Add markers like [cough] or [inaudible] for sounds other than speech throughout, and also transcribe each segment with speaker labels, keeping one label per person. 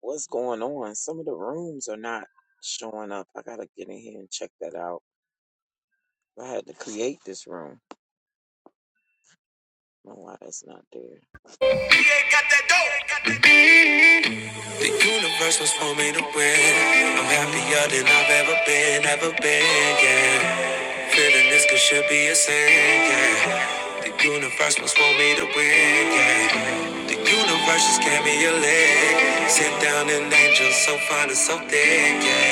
Speaker 1: what's going on? Some of the rooms are not showing up. I gotta get in here and check that out. I had to create this room. No, why that's not there.
Speaker 2: The universe was for me to win. I'm happier than I've ever been, ever been, yeah. Feeling this could should be a sin, yeah. The universe was for me to win, yeah. The universe just gave me a leg. Sit down an angel so fine and so thick, yeah.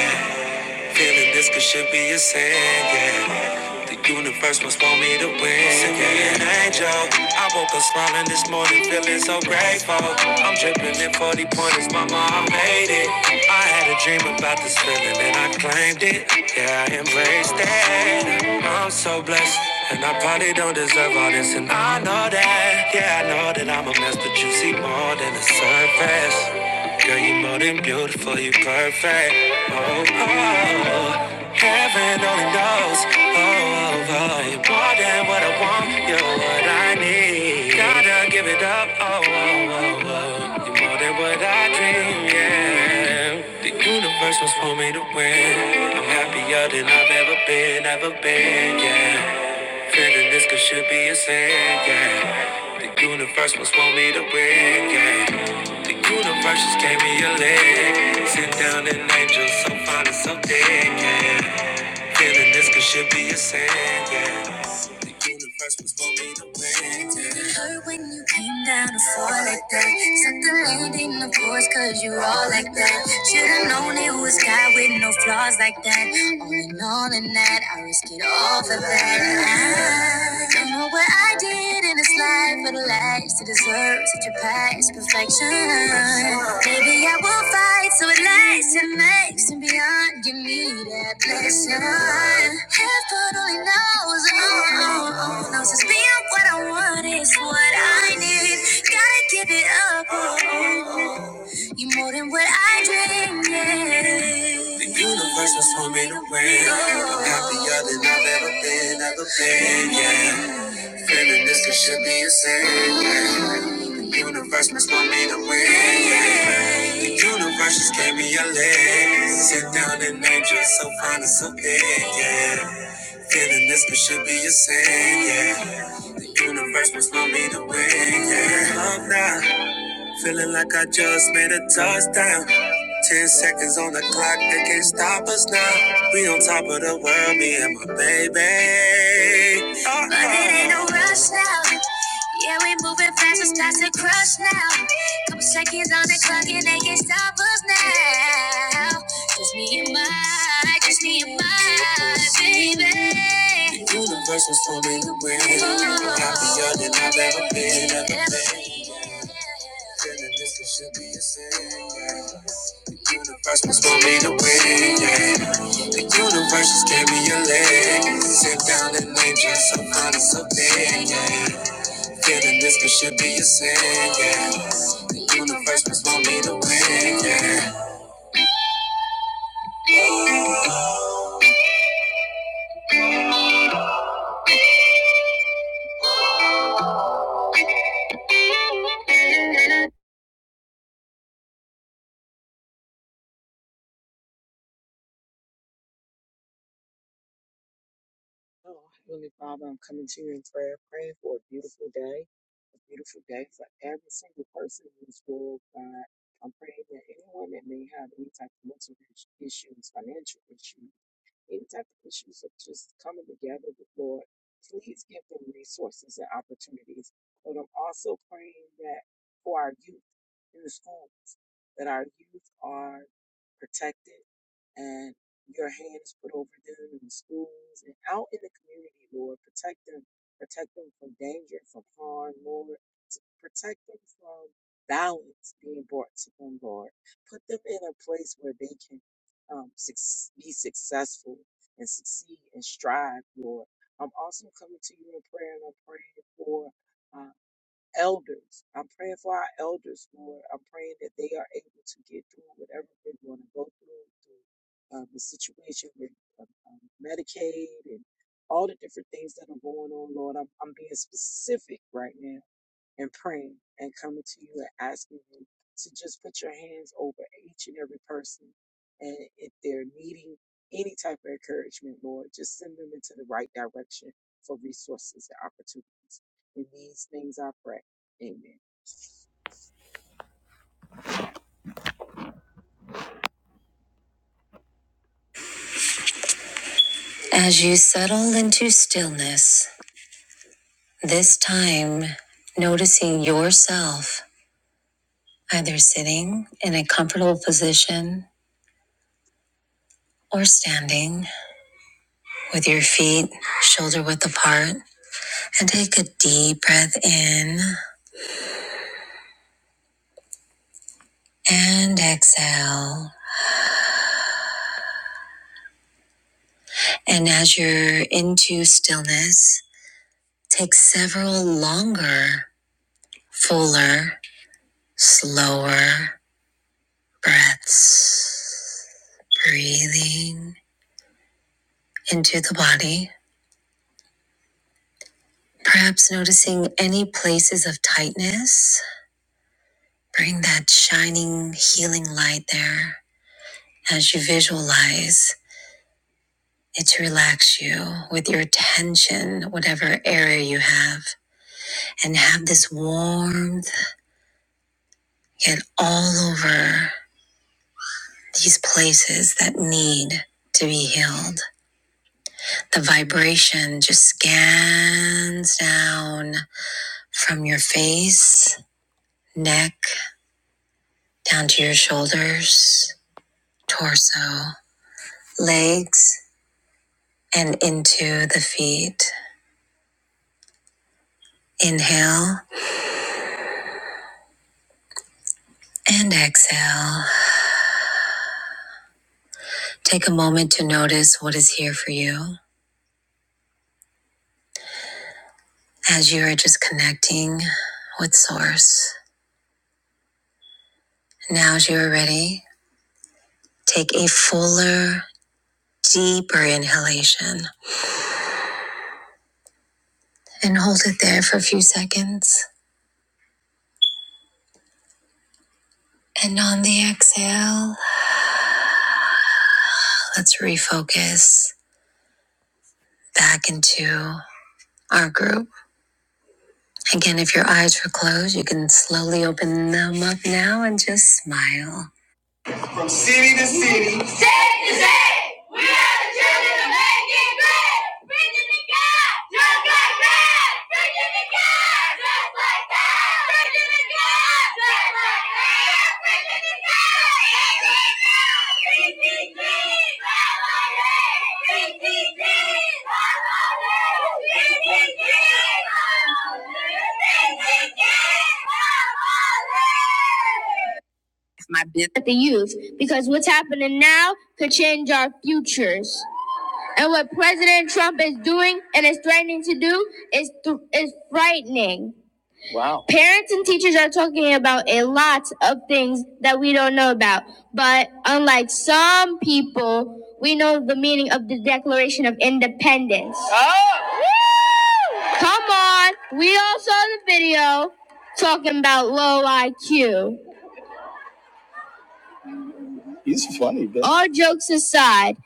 Speaker 2: Feeling this could should be a sin, yeah. The universe must want me to win. Send me an angel. I woke up smiling this morning, feeling so grateful. I'm dripping in 40 pointers, mama, I made it. I had a dream about this feeling and I claimed it. Yeah, I embraced it. I'm so blessed. And I probably don't deserve all this, and I know that. Yeah, I know that I'm a mess, but you see more than the surface. Girl, you are more than beautiful, you are perfect. Oh, oh, oh. heaven only knows. Oh, oh, oh, you more than what I want, you're what I need. Gotta give it up. Oh, oh, oh, oh. you more than what I dream. Yeah, the universe was for me to win. I'm happier than I've ever been, ever been. Yeah. Feeling this could should be a sin, yeah. The universe must want me to win, yeah. The universe just gave me a leg. Sit down and angel, so fine and so dead, yeah. Feeling this could should be a sin, yeah. The universe was for me to win, yeah. It hurt when you came down to fall like that. Set the land in the course, cause you all like that. Should've known it was God with no flaws like that. All in all, in that, I risk it all for that. I don't know what I did been in this life for the last to deserve such a past perfection. Maybe I will fight so it lasts and makes and beyond. Give me that blessing. Heaven only knows, oh, oh, oh, knows it's being what I want is what I need. Gotta give it up, oh, oh, oh. you more than what I dreamed. Yeah. The universe was for me to win. I'm happier than I've ever been, ever been, yeah. Feeling this it should be a sin. yeah. The universe must want me to win. yeah. The universe just gave me a leg. Sit down and angel, so fine and so big, yeah. Feeling this it should be a sin, yeah. The universe must want me to win, yeah. Love now, feeling like I just made a touchdown. Ten seconds on the clock, they can't stop us now. We on top of the world, me and my baby. Uh-uh. But it ain't no rush now. Yeah, we moving fast, it's time to crush now. Couple seconds on the clock, and they can't stop us now. Just me and my, just me and my baby. The universe was for me to win. Happier than I've ever been, ever been. Feeling this could should be a sin. yeah. The universe must want me to win, yeah. The universe just gave me a leg. Sit down and name just some honest opinion. yeah. Feeling this could should be a sin, yeah. The universe must want me to win, yeah.
Speaker 1: Oh, Heavenly Father, I'm coming to you in prayer, praying for a beautiful day, a beautiful day for every single person in this world, God. I'm praying that anyone that may have any type of mental is- issues, financial issues. any type of issues of just coming together with Lord, please give them resources and opportunities. But I'm also praying that for our youth in the schools, that our youth are protected and your hand is put over them in the schools and out in the community, Lord. Protect them. Protect them from danger, from harm, Lord. Protect them from violence being brought to them, Lord. Put them in a place where they can um, suc- be successful and succeed and strive, Lord. I'm also coming to you in prayer and I'm praying for uh, elders. I'm praying for our elders, Lord. I'm praying that they are able to get through whatever they're going to go through, through um, the situation with um, um, Medicaid and all the different things that are going on, Lord. I'm, I'm being specific right now and praying and coming to you and asking you to just put your hands over each and every person. And if they're needing any type of encouragement, Lord, just send them into the right direction for resources and opportunities. In these things I pray. Amen.
Speaker 2: As you settle into stillness, this time noticing yourself either sitting in a comfortable position or standing with your feet shoulder width apart And take a deep breath in and exhale. And as you're into stillness, take several longer, fuller, slower breaths. Breathing into the body. Perhaps noticing any places of tightness. Bring that shining, healing light there as you visualize it to relax you with your attention, whatever area you have. and have this warmth get all over these places that need to be healed. The vibration just scans down from your face, neck, down to your shoulders, torso, legs, and into the feet. Inhale and exhale. Take a moment to notice what is here for you as you are just connecting with Source Now, as you are ready, take a fuller, deeper inhalation and hold it there for a few seconds. And on the exhale, let's refocus back into our group. Again, if your eyes were closed, you can slowly open them up now and just smile. City to city. State to state. We are the children of making great. Bridging the gap. Just like that. Bridging the gap. Just like that. Bridging the gap. Just like that. Bridging the gap. BTG. BTG. BTG. BTG. BTG. BTG at the youth because what's happening now could change our futures. And what President Trump is doing and is threatening to do is th- is frightening. Parents and teachers are talking about a lot of things that we don't know about, but unlike some people, we know the meaning of the Declaration of Independence. Huh? Come on, we all saw the video talking about low IQ. He's funny, but all jokes aside,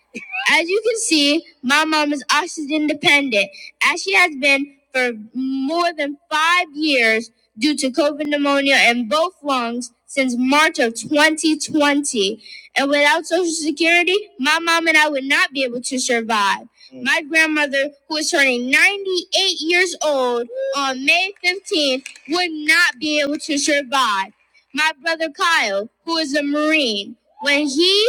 Speaker 2: As you can see, my mom is oxygen dependent, as she has been for more than five years due to COVID pneumonia in both lungs since March of 2020. And without Social Security, my mom and I would not be able to survive. My grandmother, who is turning 98 years old on May 15th, would not be able to survive. My brother Kyle, who is a Marine, when he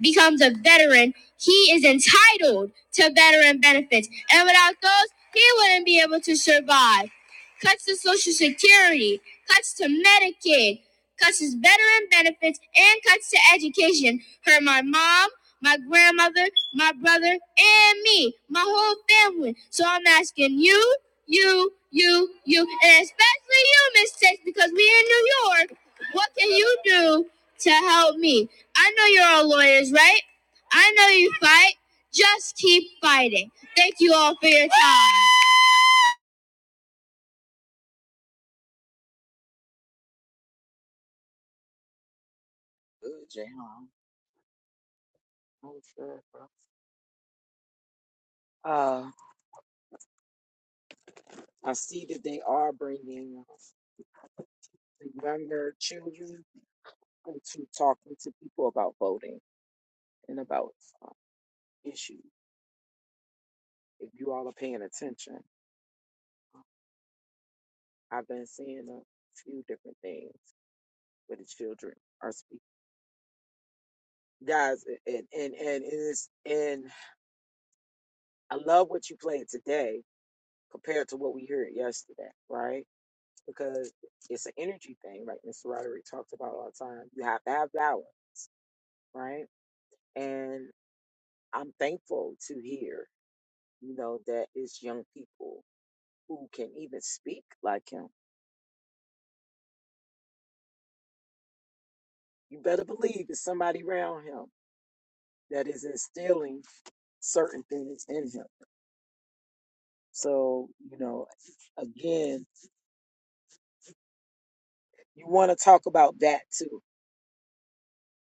Speaker 2: becomes a veteran, he is entitled to veteran benefits. And without those, he wouldn't be able to survive. Cuts to Social Security, cuts to Medicaid, cuts to veteran benefits, and cuts to education hurt my mom, my grandmother, my brother, and me, my whole family. So I'm asking you, you, you, you, and especially you, Miss Tex, because we are in New York. What can you do to help me? I know you're all lawyers, right? I know you fight. Just keep fighting. Thank you all for your time.
Speaker 1: Good, Jayhan. That was good, bro. Uh, I see that they are bringing uh, the younger children into talking to people about voting and about uh, issues. If you all are paying attention, I've been seeing a few different things where the children are speaking. Guys, and and and it is and I love what you played today compared to what we heard yesterday, right? Because it's an energy thing, like Mr. Roderick talked about all the time. You have to have power, right? And I'm thankful to hear, you know, that it's young people who can even speak like him. You better believe it's somebody around him that is instilling certain things in him So, you know, again, you want to talk about that too.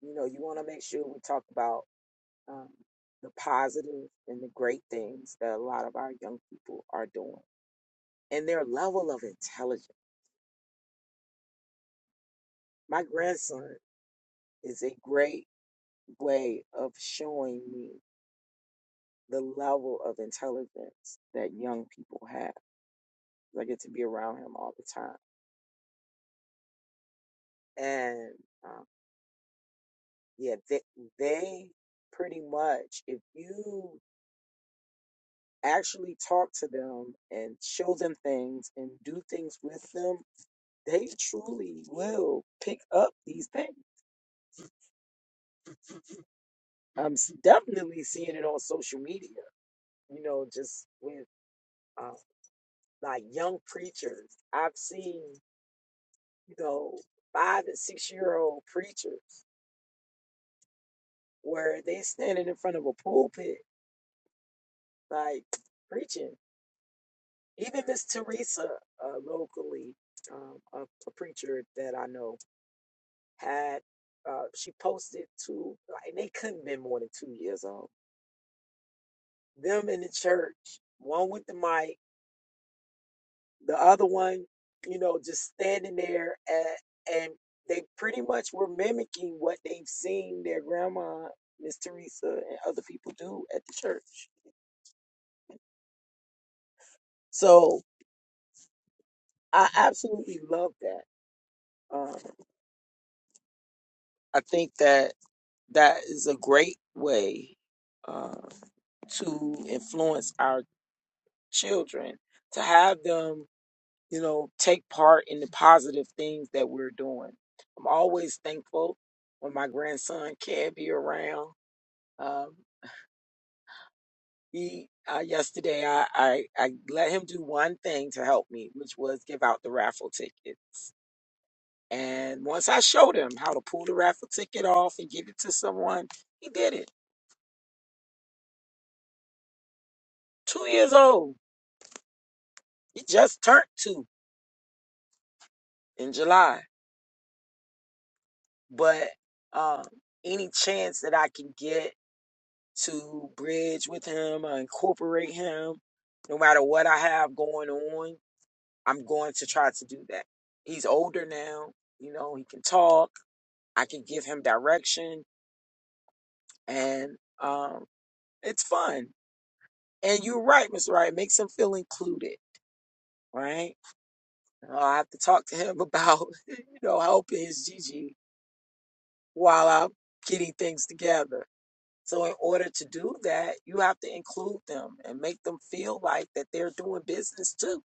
Speaker 1: You know, you want to make sure we talk about um, the positive and the great things that a lot of our young people are doing and their level of intelligence. My grandson is a great way of showing me the level of intelligence that young people have. I get to be around him all the time. And um, yeah, they, they pretty much, if you actually talk to them and show them things and do things with them, they truly will pick up these things. I'm definitely seeing it on social media, you know, just with uh, like young preachers. I've seen, you know, five and six year old preachers where they standing in front of a pulpit, like preaching. Even Miss Teresa, uh, locally, um, a, a preacher that I know, had uh, she posted two like they couldn't have been more than two years old. Them in the church, one with the mic, the other one, you know, just standing there and, and they pretty much were mimicking what they've seen their grandma, Miss Teresa, and other people do at the church. So I absolutely love that. Um, I think that that is a great way uh, to influence our children to have them you know, take part in the positive things that we're doing. I'm always thankful when my grandson can be around. Um, he uh, yesterday I, I I let him do one thing to help me, which was give out the raffle tickets. And once I showed him how to pull the raffle ticket off and give it to someone, he did it. Two years old. He just turned two in July. But um, any chance that I can get to bridge with him or incorporate him. No matter what I have going on, I'm going to try to do that. He's older now, you know, he can talk. I can give him direction and um it's fun. And you're right, Mr. Wright, it makes him feel included, right? Uh, I have to talk to him about, [laughs] you know, helping his Gigi while I'm getting things together. So in order to do that, you have to include them and make them feel like that they're doing business too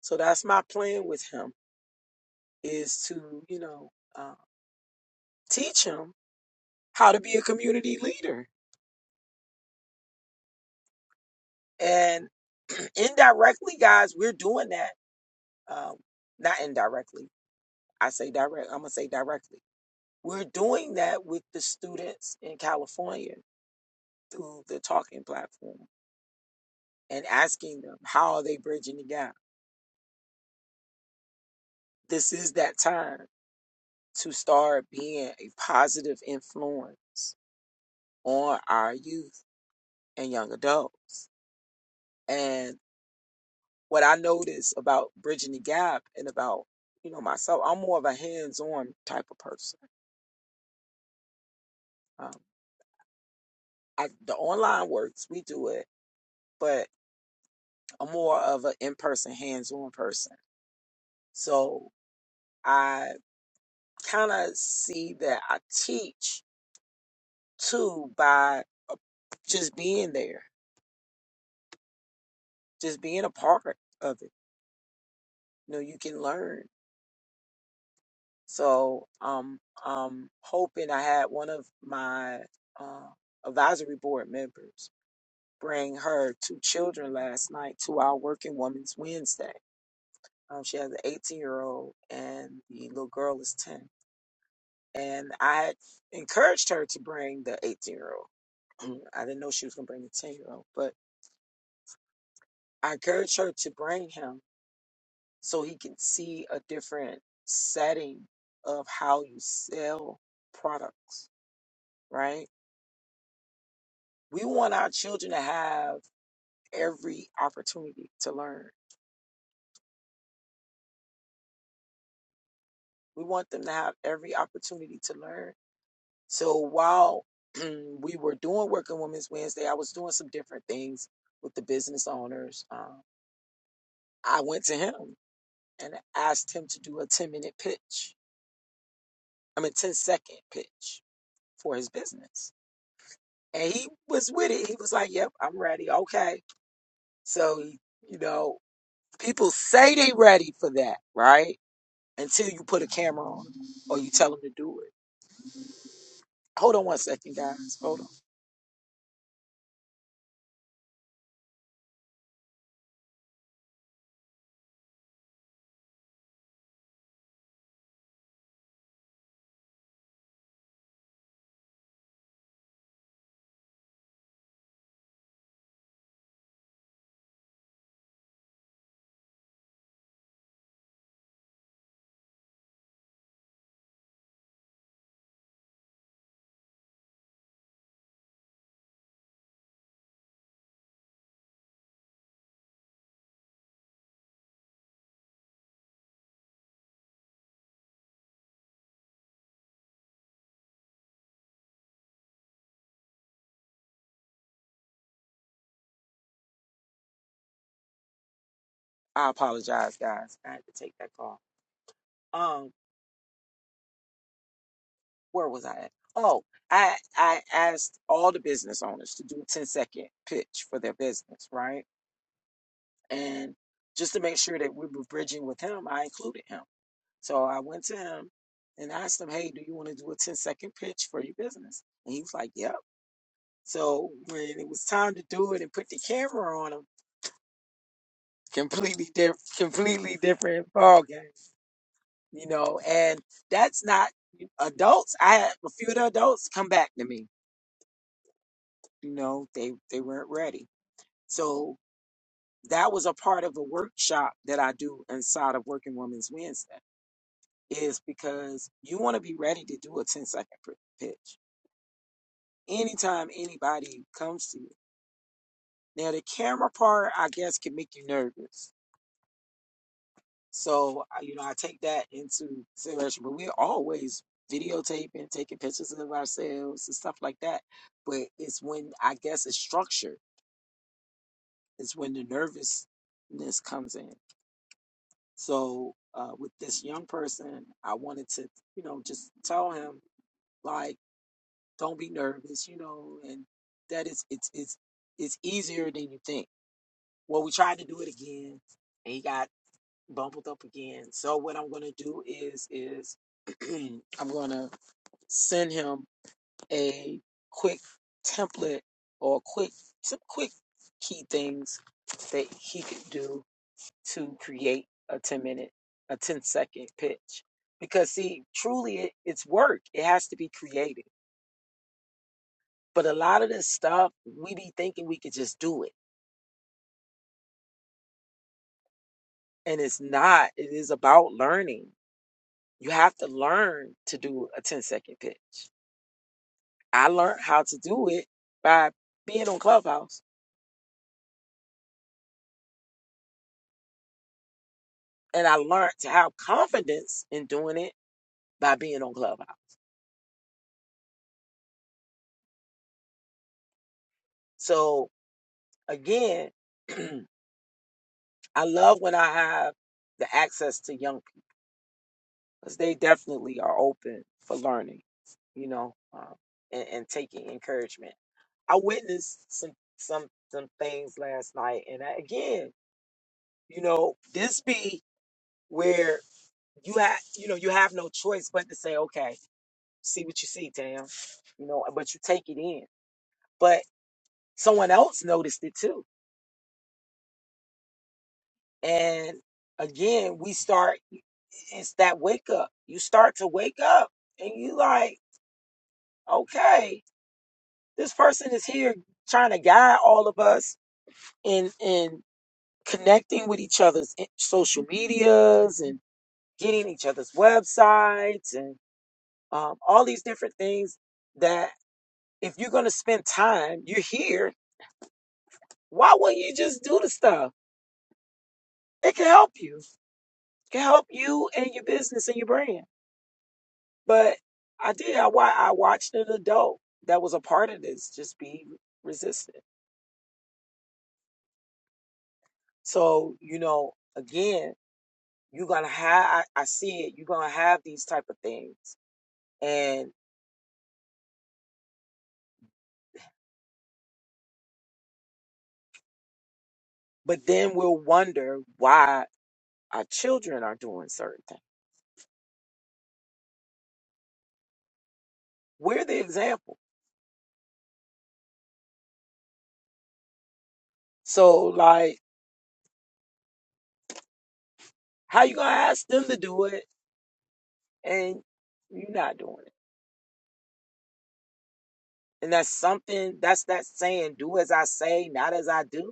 Speaker 1: So that's my plan with him is to, you know, uh, teach him how to be a community leader. And [clears throat] indirectly, guys, we're doing that. Um, not indirectly. I say direct. I'm gonna say directly. We're doing that with the students in California through the talking platform and asking them how are they bridging the gap. This is that time to start being a positive influence on our youth and young adults. And what I notice about bridging the gap and about you know myself, I'm more of a hands-on type of person. Um, I, the online works, we do it, but I'm more of an in-person, hands-on person. So I kind of see that I teach too by uh, just being there, just being a part of it. You know, you can learn. So um, I'm hoping I had one of my uh, advisory board members. bring her two children last night to our Working Women's Wednesday. Um, she has an 18 year old and the little girl is 10. And I encouraged her to bring the 18 year old. [clears throat] I didn't know she was going to bring the 10 year old, but I encouraged her to bring him so he can see a different setting of how you sell products, right? We want our children to have every opportunity to learn. We want them to have every opportunity to learn So while [clears throat] we were doing Working Women's Wednesday, I was doing some different things with the business owners. Um, I went to him and asked him to do a 10 minute pitch, I mean, ten-second pitch for his business. And he was with it. He was like, yep, I'm ready. Okay. So, you know, people say they ready for that, right? Until you put a camera on 'em or you tell them to do it. Hold on one second, guys. Hold on. I apologize, guys. I had to take that call. Um, where was I at? Oh, I I asked all the business owners to do a 10 second pitch for their business, right? And just to make sure that we were bridging with him, I included him. So I went to him and asked him, Hey, do you want to do a 10 second pitch for your business? And he was like, Yep. So when it was time to do it and put the camera on him, [laughs] completely different completely different ball game, you know, and that's not adults. I had a few of the adults come back to me you know they they weren't ready so that was a part of a workshop that i do inside of working women's wednesday is because you want to be ready to do a 10 second pr- pitch anytime anybody comes to you now the camera part i guess can make you nervous so I- you know i take that into consideration but we're always videotaping taking pictures of ourselves and stuff like that but it's when i guess it's structured it's when the nervousness comes in So uh, with this young person, I wanted to, you know, just tell him like, don't be nervous, you know, and that is it's it's it's easier than you think. Well, we tried to do it again, and he got bumbled up again. So what I'm gonna do is is [clears throat] I'm gonna send him a quick template or quick some quick key things that he could do to create a 10 minute, a ten-second pitch. Because, see, truly it, it's work. It has to be creative. But a lot of this stuff, we be thinking we could just do it. And it's not. It is about learning. You have to learn to do a ten-second pitch. I learned how to do it by being on Clubhouse. And I learned to have confidence in doing it by being on Clubhouse. So, again, [clears throat] I love when I have the access to young because they definitely are open for learning, you know, um, and, and taking encouragement. I witnessed some some some things last night, and I, again, you know, this be where you have you know you have no choice but to say, okay, see what you see, damn, you know, but you take it in. But someone else noticed it too, and again, we start. It's that wake up. You start to wake up, and you like, okay. This person is here trying to guide all of us in in connecting with each other's in- social medias and getting each other's websites and um, all these different things that if you're going to spend time, you're here. Why wouldn't you just do the stuff? It can help you. It can help you and your business and your brand. But I did. I, wa- I watched an adult that was a part of this just be resistant. So, you know, again, You're gonna have I, I see it, you're gonna have these type of things. And but then we'll wonder why our children are doing certain things. We're the example. So like how you gonna ask them to do it and you're not doing it? And that's something that's that saying, do as I say, not as I do.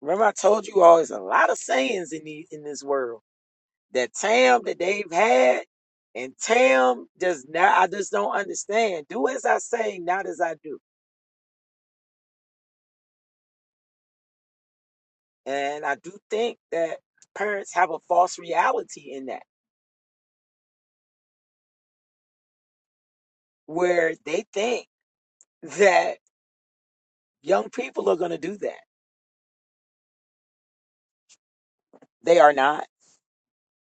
Speaker 1: Remember I told you all there's a lot of sayings in the in this world. That Tam that they've had and Tam does not, I just don't understand. Do as I say, not as I do. And I do think that parents have a false reality in that, where they think that young people are going to do that. They are not.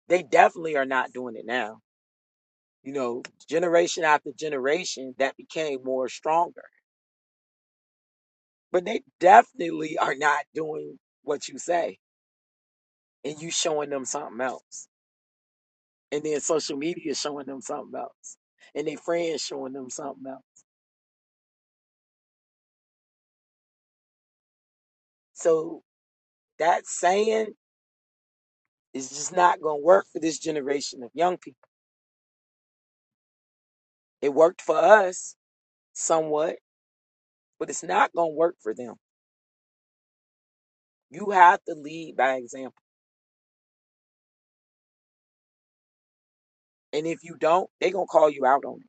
Speaker 1: They definitely are not doing it now. You know, generation after generation, that became more stronger. But they definitely are not doing what you say, and you showing them something else. And then social media showing them something else, and their friends showing them something else. So that saying It's just not going to work for this generation of young people. It worked for us somewhat, but it's not going to work for them. You have to lead by example. And if you don't, they're going to call you out on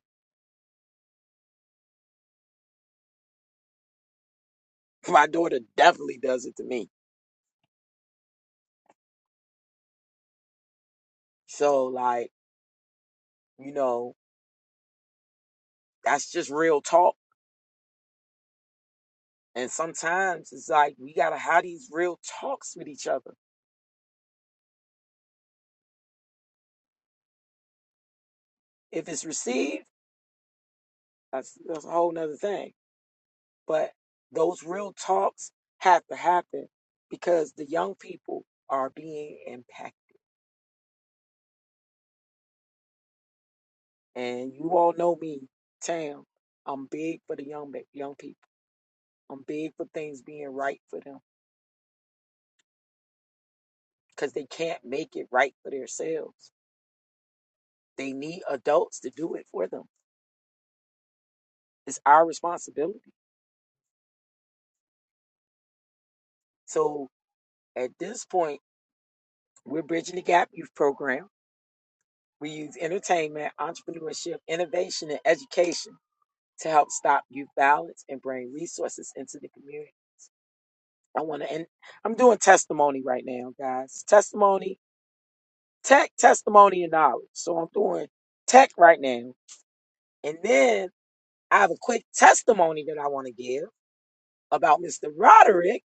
Speaker 1: it. [laughs] My daughter definitely does it to me. So, like, you know, that's just real talk. And sometimes it's like we got to have these real talks with each other. If it's received, that's, that's a whole nother thing. But those real talks have to happen because the young people are being impacted And you all know me, Tam. I'm big for the young ma- young people. I'm big for things being right for them because they can't make it right for themselves. They need adults to do it for them. It's our responsibility. So at this point, we're bridging the gap youth program. We use entertainment, entrepreneurship, innovation, and education to help stop youth violence and bring resources into the community. I want to end. I'm doing testimony right now, guys. Testimony tech, testimony, and knowledge. So I'm doing tech right now. And then I have a quick testimony that I want to give about Mr. Roderick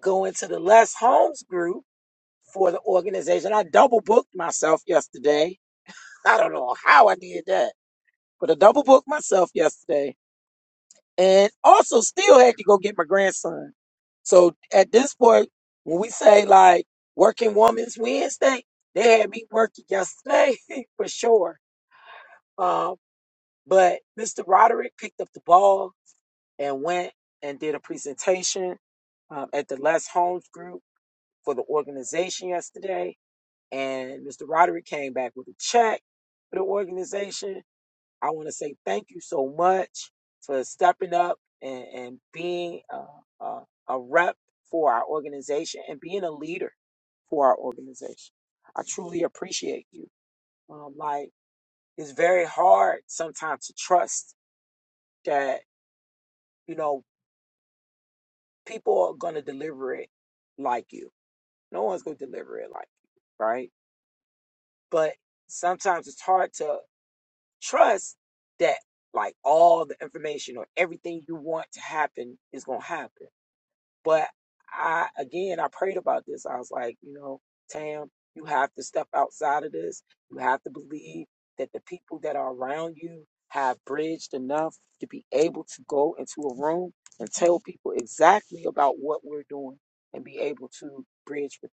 Speaker 1: going to the Les Holmes group for the organization. I double booked myself yesterday. I don't know how I did that, but I double booked myself yesterday and also still had to go get my grandson. So at this point, when we say like working woman's Wednesday, they had me working yesterday [laughs] for sure Um. But Mr. Roderick picked up the ball and went and did a presentation um, at the Les Holmes group for the organization yesterday. And Mr. Roderick came back with a check for the organization. I want to say thank you so much for stepping up and, and being a, a, a rep for our organization and being a leader for our organization. I truly appreciate you. Um, like, it's very hard sometimes to trust that You know, people are gonna deliver it like you. No one's gonna deliver it like you, right? But sometimes it's hard to trust that like all the information or everything you want to happen is gonna happen But I, again, I prayed about this. I was like, you know, Tam, you have to step outside of this. You have to believe that the people that are around you have bridged enough to be able to go into a room and tell people exactly about what we're doing and be able to bridge with.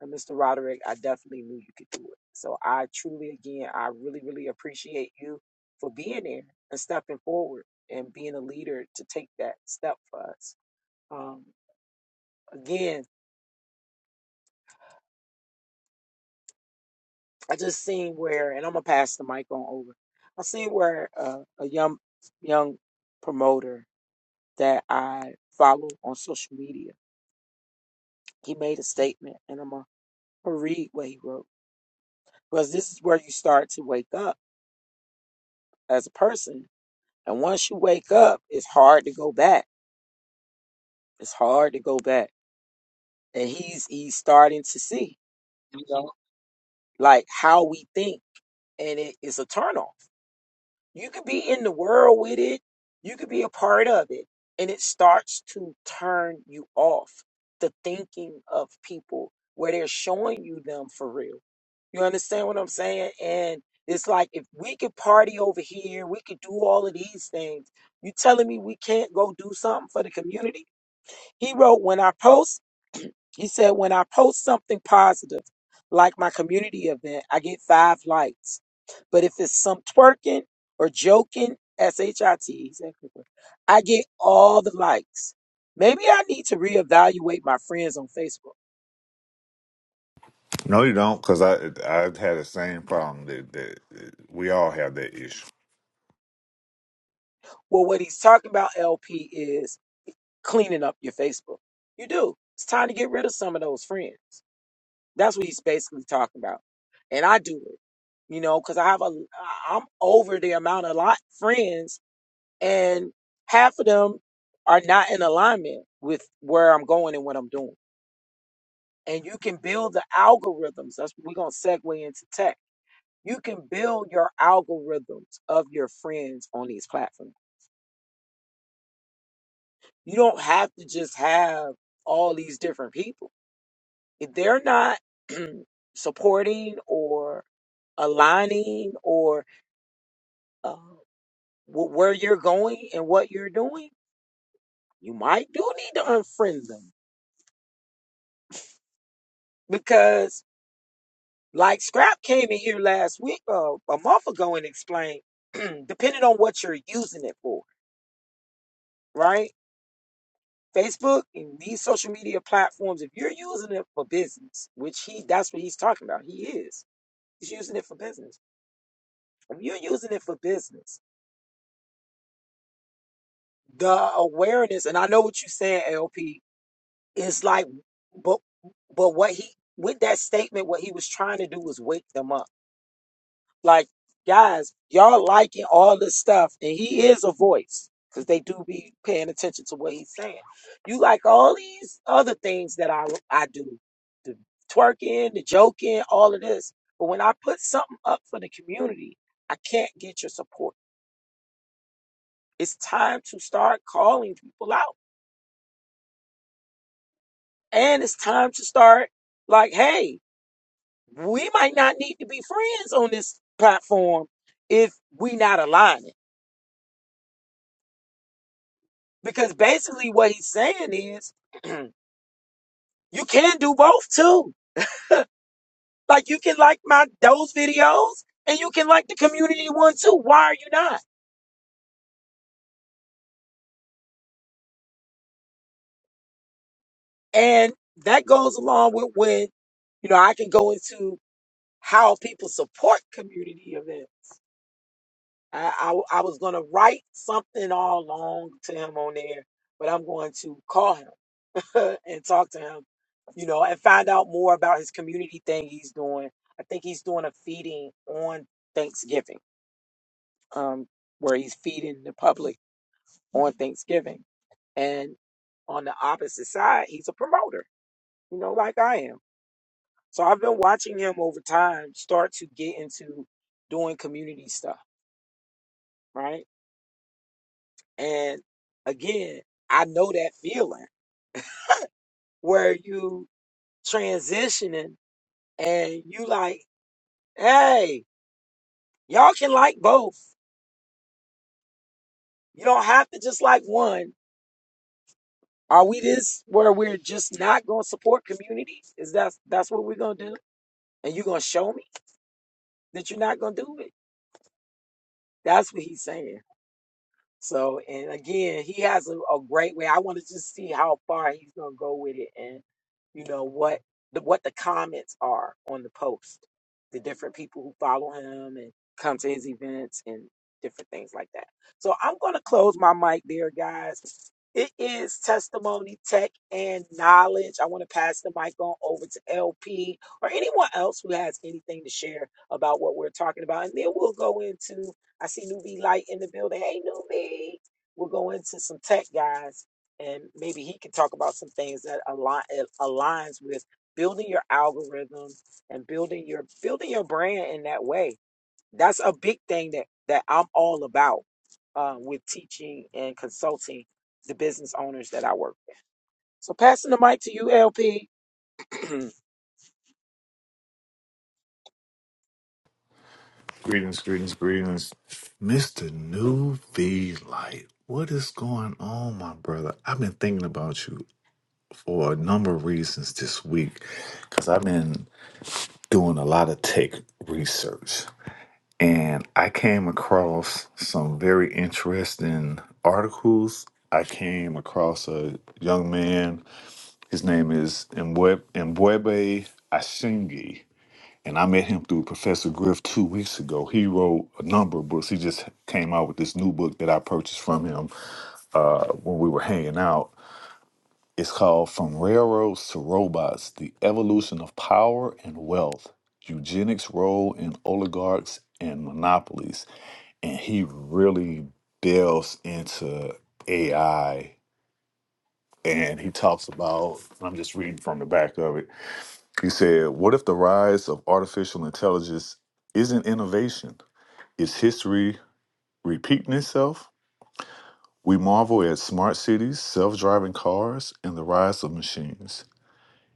Speaker 1: And Mr. Roderick, I definitely knew you could do it. So I truly, again, I really, really appreciate you for being there and stepping forward and being a leader to take that step for us. Um, Again, I just seen where, and I'm gonna pass the mic on over. I seen where uh, a young young promoter that I follow on social media. He made a statement, and I'm gonna read what he wrote because this is where you start to wake up as a person. And once you wake up, it's hard to go back. It's hard to go back. And he's he's starting to see, you know, like how we think, and it is a turnoff. You could be in the world with it. You could be a part of it. And it starts to turn you off the thinking of people where they're showing you them for real. You understand what I'm saying? And it's like if we could party over here, we could do all of these things. You telling me we can't go do something for the community? He wrote, When I post. He said, when I post something positive, like my community event, I get five likes. But if it's some twerking or joking, S H I T, he's everywhere, I get all the likes. Maybe I need to reevaluate my friends on Facebook.
Speaker 3: No, you don't, because I I had the same problem that, that we all have that issue.
Speaker 1: Well, what he's talking about, LP, is cleaning up your Facebook. You do. It's time to get rid of some of those friends. That's what he's basically talking about. And I do it, you know, because I have a, I'm over the amount of lot friends and half of them are not in alignment with where I'm going and what I'm doing. And you can build the algorithms. That's we're gonna segue into tech. You can build your algorithms of your friends on these platforms. You don't have to just have all these different people. If they're not [clears throat] supporting or aligning or uh, wh- where you're going and what you're doing, you might do need to unfriend them because Like Scrap came in here last week, uh, a month ago, and explained, [clears throat] depending on what you're using it for, right? Facebook and these social media platforms, if you're using it for business, which he that's what he's talking about, he is. He's using it for business. If you're using it for business, the awareness, and I know what you're saying, LP, is like, but but what he with that statement, what he was trying to do was wake them up Like, guys, y'all liking all this stuff, and he is a voice because they do be paying attention to what he's saying. You like all these other things that I I do, the twerking, the joking, all of this. But when I put something up for the community, I can't get your support. It's time to start calling people out, and it's time to start like, hey, we might not need to be friends on this platform if we not aligned. Because basically what he's saying is [clears throat] you can do both too. Like you can like my those videos and you can like the community one too. Why are you not? And that goes along with when, you know, I can go into how people support community events. I, I, I was gonna write something all along to him on there, but I'm going to call him. [laughs] and talk to him, you know, and find out more about his community thing he's doing. I think he's doing a feeding on Thanksgiving, um, where he's feeding the public on Thanksgiving. And on the opposite side, he's a promoter, you know, like I am. So I've been watching him over time start to get into doing community stuff, right? And again, I know that feeling where you transitioning and you like, hey, Y'all can like both. You don't have to just like one. Are we this where we're just not gonna support communities? Is that that's what we're gonna do? And you're gonna show me that you're not gonna do it? That's what he's saying. So, and again, he has a, a great way. I want to just see how far he's going to go with it, and you know what the what the comments are on the post, the different people who follow him and come to his events and different things like that. So, I'm going to close my mic there, guys. It is testimony, tech, and knowledge. I want to pass the mic on over to LP or anyone else who has anything to share about what we're talking about, and then we'll go into I see Newbie Light in the building. Hey, Newbie. We'll go into some tech guys, and maybe he can talk about some things that align it aligns with building your algorithm and building your building your brand in that way. That's a big thing that that I'm all about uh, with teaching and consulting the business owners that I work. With. So passing the mic to you, LP. [clears throat] we
Speaker 3: Greetings, greetings, greetings, Mister New V Light. What is going on, my brother? I've been thinking about you for a number of reasons this week, because I've been doing a lot of tech research, and I came across some very interesting articles. I came across a young man His name is Mbwe- Mbwebe Ashingi, and I met him through Professor Griff two weeks ago. He wrote a number of books. He just came out with this new book that I purchased from him uh, when we were hanging out. It's called From Railroads to Robots The Evolution of Power and Wealth, Eugenics' Role in Oligarchs and Monopolies. And he really delves into AI and he talks about, I'm just reading from the back of it he said, What if the rise of artificial intelligence isn't innovation? Is history repeating itself? We marvel at smart cities, self driving cars, and the rise of machines,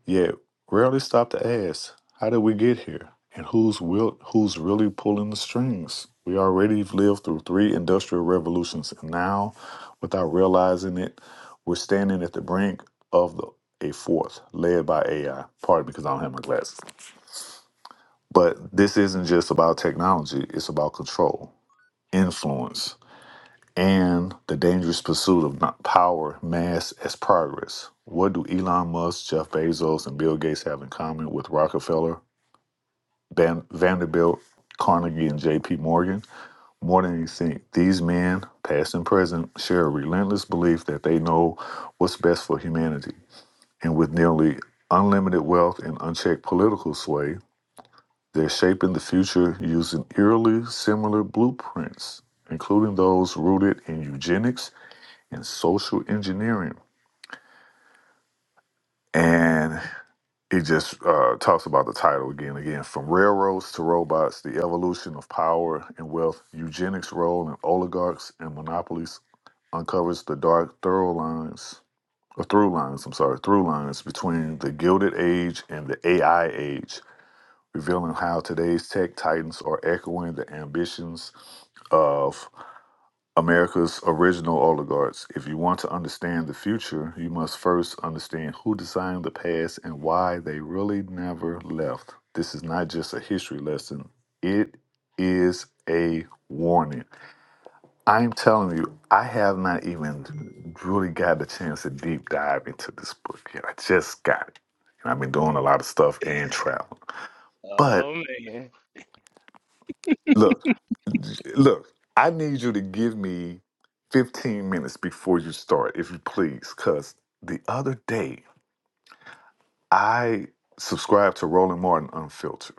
Speaker 3: yet rarely stop to ask, How did we get here? And who's, will, who's really pulling the strings? We already have lived through three industrial revolutions, and now, without realizing it, we're standing at the brink of the, a fourth, led by AI. Pardon me, because I don't have my glasses. But this isn't just about technology, it's about control, influence, and the dangerous pursuit of not power, mass as progress. What do Elon Musk, Jeff Bezos, and Bill Gates have in common with Rockefeller, Van- Vanderbilt, Carnegie, and JP Morgan? More than you think, these men, past and present, share a relentless belief that they know what's best for humanity. And with nearly unlimited wealth and unchecked political sway, They're shaping the future using eerily similar blueprints, including those rooted in eugenics and social engineering. And it just uh, talks about the title again, again, from railroads to robots, the evolution of power and wealth, eugenics' role in oligarchs and monopolies uncovers the dark thorough lines, or through lines, I'm sorry, through lines between the Gilded Age and the AI age revealing how today's tech titans are echoing the ambitions of America's original oligarchs. If you want to understand the future, you must first understand who designed the past and why they really never left. This is not just a history lesson, it is a warning. I'm telling you, I have not even really got the chance to deep dive into this book yet. I just got it. And I've been doing a lot of stuff and traveling. But
Speaker 4: Oh man,
Speaker 3: Look, look, I need you to give me 15 minutes before you start, if you please, because the other day I subscribed to Roland Martin Unfiltered,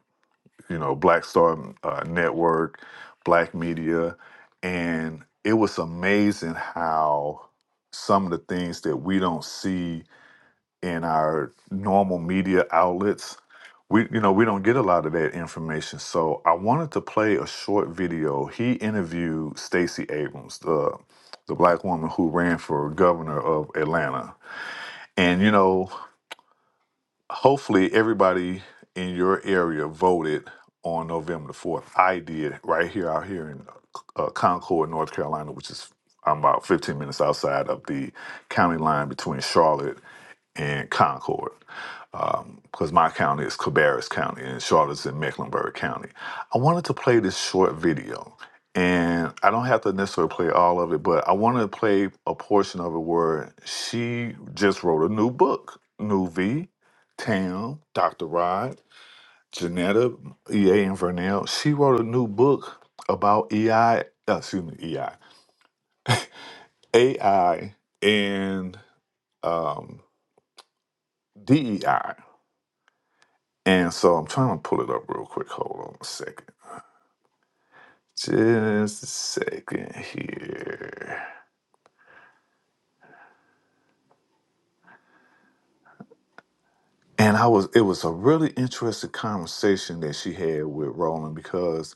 Speaker 3: you know, Black Star uh, Network, Black Media, and it was amazing how some of the things that we don't see in our normal media outlets we you know we don't get a lot of that information so i wanted to play a short video he interviewed stacey abrams the the black woman who ran for governor of atlanta and you know hopefully everybody in your area voted on November the 4th. I did right here out here in uh, Concord, North Carolina, which is I'm about 15 minutes outside of the county line between Charlotte and Concord. Because my county is Cabarrus County and Charlotte's in Mecklenburg County. I wanted to play this short video, and I don't have to necessarily play all of it, but I wanted to play a portion of it where she just wrote a new book, New V Tam, Dr. Rod, Janetta, EA, and Vernell. She wrote a new book about EI, uh, excuse me, E. I. A. I. and um, DEI. And so I'm trying to pull it up real quick. Hold on a second. Just a second here. And I was it was a really interesting conversation that she had with Roland because,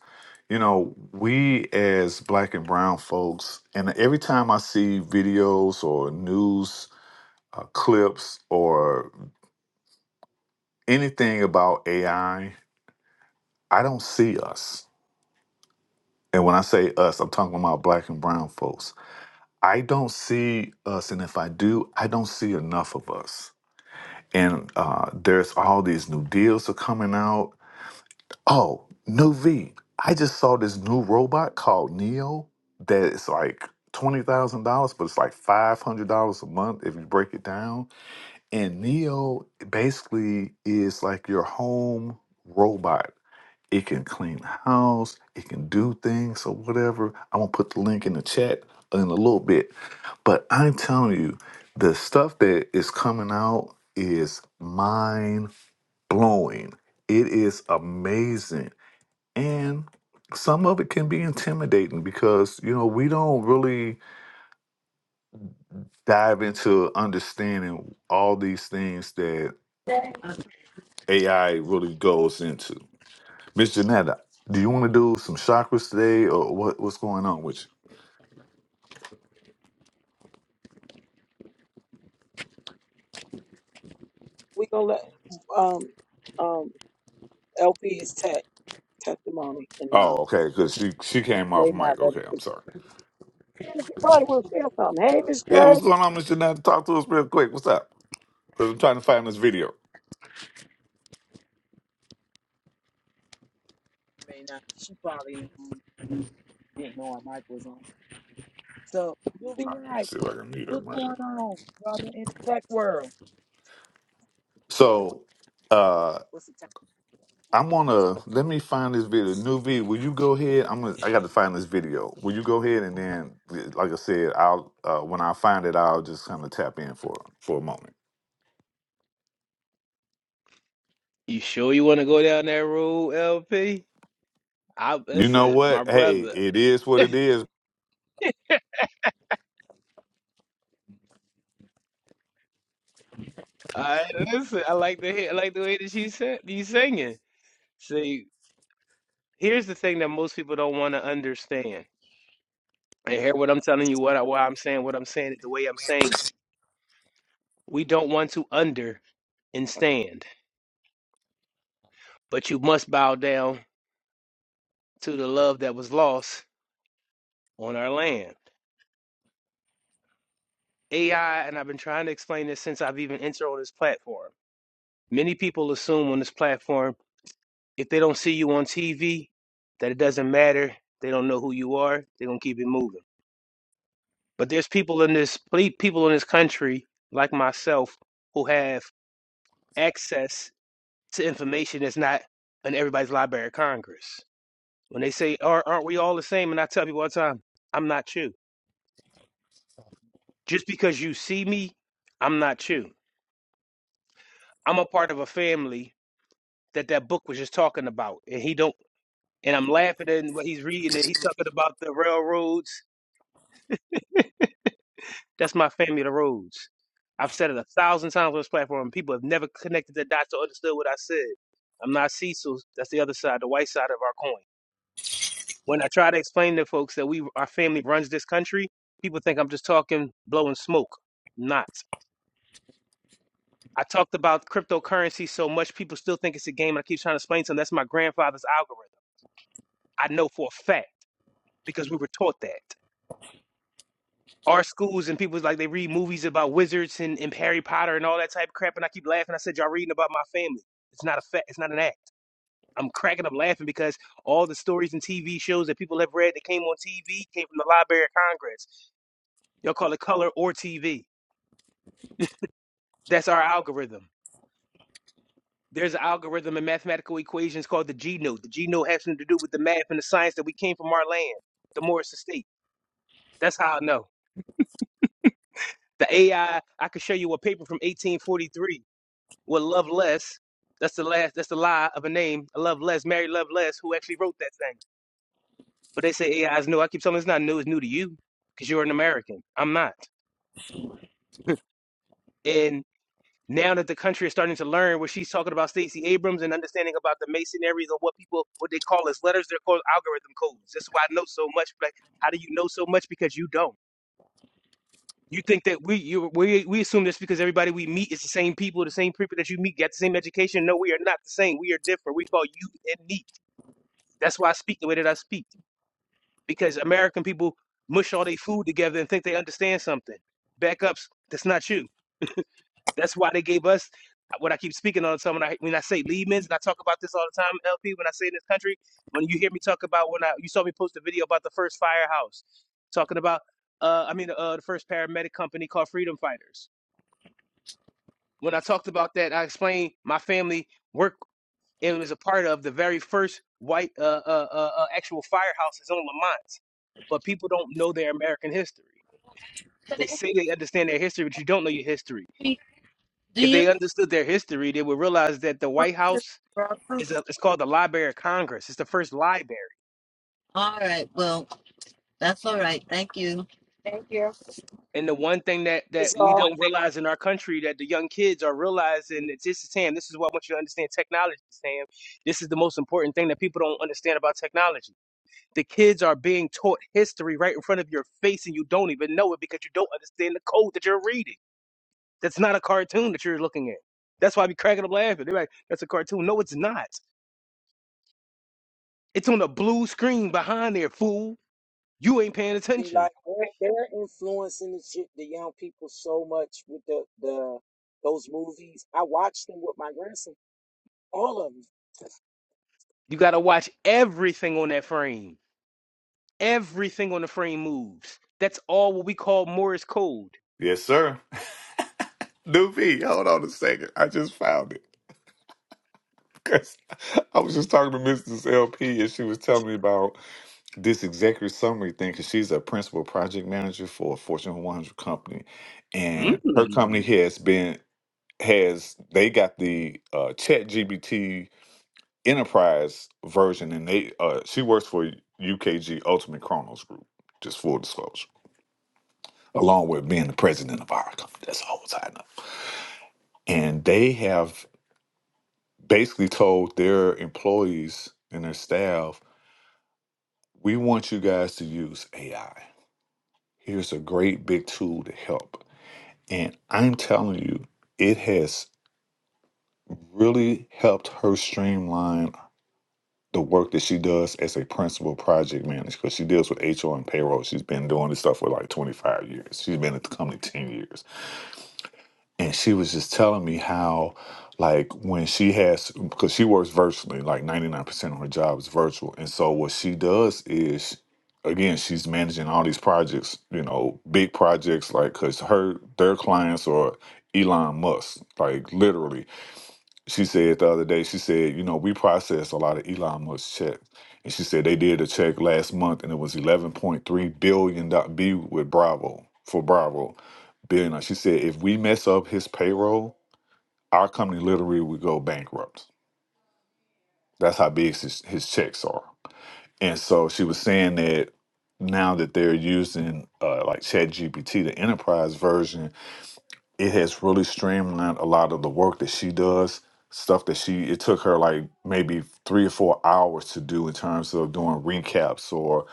Speaker 3: you know, we as black and brown folks, and every time I see videos or news uh, clips or anything about AI, I I don't see us. And when I say us, I'm talking about black and brown folks. I don't see us, and if I do, I don't see enough of us. And uh, there's all these new deals are coming out Oh, new V. I just saw this new robot called Neo that is like twenty thousand dollars, but it's like five hundred dollars a month if you break it down. And Neo basically is like your home robot. It can clean the house, it can do things or whatever. I'm gonna put the link in the chat in a little bit. But I'm telling you, the stuff that is coming out is mind blowing. It is amazing and some of it can be intimidating because, you know, we don't really dive into understanding all these things that
Speaker 5: Uh,
Speaker 3: AI really goes into. Miss Janetta, do you want to do some chakras today or what, what's going on with you?
Speaker 1: gonna let um um LP is tech testimony and
Speaker 3: Oh,
Speaker 1: knowledge.
Speaker 3: okay, because she, she came off
Speaker 1: They not
Speaker 3: mic.
Speaker 1: ready.
Speaker 3: Okay,
Speaker 1: for
Speaker 3: I'm sorry.
Speaker 1: Yeah, she probably would have said something. Hey, Miss
Speaker 3: Yeah,
Speaker 1: J.
Speaker 3: what's going on, Miss Janetta? Talk to us real quick. What's up? Because I'm trying to find this video.
Speaker 1: May not. She probably um, didn't know our mic was on. So we'll
Speaker 3: Let's see if I can mute her
Speaker 1: What's
Speaker 3: mic.
Speaker 1: going on, brother, in the tech world? Or what-
Speaker 3: So, uh,
Speaker 1: what's the time?
Speaker 3: I'm gonna let me find this video. New V, will you go ahead? I'm gonna. I got to find this video. Will you go ahead and then, like I said, I'll uh, when I find it, I'll just kind of tap in for for a moment.
Speaker 4: you sure you want to go down that road, LP? I
Speaker 3: You know
Speaker 4: listen, my
Speaker 3: what? Hey,
Speaker 4: brother.
Speaker 3: it is what it is.
Speaker 4: I listen. I like the hear- I like the way that you said you singing. See, here's the thing that most people don't want to understand. And hear what I'm telling you, what I, why I'm saying, what I'm saying, it the way I'm saying. it. We don't want to under and stand, but you must bow down to the love that was lost on our land. AI, and I've been trying to explain this since I've even entered on this platform. Many people assume on this platform If they don't see you on TV, that it doesn't matter. They don't know who you are. They're gonna keep it moving. But there's people in this people in this country like myself who have access to information that's not in everybody's Library of Congress. When they say, "Are- "Aren't we all the same?" and I tell people all the time, "I'm not you. Just because you see me, I'm not you. I'm a part of a family that that book was just talking about, and he don't." And I'm laughing at what he's reading. And he's talking about the railroads That's my family of the roads. I've said it a thousand times on this platform. and People have never connected the dots or understood what I said. I'm not Cecil. That's the other side, the white side of our coin. When I try to explain to folks that we, our family runs this country, people think I'm just talking blowing smoke. Not. I talked about cryptocurrency so much, people still think it's a game. And I keep trying to explain to them that's my grandfather's algorithm. I know for a fact because we were taught that. our schools and people's like they read movies about wizards and, and Harry Potter and all that type of crap. And I keep laughing. I said, y'all reading about my family. It's not a fact. It's not an act. I'm cracking up laughing because all the stories and TV shows that people have read that came on TV came from the Library of Congress. Y'all call it color or TV. That's our algorithm. There's an algorithm in mathematical equations called the G note. The G note has something to do with the math and the science that we came from our land, the Morris Estate. That's how I know. The AI, I I could show you a paper from 1843 with Love Less. That's the last. That's the lie of a name. Love Less, Mary Love Less, who actually wrote that thing. But they say AI is new. I keep telling them it's not new. It's new to you because you're an American. I'm not. And now that the country is starting to learn what she's talking about, Stacey Abrams, and understanding about the masonries of what people, what they call as letters, they're called algorithm codes. That's why I know so much. Like, how do you know so much? Because you don't. You think that we you, we we assume this because everybody we meet is the same people, the same people that you meet, got the same education. No, we are not the same. We are different. We call you and me. That's why I speak the way that I speak because American people mush all their food together and think they understand something. Backups, that's not you. That's why they gave us what I keep speaking all the time when I when I say Lehman's and I talk about this all the time. LP, when I say in this country, when you hear me talk about when I you saw me post a video about the first firehouse, talking about uh I mean uh the first paramedic company called Freedom Fighters. When I talked about that, I explained my family worked. It was a part of the very first white uh, uh, uh, uh, actual firehouses on Lamont. But people don't know their American history. They
Speaker 5: Stacy,
Speaker 4: say they understand their history, but you don't know your history.
Speaker 5: Do
Speaker 4: If
Speaker 5: you?
Speaker 4: they understood their history, they would realize that the White House
Speaker 5: All
Speaker 4: is a, it's called the Library of Congress. It's the first library.
Speaker 5: right. Well, that's all right. Thank you. Thank you.
Speaker 4: And the one thing that, that
Speaker 1: It's So,
Speaker 4: we
Speaker 1: all
Speaker 4: don't realize in our country that the young kids are realizing that this is Sam. This is what I want you to understand technology, Sam. This is the most important thing that people don't understand about technology The kids are being taught history right in front of your face and you don't even know it because you don't understand the code that you're reading. That's not a cartoon that you're looking at. That's why I be cracking up laughing. They're like, that's a cartoon. No, it's not. It's on a blue screen behind there, fool. You ain't paying
Speaker 1: be
Speaker 4: attention.
Speaker 1: like they're, they're influencing the shit, the young people so much with the the those movies. I watched them with my grandson. All of them.
Speaker 4: You gotta watch everything on that frame. Everything on the frame moves. That's all what we call Morse code.
Speaker 3: Yes, sir. [laughs] New V, hold on a second. I just found it because [laughs] I was just talking to Mrs. LP and she was telling me about this executive summary thing because she's a principal project manager for a Fortune 100 company, and her company
Speaker 4: Mm.
Speaker 3: has been. has they got the uh, Chat GBT Enterprise version, and they uh, she works for UKG Ultimate Chronos Group. Just full disclosure, along with being the president of our company, that's all I know. And they have basically told their employees and their staff, "We want you guys to use AI. Here's a great big tool to help." And I'm telling you, it has really helped her streamline the work that she does as a principal project manager because she deals with HR and payroll. She's been doing this stuff for like 25 years. She's been at the company 10 years. And she was just telling me how, like, when she has, because she works virtually, like 99% of her job is virtual. And so what she does is, again, she's managing all these projects, you know, big projects, like, because her, their clients are Elon Musk, like, literally she said the other day, she said, you know, we process a lot of Elon Musk checks. And she said they did a check last month and it was eleven point three billion do- B with Bravo for Bravo billion. She said if we mess up his payroll, our company literally would go bankrupt. That's how big his, his checks are. And so she was saying that now that they're using uh, like Chat GPT, the enterprise version, it has really streamlined a lot of the work that she does stuff that she it took her like maybe three or four hours to do in terms of doing recaps or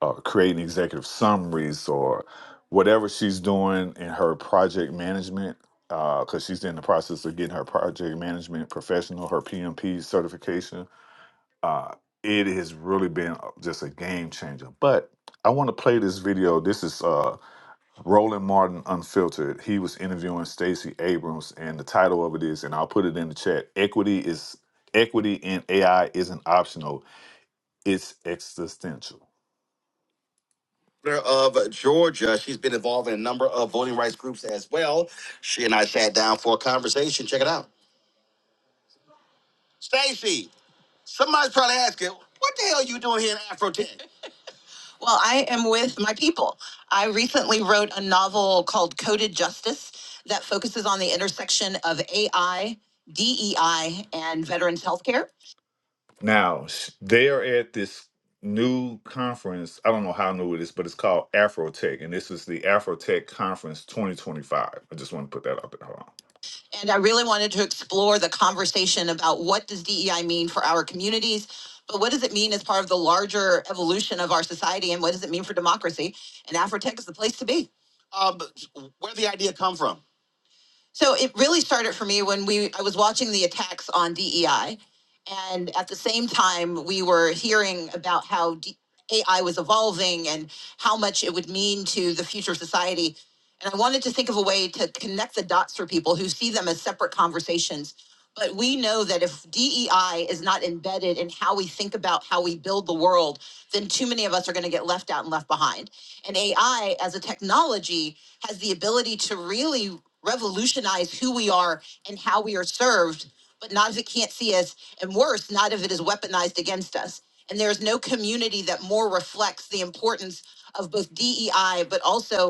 Speaker 3: uh, creating executive summaries or whatever she's doing in her project management because she's in the process of getting her project management professional her pmp certification uh, it has really been uh, just a game changer but i want to play this video this is uh, Roland Martin Unfiltered. He was interviewing Stacey Abrams, and the title of it is, and I'll put it in the chat. Equity is equity in AI isn't optional; it's existential. governor of Georgia. She's been involved in a number of voting rights groups as well. She and I sat down for a conversation. Check it out. Stacey. somebody's probably asking, what the hell are you doing here in Afro Tech? Well, I am with my people. I recently wrote a novel called Coded Justice that focuses on the intersection of AI, DEI, and veterans healthcare. Now, sh- they are at this new conference. I don't know how new it is, but it's called Afrotech. And this is the Afrotech Conference 2025. I just want to put that out there. Hold on. And I really wanted to explore the conversation about what does DEI mean for our communities, but what does it mean as part of the larger evolution of our society, and what does it mean for democracy? And Afrotech is the place to be. Um, where did the idea come from? So it really started for me when we I was watching the attacks on DEI, and at the same time we were hearing about how D- AI was evolving and how much it would mean to the future of society. And I wanted to think of a way to connect the dots for people who see them as separate conversations but we know that if DEI is not embedded in how we think about how we build the world, then too many of us are going to get left out and left behind. And AI as a technology has the ability to really revolutionize who we are and how we are served, but not if it can't see us, and worse, not if it is weaponized against us. And there's no community that more reflects the importance of both DEI, but also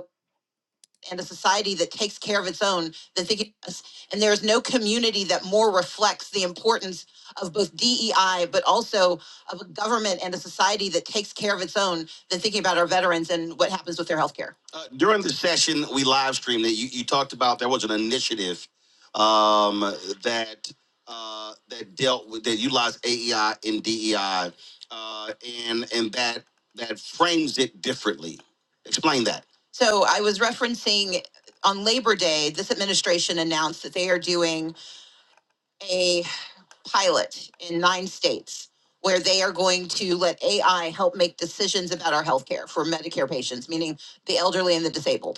Speaker 3: and a society that takes care of its own than thinking of us. And there is no community that more reflects the importance of both DEI, but also of a government and a society that takes care of its own than thinking about our veterans and what happens with their health care. Uh, during the session, we live streamed it. You, you talked about there was an initiative um, that uh, that dealt with that utilized AEI and DEI, uh, and and that that frames it differently. Explain that. So I was referencing on Labor Day, this administration announced that they are doing a pilot in nine states where they are going to let AI help make decisions about our healthcare for Medicare patients, meaning the elderly and the disabled.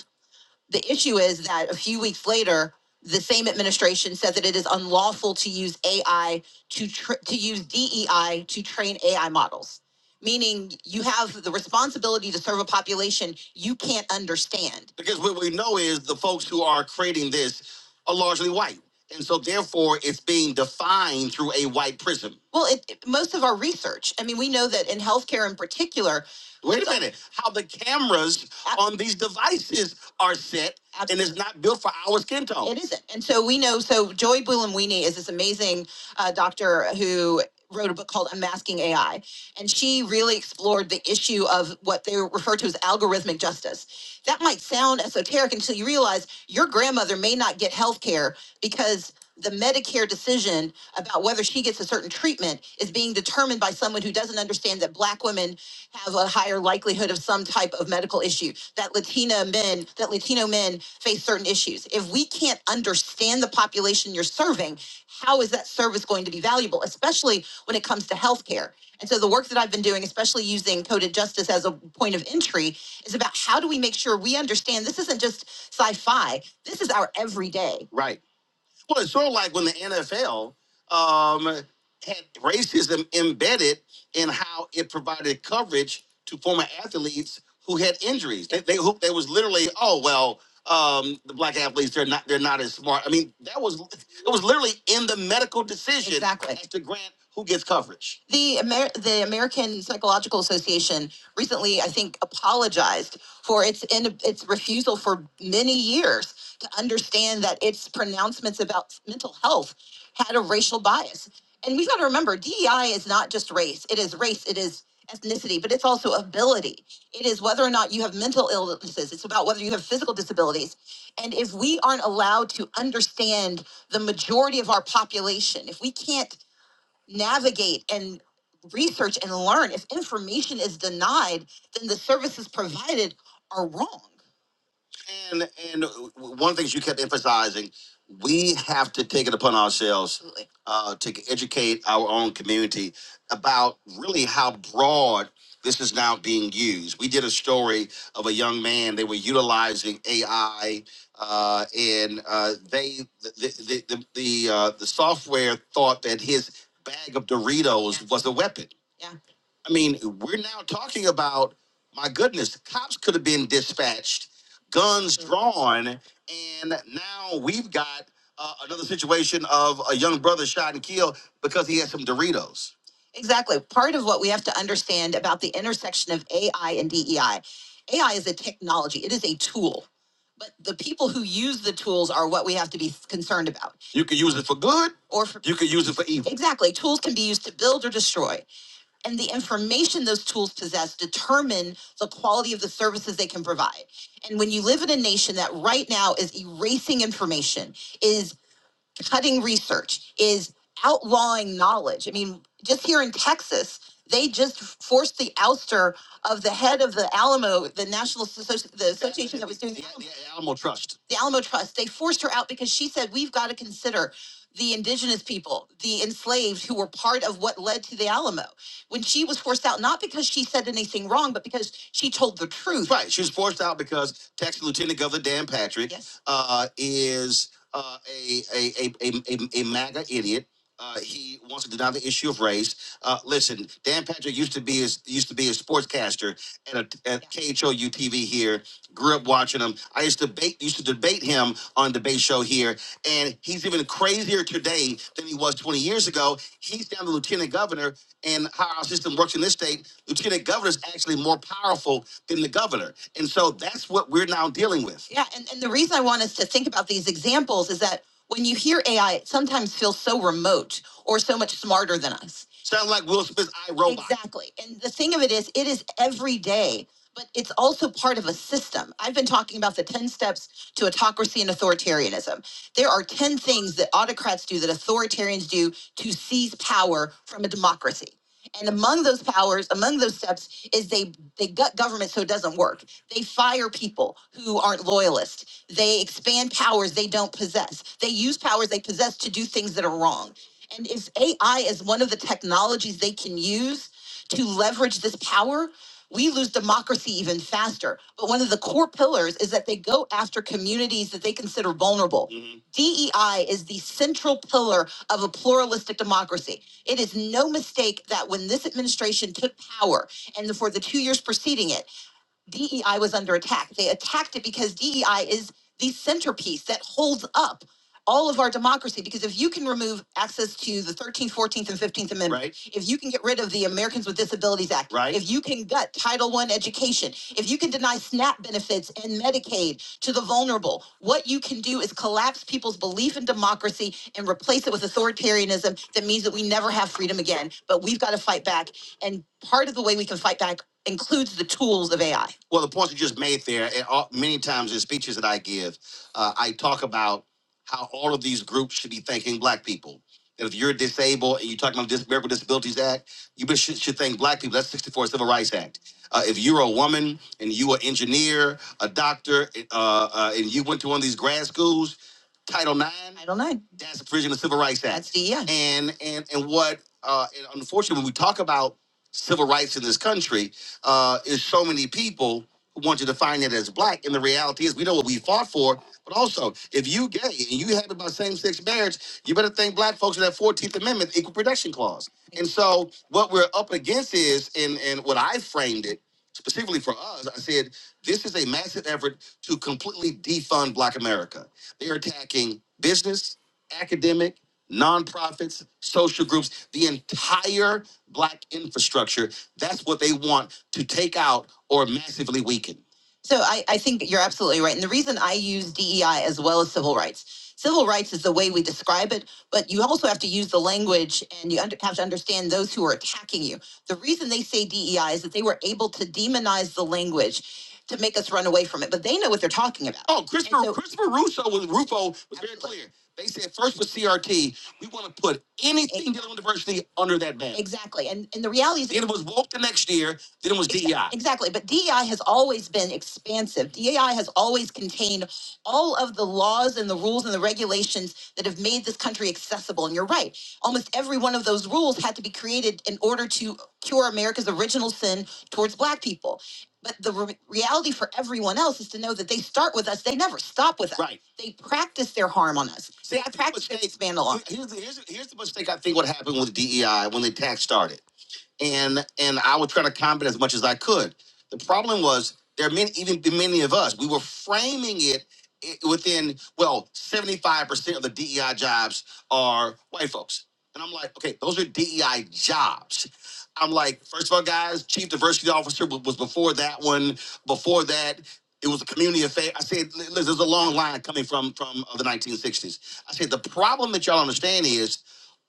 Speaker 3: The issue is that a few weeks later, the same administration said that it is unlawful to use AI to tr- to use DEI to train AI models, meaning you have the responsibility to serve a population you can't understand. Because what we know is the folks who are creating this are largely white. And so, therefore, it's being defined through a white prism. Well, it, it- most of our research, I mean, we know that in healthcare in particular, Wait a minute. How the cameras I- on these devices are set and it's not built for our skin tone. It isn't. And so we know, so Joy Bulamwini is this amazing uh, doctor who wrote a book called Unmasking AI. And she really explored the issue of what they refer to as algorithmic justice. That might sound esoteric until you realize your grandmother may not get health care because the Medicare decision about whether she gets a certain treatment is being determined by someone who doesn't understand that black women have a higher likelihood of some type of medical issue, that Latina men, that Latino men face certain issues. If we can't understand the population you're serving, how is that service going to be valuable, especially when it comes to healthcare? And so the work that I've been doing, especially using coded justice as a point of entry, is about how do we make sure we understand this isn't just sci-fi. This is our everyday. Right well, it's sort of like when the NFL um, had racism embedded in how it provided coverage to former athletes who had injuries. They, they, who, they was literally, oh well, um, the black athletes they're not they're not as smart. I mean, that was it was literally in the medical decision Exactly. as to grant who gets coverage? The Amer- the American Psychological Association recently, I think, apologized for its in- its refusal for many years to understand that its pronouncements about mental health had a racial bias. And we've got to remember, DEI is not just race; it is race, it is ethnicity, but it's also ability. It is whether or not you have mental illnesses. It's about whether you have physical disabilities. And if we aren't allowed to understand the majority of our population, if we can't navigate and research and learn. If information is denied, then the services provided are wrong. And and one of the things you kept emphasizing, we have to take it upon ourselves uh, to educate our own community about really how broad this is now being used. We did a story of a young man; they were utilizing AI, uh, and uh, they the the the the, uh, the software thought that his bag of Doritos Yeah. was a weapon. Yeah. I mean, we're now talking about my goodness, cops could have been dispatched guns drawn. And now we've got uh, another situation of a young brother shot and killed because he had some Doritos. Exactly. Part of what we have to understand about the intersection of AI and DEI AI is a technology, it is a tool. But the people who use the tools are what we have to be concerned about. You can use it for good, or for, you can use it for evil. Exactly. Tools can be used to build or destroy and the information those tools possess determine the quality of the services they can provide. And when you live in a nation that right now is erasing information, is cutting research, is outlawing knowledge. I mean, just here in Texas, they just forced the ouster of the head of the Alamo, the National Associ- the association that was doing the, Alamo. the Alamo Trust. The Alamo Trust. They forced her out because she said we've got to consider the indigenous people, the enslaved who were part of what led to the Alamo. When she was forced out, not because she said anything wrong, but because she told the truth. Right. She was forced out because Texas Lieutenant Governor Dan Patrick yes. uh, is uh, a, a, a, a, a, MAGA idiot. Uh, he wants to deny the issue of race. Uh, listen, Dan Patrick used to be his used to be a sportscaster at a, at KHOU TV here. Grew up watching him. I used to debate used to debate him on debate show here, and he's even crazier today than he was 20 years ago. He's now the lieutenant governor, and how our system works in this state, lieutenant governor is actually more powerful than the governor, and so that's what we're now dealing with. Yeah, and, and the reason I want us to think about these examples is that when you hear AI, it sometimes feels so remote or so much smarter than us. Sound like Will Smith's I Robot. Exactly. And the thing of it is, it is every day, but it's also part of a system. I've been talking about the 10 steps to autocracy and authoritarianism. There are 10 things that autocrats do that authoritarians do to seize power from a democracy. And among those powers, among those steps, is they they gut government so it doesn't work. They fire people who aren't loyalists. They expand powers they don't possess. They use powers they possess to do things that are wrong. And if AI is one of the technologies they can use to leverage this power, we lose democracy even faster. But one of the core pillars is that they go after communities that they consider vulnerable. DEI is the central pillar of a pluralistic democracy. It is no mistake that when this administration took power and for the two years preceding it, DEI was under attack. They attacked it because DEI is the centerpiece that holds up all of our democracy. Because if you can remove access to the 13th, 14th, and 15th Amendment, Right. if you can get rid of the Americans with Disabilities Act, right. if you can gut Title One education, if you can deny SNAP benefits and Medicaid to the vulnerable, what you can do is collapse people's belief in democracy and replace it with authoritarianism that means that we never have freedom again. But we've got to fight back. And part of the way we can fight back includes the tools of AI. Well, the points you just made there, and all, many times in speeches that I give, uh, I talk about how all of these groups should be thanking Black people. That if you're disabled and you're talking about the Dis- American Disabilities Act, you be- should, should thank Black people. That's 64 Civil Rights Act. Uh, if you're a woman and you are an engineer, a doctor, eh, uh, uh, and you went to one of these grad schools, Title Nine, Title Nine, That's a provision of the Civil Rights Act. That's the, yeah. And and and what? Uh, and unfortunately, when we talk about civil rights in this country uh, is so many people who want to define it as black. And the reality is, we know what we fought for. But also, if you gay and you happy about same-sex marriage, you better thank black folks for that 14th Amendment Equal Protection Clause. And so what we're up against is, and, and what I framed it, specifically for us, I said, this is a massive effort to completely defund Black America. They are attacking business, academic, nonprofits, social groups, the entire Black infrastructure. That's what they want to take out or massively weaken. So I, I think you're absolutely right. And the reason I use DEI as well as civil rights, civil rights is the way we describe it, but you also have to use the language and you under, have to understand those who are attacking you. The reason they say DEI is that they were able to demonize the language to make us run away from it, but they know what they're talking about. Oh, Christopher so, Christopher Russo was Rufo was absolutely. very clear. They said first with CRT, we want to put anything dealing with diversity under that ban. Exactly, and and the reality is, then it was woke the next year. Then it was Exa- DEI. Exactly, but DEI has always been expansive. DEI has always contained all of the laws and the rules and the regulations that have made this country accessible. And you're right, almost every one of those rules had to be created in order to cure America's original sin towards Black people but the re- reality for everyone else is to know that they start with us. They never stop with us. Right. They practice their harm on us. See, I think practice their mistake. expand the Here's the, here's, the- here's the mistake I think what happened with DEI when the tax started and and I was trying to combat as much as I could. The problem was there are many, even many of us, we were framing it i- within well, seventy five percent of the DEI jobs are white folks, and I'm like, okay, those are DEI jobs. I'm like, first of all, guys, chief diversity officer wa- was before that one. Before that, it was a community affair. I said, "Li- listen, there's a long line coming from from uh, the 1960s. I said, the problem that y'all understand is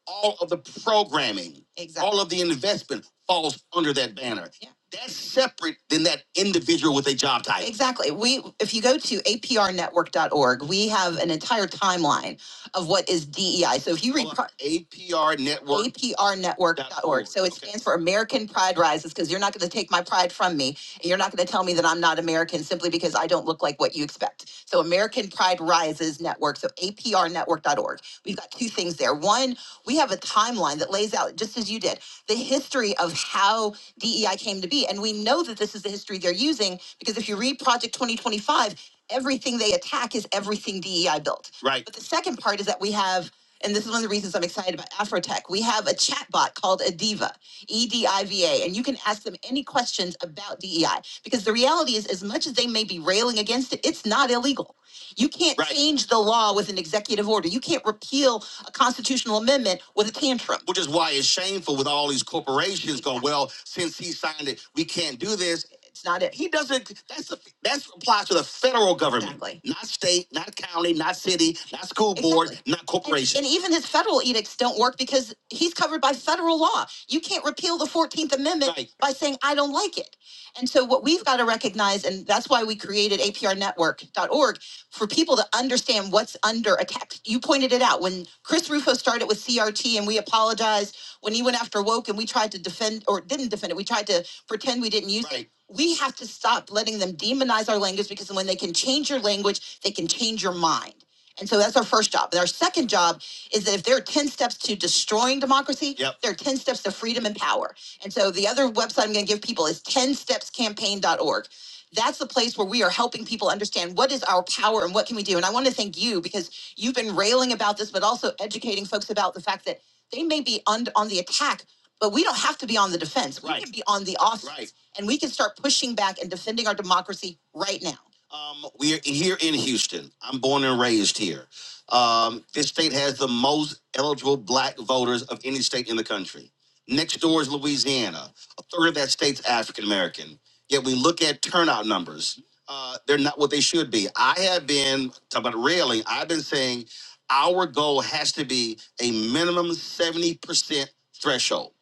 Speaker 3: all of the programming, Exactly. all of the investment falls under that banner. Yeah. That's separate than that individual with a job title. Exactly. We, if you go to aprnetwork.org, we have an entire timeline of what is DEI. So if you read Hold on. APR Network. APRnetwork.org. So it Okay. stands for American Pride Rises because you're not going to take my pride from me. And you're not going to tell me that I'm not American simply because I don't look like what you expect. So American Pride Rises Network, so aprnetwork.org. We've got two things there. One, we have a timeline that lays out, just as you did, the history of how DEI came to be. And we know that this is the history they're using because if you read Project 2025, everything they attack is everything DEI built. Right. But the second part is that we have and this is one of the reasons I'm excited about Afrotech. We have a chatbot called Adiva, E D I V A, and you can ask them any questions about DEI because the reality is, as much as they may be railing against it, it's not illegal. You can't Right. change the law with an executive order. You can't repeal a constitutional amendment with a tantrum. Which is why it's shameful with all these corporations going, well, since he signed it, we can't do this. It's not it. He doesn't. That's the that's applies to the federal government, Exactly. not state, not county, not city, not school board, Exactly. not corporation. And, and even his federal edicts don't work because he's covered by federal law. You can't repeal the Fourteenth Amendment Right. by saying I don't like it. And so what we've got to recognize, and that's why we created aprnetwork.org for people to understand what's under attack. You pointed it out when Chris Rufo started with CRT and we apologized when he went after woke and we tried to defend or didn't defend it. We tried to pretend we didn't use right. it. Right. We have to stop letting them demonize our language because when they can change your language, they can change your mind. And so that's our first job. And our second job is that if there are 10 steps to destroying democracy, Yep. there are 10 steps to freedom and power. And so the other website I'm going to give people is 10stepscampaign.org. That's the place where we are helping people understand what is our power and what can we do. And I want to thank you because you've been railing about this, but also educating folks about the fact that they may be on, on the attack, but we don't have to be on the defense. We Right. can Right. be on the offense Right. and we can start pushing back and defending our democracy right now. Um, we're here in Houston. I'm born and raised here. Um, this state has the most eligible black voters of any state in the country. Next door is Louisiana. A third of that state's African American. Yet we look at turnout numbers. Uh, they're not what they should be. I have been talking about railing. I've been saying our goal has to be a minimum 70% threshold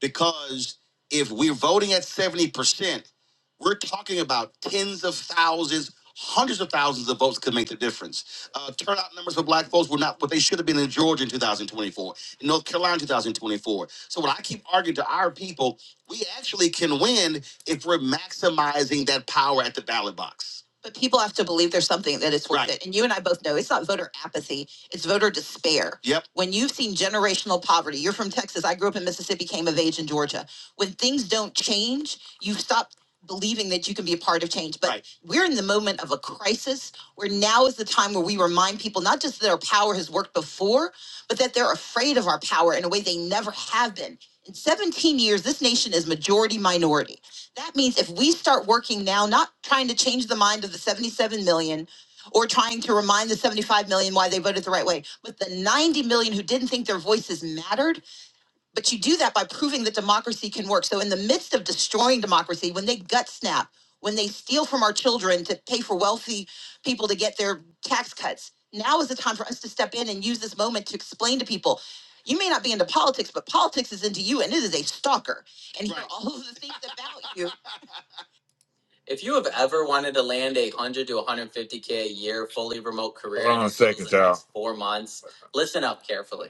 Speaker 3: because if we're voting at 70%, we're talking about tens of thousands, hundreds of thousands of votes could make the difference. Uh, turnout numbers for black folks were not what they should have been in Georgia in 2024, in North Carolina in 2024. So when I keep arguing to our people, we actually can win if we're maximizing that power at the ballot box but people have to believe there's something that it's worth Right. it. And you and I both know it's not voter apathy, it's voter despair. Yep. When you've seen generational poverty, you're from Texas, I grew up in Mississippi, came of age in Georgia. When things don't change, you stop believing that you can be a part of change. But Right. we're in the moment of a crisis where now is the time where we remind people not just that our power has worked before, but that they're afraid of our power in a way they never have been. In 17 years, this nation is majority minority. That means if we start working now, not trying to change the mind of the 77 million or trying to remind the 75 million why they voted the right way, but the 90 million who didn't think their voices mattered but you do that by proving that democracy can work. So, in the midst of destroying democracy, when they gut snap, when they steal from our children to pay for wealthy people to get their tax cuts, now is the time for us to step in and use this moment to explain to people. You may not be into politics, but politics is into you, and it is a stalker. And here are all of the things about you if you have ever wanted to land a 100 to 150K a year fully remote career Hold on in a second, the next four months, listen up carefully.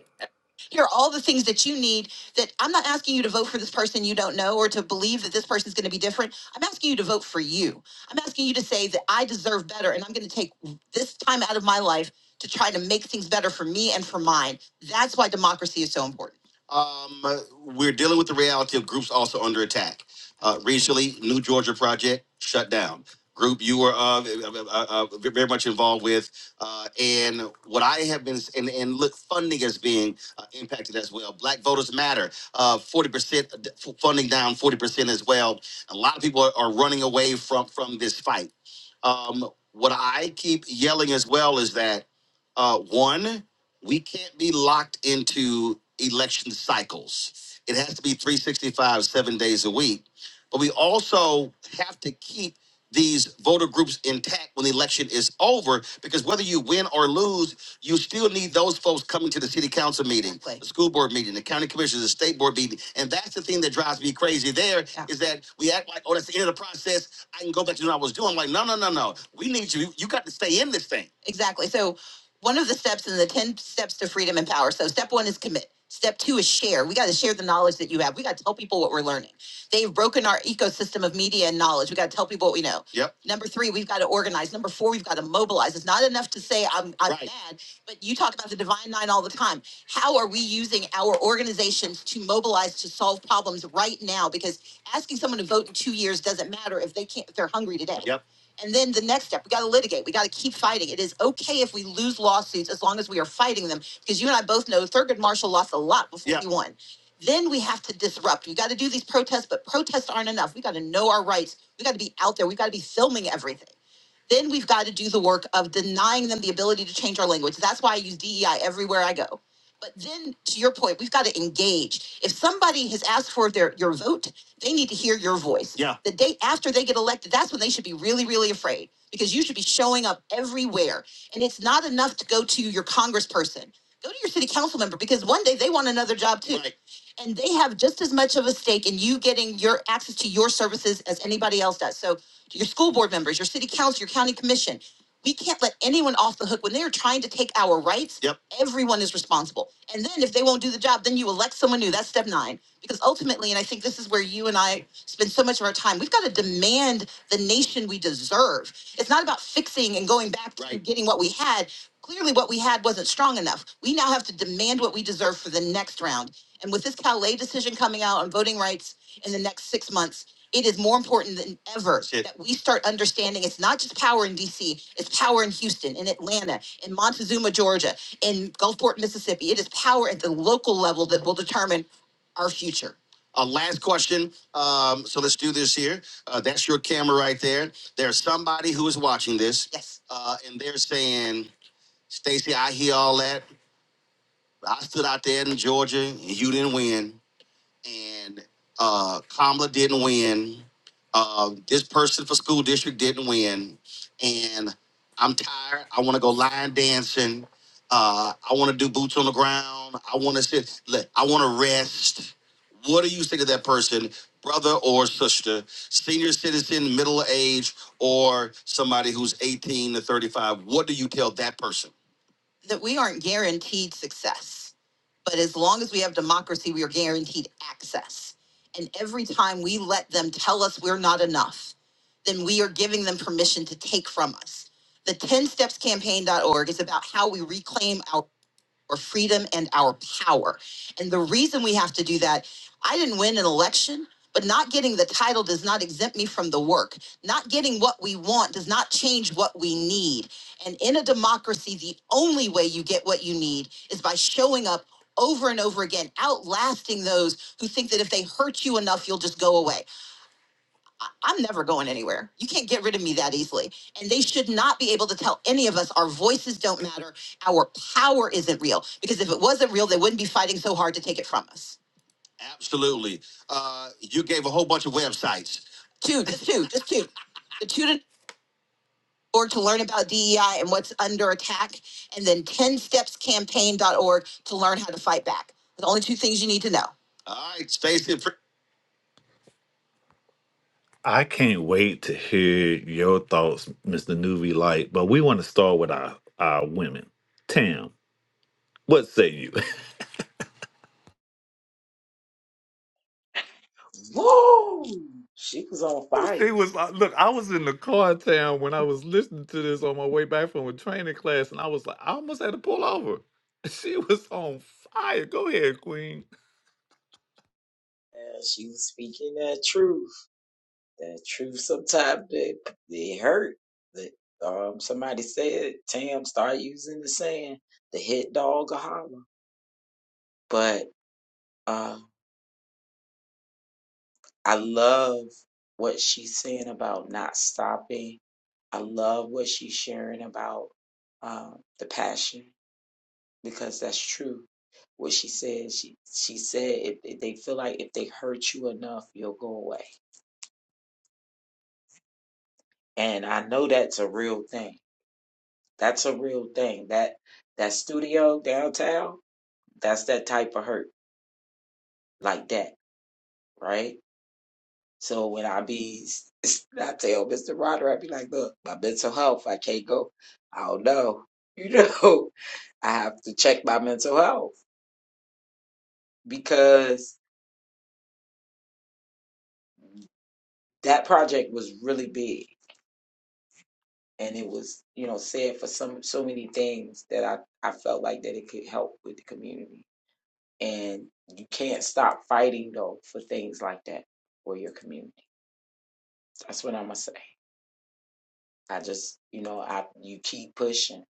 Speaker 3: Here are all the things that you need that I'm not asking you to vote for this person you don't know or to believe that this person's going to be different. I'm asking you to vote for you. I'm asking you to say that I deserve better and I'm going to take this time out of my life to try to make things better for me and for mine. That's why democracy is so important. Um, we're dealing with the reality of groups also under attack. Uh, recently, New Georgia Project shut down. Group you were uh, uh, uh, very much involved with, uh, and what I have been and, and look funding as being uh, impacted as well. Black Voters Matter, uh, forty percent funding down, forty percent as well. A lot of people are, are running away from from this fight. Um, what I keep yelling as well is that uh, one, we can't be locked into election cycles. It has to be 365, seven days a week but we also have to keep these voter groups intact when the election is over because whether you win or lose, you still need those folks coming to the city council meeting, Exactly. the school board meeting, the county commission, the state board meeting. And that's the thing that drives me crazy There Yeah. is that we act like, oh, that's the end of the process. I can go back to what I was doing. I'm like, no, no, no, no. We need you. You got to stay in this thing. Exactly. So one of the steps in the 10 steps to freedom and power. So step one is commit. Step two is share. We got to share the knowledge that you have. We got to tell people what we're learning. They've broken our ecosystem of media and knowledge. We got to tell people what we know. Yep. Number three, we've got to organize. Number four, we've got to mobilize. It's not enough to say I'm, I'm Right. mad, but you talk about the divine nine all the time. How are we using our organizations to mobilize to solve problems right now? Because asking someone to vote in two years doesn't matter if they can't if they're hungry today. Yep. And then the next step, we got to litigate. We got to keep fighting. It is okay if we lose lawsuits as long as we are fighting them, because you and I both know Thurgood Marshall lost a lot before Yeah. he won. Then we have to disrupt. We got to do these protests, but protests aren't enough. We got to know our rights. We got to be out there. We got to be filming everything. Then we've got to do the work of denying them the ability to change our language. That's why I use DEI everywhere I go. But then, to your point, we've got to engage. If somebody has asked for their your vote, they need to hear your voice. Yeah. The day after they get elected, that's when they should be really, really afraid because you should be showing up everywhere. And it's not enough to go to your congressperson. Go to your city council member because one day they want another job too. Right and they have just as much of a stake in you getting your access to your services as anybody else does. So your school board members, your city council, your county commission, we can't let anyone off the hook when they are trying to take our rights. Yep. Everyone is responsible. And then if they won't do the job, then you elect someone new. That's step nine. Because ultimately, and I think this is where you and I spend so much of our time, we've got to demand the nation we deserve. It's not about fixing and going back to Right. getting what we had. Clearly, what we had wasn't strong enough. We now have to demand what we deserve for the next round. And with this Calais decision coming out on voting rights in the next six months, it is more important than ever Shit. that we start understanding it's not just power in DC, it's power in Houston, in Atlanta, in Montezuma, Georgia, in Gulfport, Mississippi. It is power at the local level that will determine our future. Uh, last question. Um, so let's do this here. Uh, that's your camera right there. There's somebody who is watching this. Yes. Uh, and they're saying, Stacey, I hear all that. I stood out there in Georgia and you didn't win and uh, Kamala didn't win. Uh, this person for school district didn't win, and I'm tired. I want to go line dancing. Uh, I want to do boots on the ground. I want to sit. Look, I want to rest. What do you say to that person, brother or sister, senior citizen, middle age, or somebody who's 18 to 35? What do you tell that person? that we aren't guaranteed success. But as long as we have democracy, we are guaranteed access. And every time we let them tell us we're not enough, then we are giving them permission to take from us. The 10 Steps Campaign dot org is about how we reclaim our or freedom and our power. And the reason we have to do that, I didn't win an election, but not getting the title does not exempt me from the work. Not getting what we want does not change what we need. And in a democracy, the only way you get what you need is by showing up over and over again, outlasting those who think that if they hurt you enough, you'll just go away. I'm never going anywhere. You can't get rid of me that easily. And they should not be able to tell any of us our voices don't matter, our power isn't real. Because if it wasn't real, they wouldn't be fighting so hard to take it from us. Absolutely. Uh, you gave a whole bunch of websites. Two, just two, [laughs] just two. The two to org to learn about DEI and what's under attack, and then 10stepscampaign.org to learn how to fight back. The only two things you need to know. All right, Stacey. I can't wait to hear your thoughts, Mr. Nuvi Light. But we want to start with our, our women. Tam, what say you?
Speaker 1: Woo! She was on
Speaker 3: [laughs]
Speaker 1: fire.
Speaker 3: she was like, look, I was in the car, Tam, when I was listening to this on my way back from a training class, and I was like, I almost had to pull over. [laughs] She was on fire. Go ahead, Queen.
Speaker 1: Yeah, she was speaking that truth. The truth sometimes they, they hurt. That um somebody said Tam start using the saying the hit dog a holler. But uh, I love what she's saying about not stopping. I love what she's sharing about um, the passion because that's true. What she said, she she said if if they feel like if they hurt you enough, you'll go away. And I know that's a real thing That's a real thing. That that studio downtown, that's that type of hurt, like that, right? So when I be, [laughs] I tell Mr. Roderick, I be like, look, my mental health, I can't go. I don't know. You know, [laughs] I have to check my mental health because that project was really big and it was, you know, said for some so many things that I, I felt like that it could help with the community. And you can't stop fighting though for things like that for your community. That's what I'm gonna say. I just, you know, I you keep pushing,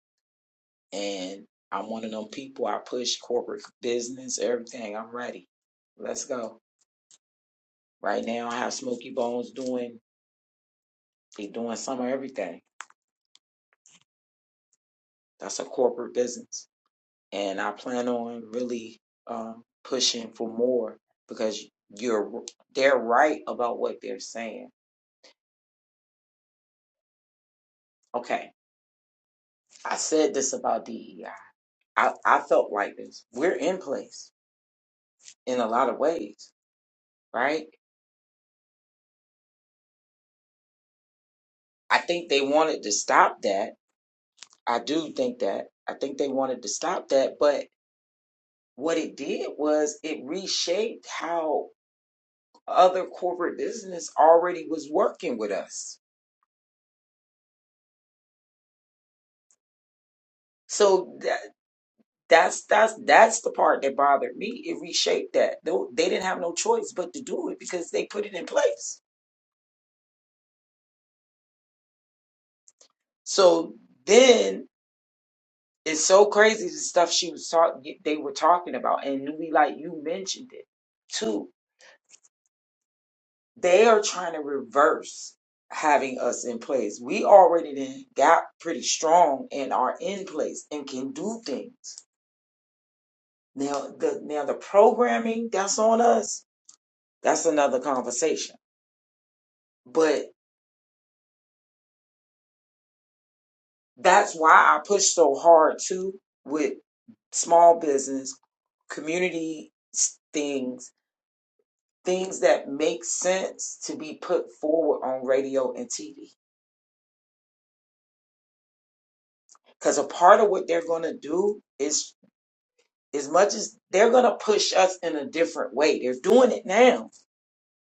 Speaker 1: and I'm one of them people. I push corporate business, everything. I'm ready. Let's go. Right now, I have Smokey Bones doing. They doing some of everything. That's a corporate business, and I plan on really um, pushing for more because you're they're right about what they're saying. Okay, I said this about DEI. I, I felt like this. We're in place in a lot of ways, right? I think they wanted to stop that. I do think that. I think they wanted to stop that. But what it did was it reshaped how other corporate business already was working with us. So that, that's that's that's the part that bothered me. It reshaped that. Though they didn't have no choice but to do it because they put it in place. So then It's so crazy the stuff she was talking, they were talking about, and we like you mentioned it too. They are trying to reverse having us in place. We already then got pretty strong and are in place and can do things. Now the now the programming that's on us. That's another conversation. But that's why I push so hard too with small business community s- things things that make sense to be put forward on radio and TV. Because a part of what they're going to do is, as much as they're going to push us in a different way, they're doing it now.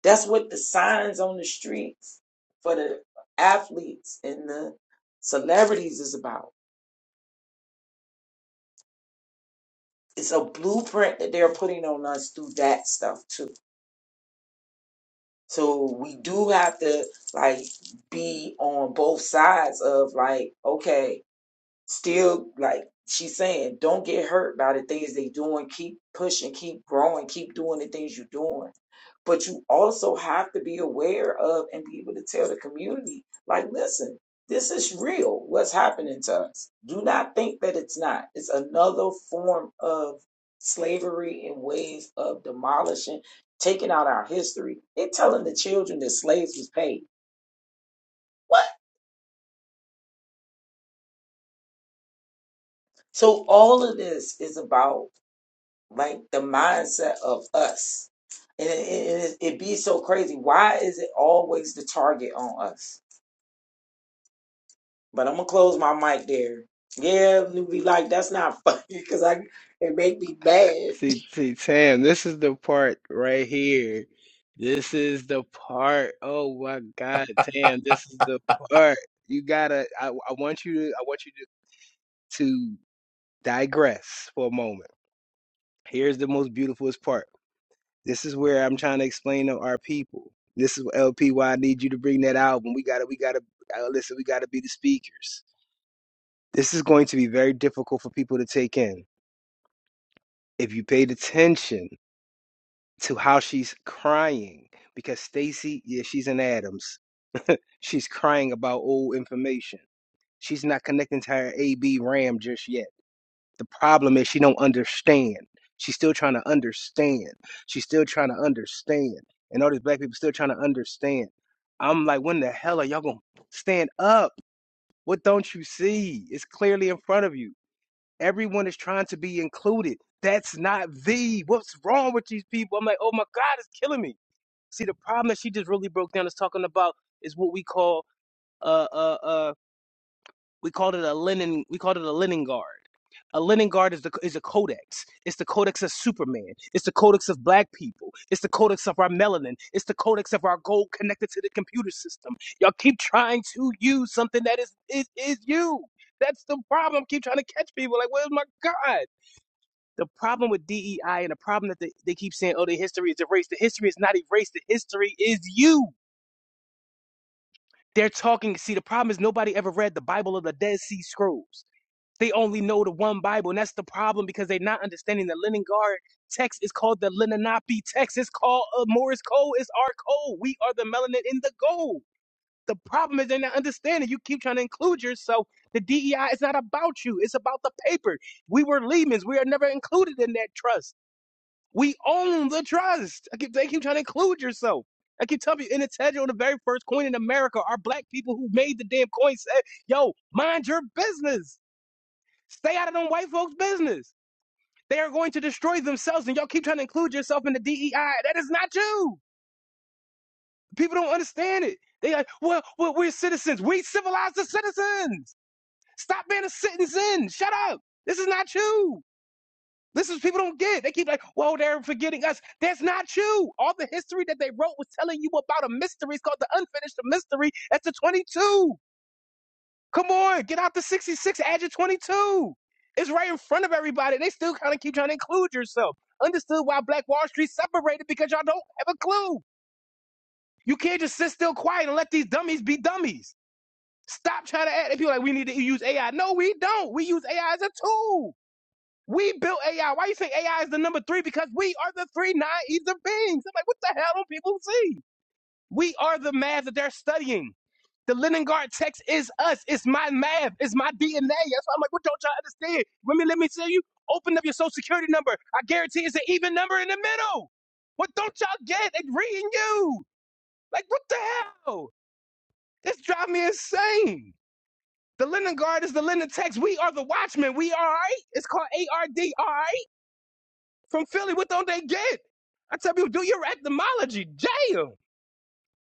Speaker 1: That's what the signs on the streets for the athletes and the celebrities is about. It's a blueprint that they're putting on us through that stuff too. So we do have to like be on both sides of like, okay, still like she's saying don't get hurt by the things they doing keep pushing keep growing keep doing the things you're doing but you also have to be aware of and be able to tell the community like listen this is real what's happening to us do not think that it's not it's another form of slavery and ways of demolishing taking out our history they're telling the children that slaves was paid what so all of this is about like the mindset of us. And it, it, it it be so crazy. Why is it always the target on us? But I'm gonna close my mic there. Yeah, you be like, that's not [laughs] funny because I it make me mad.
Speaker 4: See, see, Tam, this is the part right here. This is the part. Oh my God, Tam, this is the part. You gotta, I, I want you to, I want you to, to digress for a moment. Here's the most beautifulest part. This is where I'm trying to explain to our people. This is LP why I need you to bring that album. We gotta, we gotta, uh, listen, we gotta be the speakers. This is going to be very difficult for people to take in. If you paid attention, to how she's crying because Stacy, yeah, she's in Adams. She's crying about old information. She's not connecting to her AB RAM just yet. The problem is she don't understand. She's still trying to understand. She's still trying to understand. And all these black people still trying to understand. I'm like, when the hell are y'all gonna stand up? What don't you see? It's clearly in front of you. Everyone is trying to be included. That's not the. What's wrong with these people? I'm like, oh my God, it's killing me. See, the problem that she just really broke down is talking about is what we call uh uh uh we called it a linen we called it a linen guard. A linen guard is the is a codex. It's the codex of Superman. It's the codex of Black people. It's the codex of our melanin. It's the codex of our gold connected to the computer system. Y'all keep trying to use something that is is is you. That's the problem. Keep trying to catch people. Like, where's my God? The problem with DEI and the problem that they, they keep saying, oh, the history is erased. The history is not erased. The history is you. They're talking. See, the problem is nobody ever read the Bible of the Dead Sea Scrolls. They only know the one Bible, and that's the problem because they're not understanding the Leningard text is called the Lenape text. It's called uh, Morris Code. It's our code. We are the melanin in the gold. The problem is they're not understanding. You keep trying to include yourself. The DEI is not about you. It's about the paper. We were Lehman's. We are never included in that trust. We own the trust. I keep, they keep trying to include yourself. I keep telling you, in the Tedro, the very first coin in America, our black people who made the damn coin said, yo, mind your business. Stay out of them white folks' business. They are going to destroy themselves, and y'all keep trying to include yourself in the DEI. That is not you. People don't understand it. They like, well, well we're citizens. We civilize the citizens. Stop being a citizen. Shut up. This is not you. This is people don't get. They keep like, "Well, they're forgetting us." That's not you. All the history that they wrote was telling you about a mystery. It's called the unfinished mystery. That's a 22. Come on, get out the 66. Add your 22. It's right in front of everybody. They still kind of keep trying to include yourself. Understood why Black Wall Street separated because y'all don't have a clue. You can't just sit still quiet and let these dummies be dummies. Stop trying to add. And people are like, we need to use AI. No, we don't. We use AI as a tool. We built AI. Why you think AI is the number three? Because we are the three non ether beings. I'm like, what the hell do people see? We are the math that they're studying. The Leningard text is us. It's my math. It's my DNA. That's why I'm like, what don't y'all understand? Let me let me tell you. Open up your social security number. I guarantee it's an even number in the middle. What don't y'all get? They reading you. Like, what the hell? This drives me insane. The Leningard is the Lenin text. We are the watchmen. We all right. It's called ARD. from Philly. What don't they get? I tell people, do your etymology. Damn.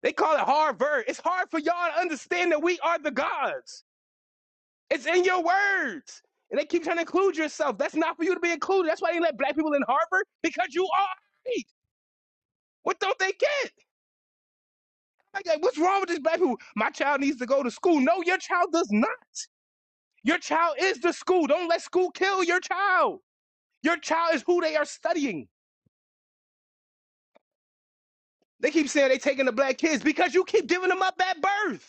Speaker 4: They call it Harvard. It's hard for y'all to understand that we are the gods. It's in your words. And they keep trying to include yourself. That's not for you to be included. That's why they let black people in Harvard because you are white. What don't they get? Like, like, what's wrong with these black people? My child needs to go to school. No, your child does not. Your child is the school. Don't let school kill your child. Your child is who they are studying. They keep saying they taking the black kids because you keep giving them up at birth.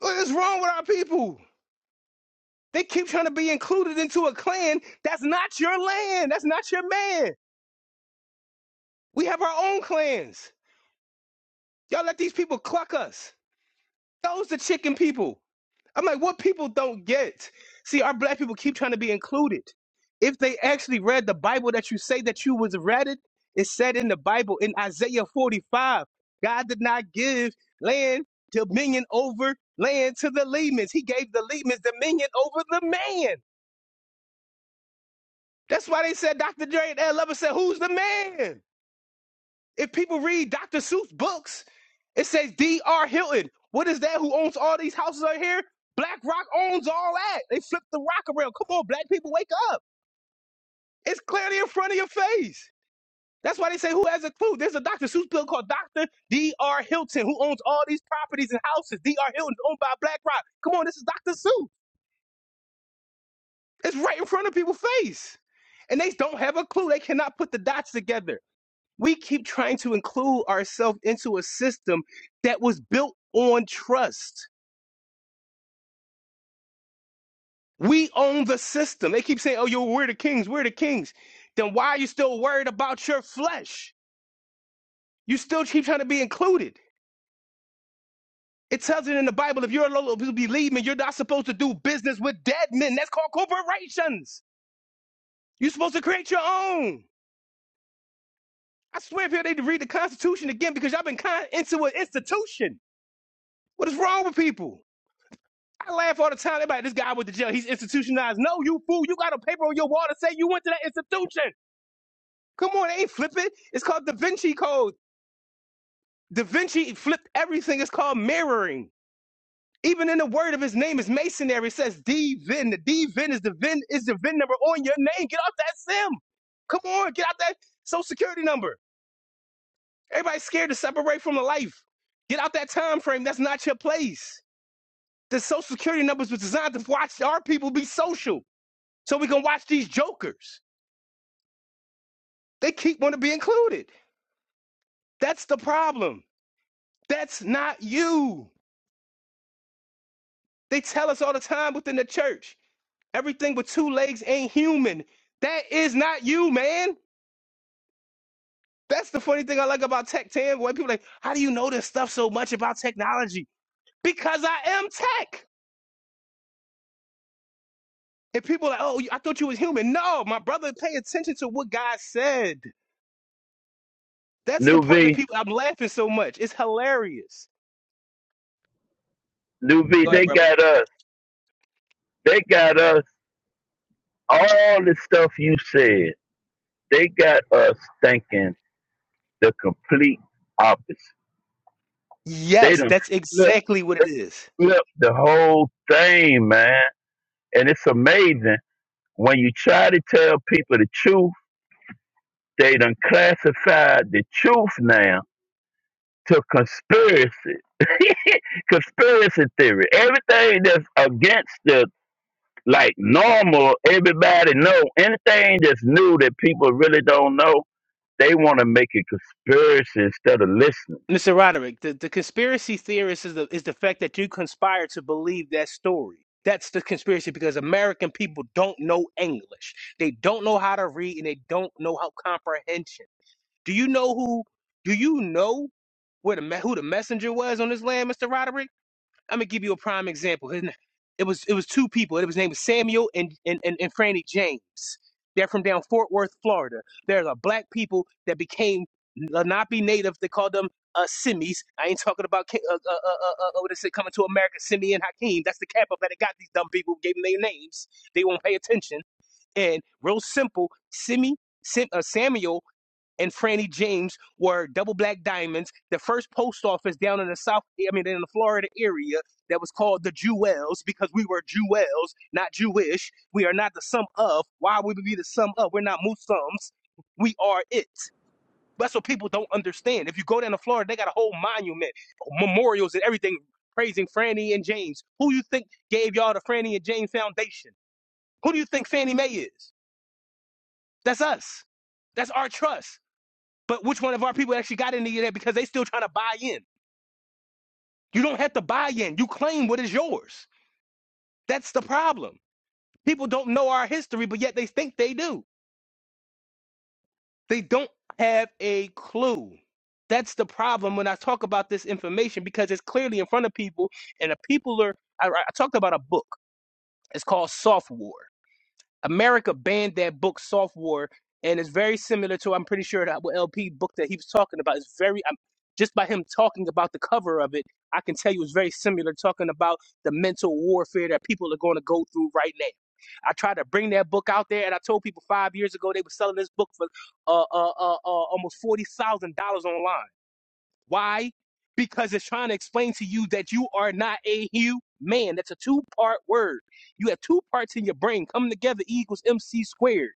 Speaker 4: What is wrong with our people? They keep trying to be included into a clan that's not your land. That's not your man. We have our own clans. Y'all let these people cluck us. Those the chicken people. I'm like, what people don't get? See, our black people keep trying to be included. If they actually read the Bible that you say that you was read it, it said in the Bible in Isaiah 45, God did not give land dominion over land to the Lemans. He gave the Lemans dominion over the man. That's why they said Dr. Dre and Ed Lover said, Who's the man? If people read Dr. Seuss books, it says D.R. Hilton. What is that? Who owns all these houses out here? BlackRock owns all that. They flipped the rock around. Come on, black people, wake up. It's clearly in front of your face. That's why they say, Who has a clue? There's a Dr. Seuss bill called Dr. D.R. Hilton, who owns all these properties and houses. D.R. Hilton is owned by BlackRock. Come on, this is Dr. Seuss. It's right in front of people's face. And they don't have a clue. They cannot put the dots together. We keep trying to include ourselves into a system that was built on trust. We own the system. They keep saying, oh, yo, we're the kings, we're the kings. Then why are you still worried about your flesh? You still keep trying to be included. It tells it in the Bible if you're a low believe me, you're not supposed to do business with dead men. That's called corporations. You're supposed to create your own. I swear, people, they need to read the Constitution again because y'all been kind into an institution. What is wrong with people? I laugh all the time. Everybody, this guy went to jail. He's institutionalized. No, you fool. You got a paper on your wall to say you went to that institution. Come on, they ain't flipping. It's called Da Vinci Code. Da Vinci flipped everything. It's called mirroring. Even in the word of his name is masonry. It says D Vin. The D Vin is the Vin is the Vin number on your name. Get off that sim. Come on, get out that social security number. Everybody's scared to separate from the life. Get out that time frame. That's not your place. The social security numbers was designed to watch our people be social. so we can watch these jokers. They keep wanting to be included. That's the problem. That's not you. They tell us all the time within the church, everything with two legs ain't human. That is not you, man. That's the funny thing I like about tech Tam. When people are like, how do you know this stuff so much about technology? Because I am tech. And people are like, oh, I thought you was human. No, my brother, pay attention to what God said. That's the
Speaker 6: New
Speaker 4: part that
Speaker 6: V,
Speaker 4: people I'm laughing so much. It's hilarious.
Speaker 6: New V,
Speaker 4: Go ahead,
Speaker 6: they
Speaker 4: brother.
Speaker 6: got us. They got us. All the stuff you said, they got us thinking the complete opposite. They
Speaker 4: Yes,
Speaker 6: done
Speaker 4: that's
Speaker 6: flipped,
Speaker 4: exactly what it
Speaker 6: they
Speaker 4: is.
Speaker 6: flipped the whole thing, man. And it's amazing when you try to tell people the truth, they done classified the truth now to conspiracy. [laughs] conspiracy theory. Everything that's against the like normal, everybody know anything that's new that people really don't know. They want to make a conspiracy instead of listening.
Speaker 4: Mr. Roderick, the, the conspiracy theorist is the is the fact that you conspire to believe that story. That's the conspiracy because American people don't know English. They don't know how to read and they don't know how comprehension. Do you know who do you know where the me- who the messenger was on this land, Mr. Roderick? I'm gonna give you a prime example. His, na- it was it was two people. It was named Samuel and and, and and Franny James. They're from down Fort Worth, Florida. There's a black people that became Lenape native. They called them uh, Simmies. I ain't talking about Ki- uh, uh, uh, uh, uh, uh, what is it coming to America? Simi and Hakeem. That's the cap up that it got these dumb people. Who gave them their names. They won't pay attention. And real simple, Simi, Sim, uh, Samuel and Franny James were double black diamonds. The first post office down in the South, I mean, in the Florida area that was called the Jewels because we were Jewels, not Jewish. We are not the sum of. Why would we be the sum of? We're not Muslims. We are it. That's what people don't understand. If you go down to Florida, they got a whole monument, memorials, and everything praising Franny and James. Who you think gave y'all the Franny and James Foundation? Who do you think Fannie Mae is? That's us. That's our trust. But which one of our people actually got into that because they still trying to buy in? You don't have to buy in. You claim what is yours. That's the problem. People don't know our history, but yet they think they do. They don't have a clue. That's the problem when I talk about this information because it's clearly in front of people, and the people are. I, I talked about a book. It's called Soft War. America banned that book software, and it's very similar to I'm pretty sure that what LP book that he was talking about is very I'm, just by him talking about the cover of it, I can tell you it's very similar talking about the mental warfare that people are going to go through right now. I tried to bring that book out there, and I told people five years ago they were selling this book for uh, uh, uh, uh, almost forty thousand dollars online. Why? Because it's trying to explain to you that you are not a human. That's a two part word. You have two parts in your brain coming together E equals MC squared.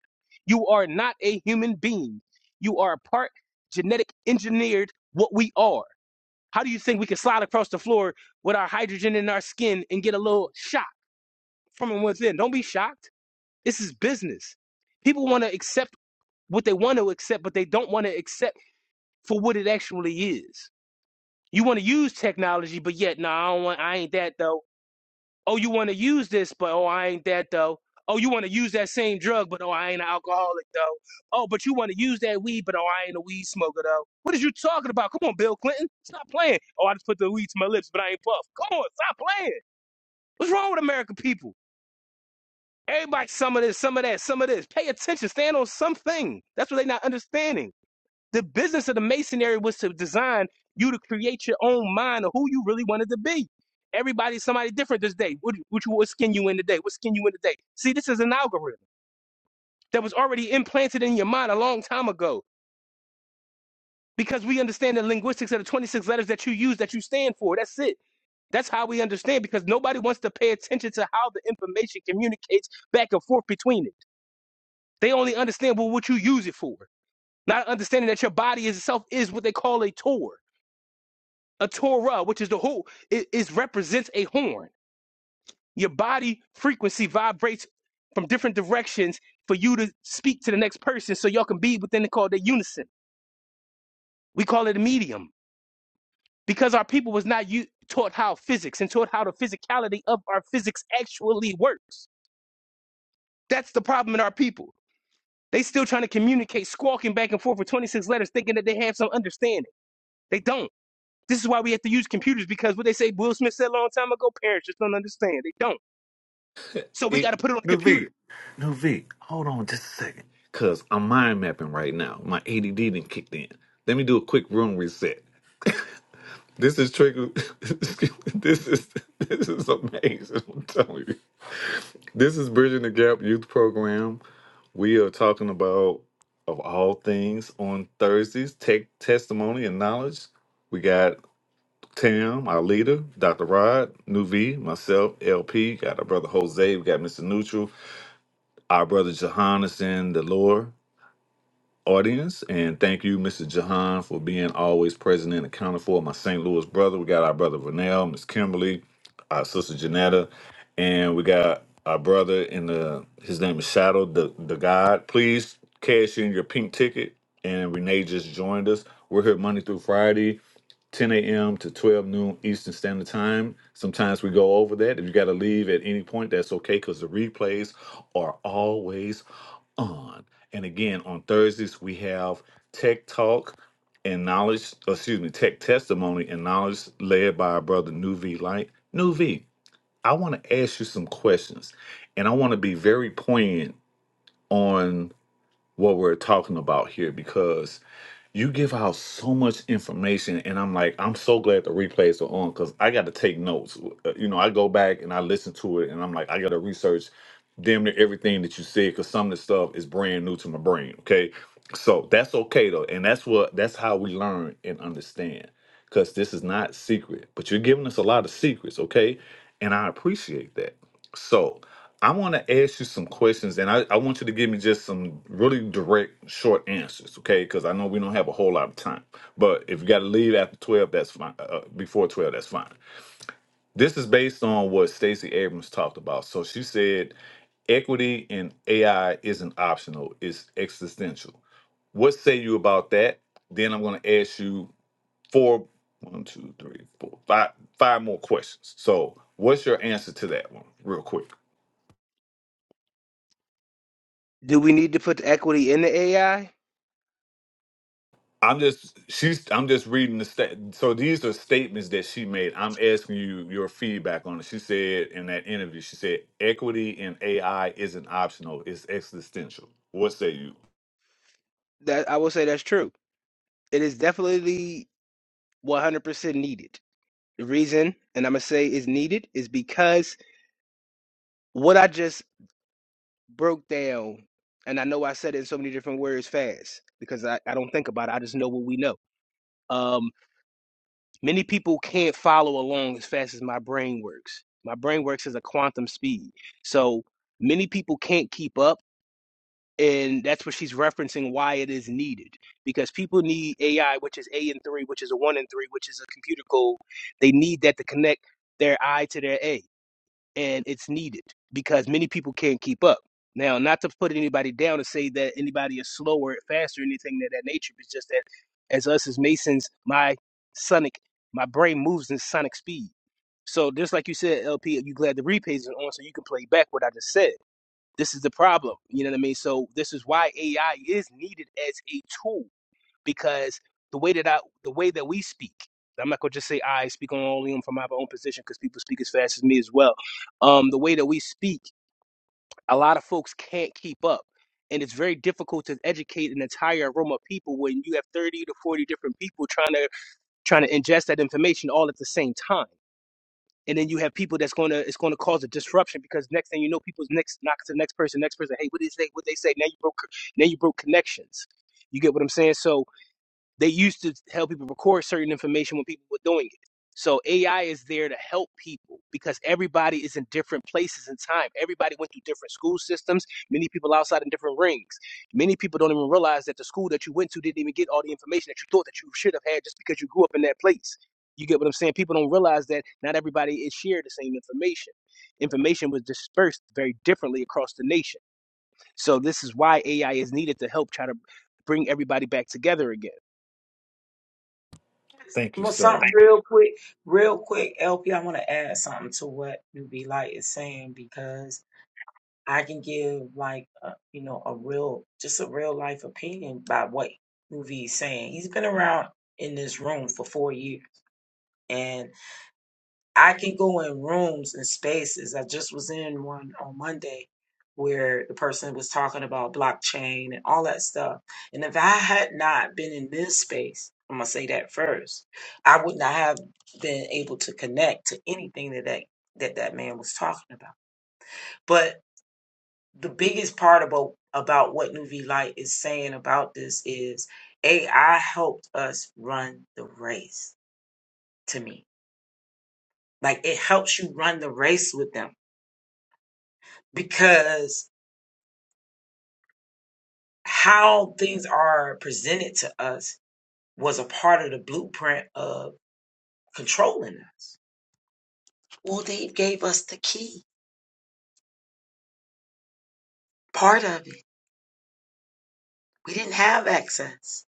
Speaker 4: You are not a human being. You are a part genetic engineered what we are. How do you think we can slide across the floor with our hydrogen in our skin and get a little shock from within? Don't be shocked. This is business. People want to accept what they want to accept, but they don't want to accept for what it actually is. You want to use technology, but yet, no, nah, I don't want. I ain't that though. Oh, you want to use this, but oh, I ain't that though. Oh, you want to use that same drug, but oh, I ain't an alcoholic though. Oh, but you want to use that weed, but oh, I ain't a weed smoker though. What is you talking about? Come on, Bill Clinton, stop playing. Oh, I just put the weed to my lips, but I ain't puff. Come on, stop playing. What's wrong with American people? Everybody, some of this, some of that, some of this. Pay attention. Stand on something. That's what they are not understanding. The business of the masonry was to design you to create your own mind of who you really wanted to be. Everybody's somebody different this day. What, what, you- what skin you in today? What skin you in today? See, this is an algorithm that was already implanted in your mind a long time ago because we understand the linguistics of the 26 letters that you use that you stand for. That's it. That's how we understand because nobody wants to pay attention to how the information communicates back and forth between it. They only understand well, what you use it for, not understanding that your body itself is what they call a tour. a Torah, which is the whole, it, it represents a horn. Your body frequency vibrates from different directions for you to speak to the next person, so y'all can be within the call the unison. We call it a medium because our people was not u- taught how physics and taught how the physicality of our physics actually works. That's the problem in our people. They still trying to communicate, squawking back and forth for 26 letters, thinking that they have some understanding. They don't. This is why we have to use computers because what they say Will Smith said a long time ago, parents just don't understand. They don't. So we
Speaker 3: It,
Speaker 4: got to put it on the
Speaker 3: Nuvi,
Speaker 4: computer.
Speaker 3: Nuvi, hold on just a second, cause I'm mind mapping right now. My ADD didn't kicked in. Let me do a quick room reset. This is trigger. [laughs] this is this is amazing. I'm telling you. This is Bridging the Gap Youth Program. We are talking about, of all things, on Thursdays, tech testimony and knowledge. We got Tam, our leader, Dr. Rod, Nuvi, myself, LP, got our brother Jose, we got Mr. Neutral, our brother Johannes and the lore audience. And thank you, Mrs. Jahan, for being always present and accounted for. My St. Louis brother, we got our brother Vernell, Miss Kimberly, our sister Janetta, and we got our brother in the his name is Shadow the the God. Please cash in your pink ticket. And Renee just joined us. We're here Monday through Friday. 10 a.m. to 12 noon Eastern Standard Time. Sometimes we go over that. If you got to leave at any point, that's okay because the replays are always on. And again, on Thursdays, we have Tech Talk and Knowledge, excuse me, Tech Testimony and Knowledge led by our brother New V Light. New V, I want to ask you some questions and I want to be very poignant on what we're talking about here because you give out so much information and i'm like i'm so glad the replays are on because i got to take notes Uh, you know i go back and i listen to it and i'm like i got to research damn near everything that you said because some of the stuff is brand new to my brain okay so that's okay though and that's what that's how we learn and understand because this is not secret, but you're giving us a lot of secrets, okay? And I appreciate that. So I want to ask you some questions, and I, I want you to give me just some really direct, short answers, okay? Because I know we don't have a whole lot of time. But if you got to leave after 12, that's fine. Uh, uh, before 12, that's fine. This is based on what Stacey Abrams talked about. So she said equity in AI isn't optional, it's existential. What say you about that? Then I'm going to ask you four, one, two, three, four, five, five more questions. So, what's your answer to that one, real quick?
Speaker 4: Do we need to put the equity in the AI?
Speaker 3: I'm just she's I'm just reading the stat. So these are statements that she made. I'm asking you your feedback on it. She said in that interview, she said equity in AI isn't optional; it's existential. What say you?
Speaker 4: That I will say that's true. It is definitely 100% needed. The reason, and I'm gonna say is needed, is because what I just broke down, and I know I said it in so many different words fast because I, I don't think about it. I just know what we know. Um, many people can't follow along as fast as my brain works. My brain works as a quantum speed. So many people can't keep up And that's what she's referencing why it is needed. Because people need AI, which is A and three, which is a one and three, which is a computer code. They need that to connect their I to their A. And it's needed because many people can't keep up. Now, not to put anybody down and say that anybody is slower, faster, anything of that nature, it's just that as us as Masons, my sonic, my brain moves in sonic speed. So just like you said, LP, you glad the replays is on so you can play back what I just said this is the problem. You know what I mean? So this is why AI is needed as a tool because the way that I, the way that we speak, I'm not gonna just say I speak on only from my own position because people speak as fast as me as well. Um, the way that we speak, a lot of folks can't keep up. And it's very difficult to educate an entire room of people when you have 30 to 40 different people trying to trying to ingest that information all at the same time and then you have people that's gonna it's gonna cause a disruption because next thing you know, people's next knock to the next person, next person. Hey, what did they say? What they say? Now you broke now you broke connections. You get what I'm saying? So they used to help people record certain information when people were doing it. So AI is there to help people because everybody is in different places in time. Everybody went through different school systems. Many people outside in different rings. Many people don't even realize that the school that you went to didn't even get all the information that you thought that you should have had just because you grew up in that place. You get what I'm saying? People don't realize that not everybody is shared the same information. Information was dispersed very differently across the nation. So this is why AI is needed to help try to bring everybody back together again
Speaker 3: Thank you,
Speaker 1: But
Speaker 3: sir.
Speaker 1: something real quick, real quick, LP, I want to add something to what Newbie Light is saying because I can give like a, you know a real, just a real life opinion by what Newbie is saying. He's been around in this room for four years, and. I can go in rooms and spaces. I just was in one on Monday where the person was talking about blockchain and all that stuff. And if I had not been in this space, I'm gonna say that first, I would not have been able to connect to anything that that, that, that man was talking about. But the biggest part about about what Nuvi Light is saying about this is AI helped us run the race to me. Like it helps you run the race with them because how things are presented to us was a part of the blueprint of controlling us. Well, they gave us the key, part of it. We didn't have access.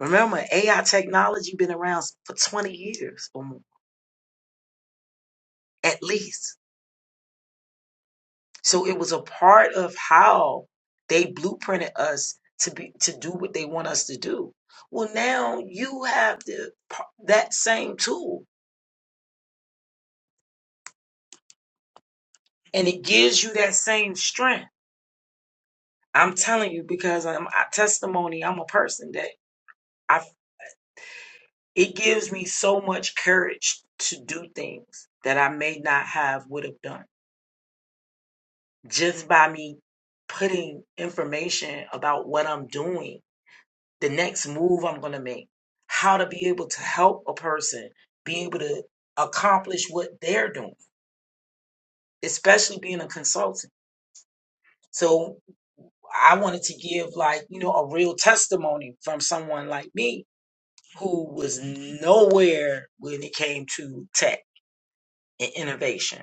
Speaker 1: Remember, AI technology been around for 20 years or more, at least. So it was a part of how they blueprinted us to be to do what they want us to do. Well, now you have the that same tool, and it gives you that same strength I'm telling you because I'm a testimony. I'm a person that I. It gives me so much courage to do things that I may not have would have done just by me putting information about what I'm doing, the next move I'm going to make, how to be able to help a person be able to accomplish what they're doing, especially being a consultant. So I wanted to give like you know a real testimony from someone like me who was nowhere when it came to tech and innovation.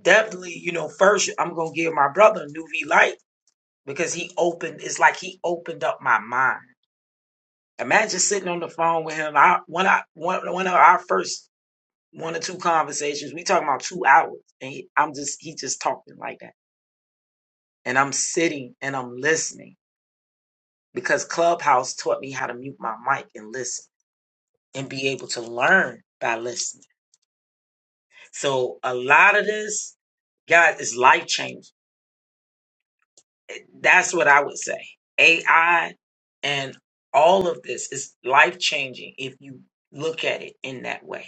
Speaker 1: Definitely, you know, first I'm gonna give my brother a new V light because he opened. It's like he opened up my mind. Imagine sitting on the phone with him. I one I one one of our first one or two conversations. We talking about two hours, and he, I'm just he just talking like that, and I'm sitting and I'm listening because Clubhouse taught me how to mute my mic and listen and be able to learn by listening So a lot of this, God, is life changing. That's what I would say. AI and all of this is life changing if you look at it in that way.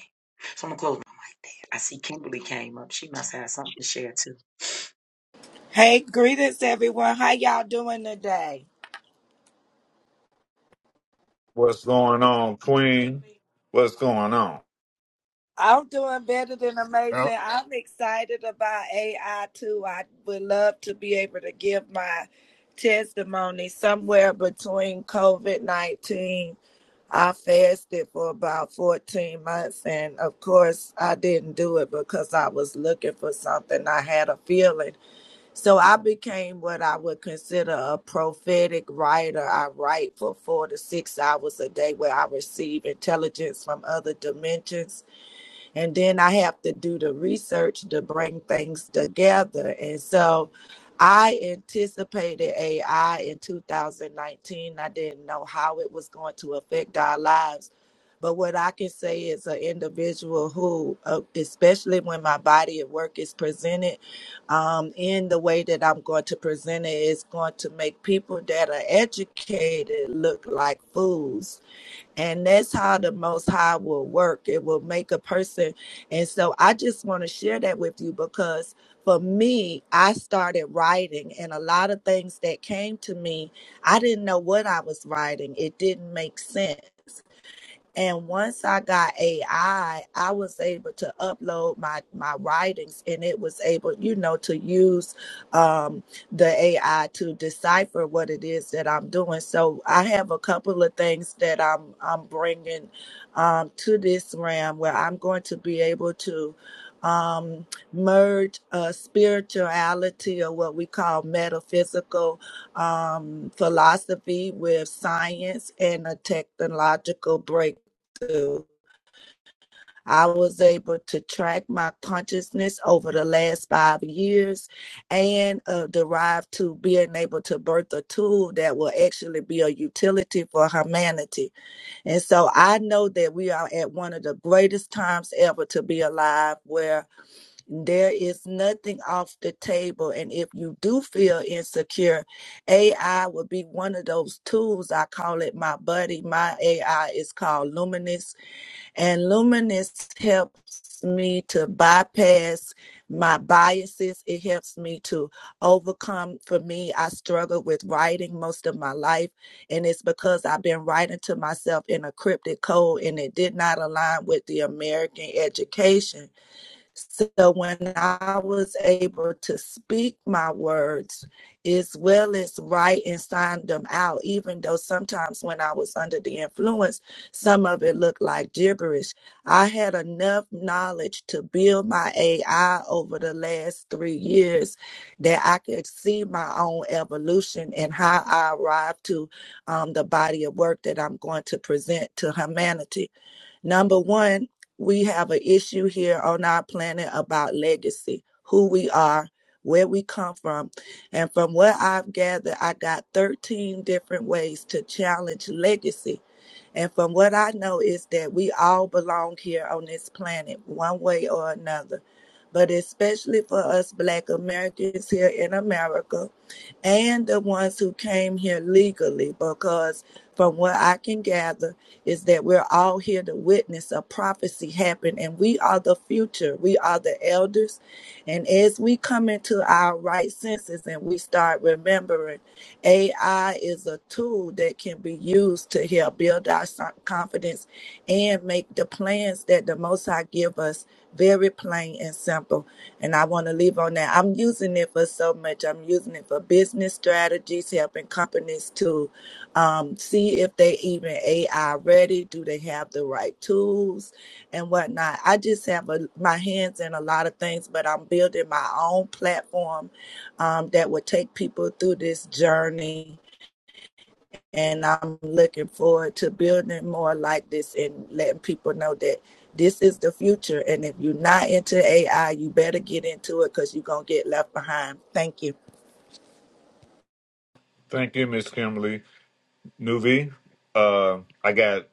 Speaker 1: So I'm gonna close my mic there. I see Kimberly came up. She must have something to share too.
Speaker 7: Hey, greetings everyone. How y'all doing today?
Speaker 3: What's going on, Queen? What's going on?
Speaker 7: I'm doing better than
Speaker 8: Now,
Speaker 7: amazing. I'm excited about AI too. I would love to be able to give my testimony somewhere between COVID 19. I fasted for about 14 months, and of course, I didn't do it because I was looking for something. I had a feeling So I became what I would consider a prophetic writer. I write for four to six hours a day where I receive intelligence from other dimensions and then I have to do the research to bring things together. And so I anticipated AI in 2019. I didn't know how it was going to affect our lives. But what I can say is an individual who, uh, especially when my body of work is presented um, in the way that I'm going to present it, is going to make people that are educated look like fools and that's how the Most High will work. It will make a person. And so I just want to share that with you because for me, I started writing, and a lot of things that came to me, I didn't know what I was writing. It didn't make sense. And once I got AI, I I was able to upload my my writings, and it was able, you know, to use um, the AI to decipher what it is that I'm doing. So I have a couple of things that I'm I'm bringing um, to this realm where I'm going to be able to um, merge uh, spirituality or what we call metaphysical um, philosophy with science and a technological breakthrough to. I was able to track my consciousness over the last five years and uh, derive to being able to birth a tool that will actually be a utility for humanity. And so I know that we are at one of the greatest times ever to be alive where there is nothing off the table. And if you do feel insecure, AI will be one of those tools. I call it my buddy. My AI is called Luminous and Luminous helps me to bypass my biases. It helps me to overcome. For me, I struggled with writing most of my life, and it's because I've been writing to myself in a cryptic code and it did not align with the American education. So when I was able to speak my words as well as write and sign them out, even though sometimes when I was under the influence, some of it looked like gibberish, I had enough knowledge to build my AI over the last three years that I could see my own evolution and how I arrived to um, the body of work that I'm going to present to humanity Number one, we have an issue here on our planet about legacy, who we are, where we come from. And from what I've gathered, I got 13 different ways to challenge legacy and from what I know is that we all belong here on this planet one way or another. But especially for us black Americans here in America and the ones who came here legally, because from what I can gather is that we're all here to witness a prophecy happen and we are the future. We are the elders. And as we come into our right senses and we start remembering AI is a tool that can be used to help build our so- confidence and make the plans that the Most High give us very plain and simple. And I want to leave on that. I'm using it for so much. I'm using it for business strategies, helping companies to um, see if they even AI ready. Do they have the right tools and whatnot? I just have a, my hands in a lot of things, but I'm building my own platform um, that would take people through this journey. And I'm looking forward to building more like this and letting people know that this is the future. And if you're not into AI, you better get into it because you're going to get left behind. Thank you.
Speaker 3: Thank you, Miss Kimberly. Nuvi, uh, I got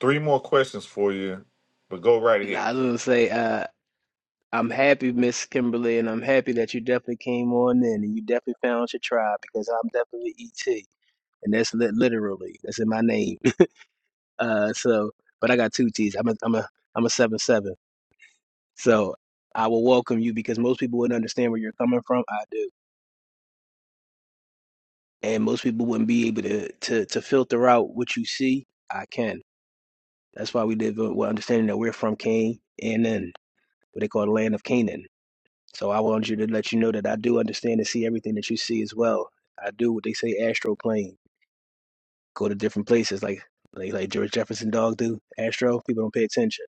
Speaker 3: three more questions for you, but go right ahead.
Speaker 4: I was gonna say, uh, I'm happy, Miss Kimberly, and I'm happy that you definitely came on in and you definitely found your tribe because I'm definitely ET, and that's lit literally that's in my name. [laughs] Uh, so, but I got two T's. I'm a I'm a I'm a seven seven. So I will welcome you because most people wouldn't understand where you're coming from. I do, and most people wouldn't be able to to to filter out what you see. I can. That's why we live with understanding that we're from Cain and then what they call the land of Canaan So I want you to let you know that I do understand and see everything that you see as well. I do what they say astro plane. Go to different places like like like George Jefferson dog do, astro, people don't pay attention.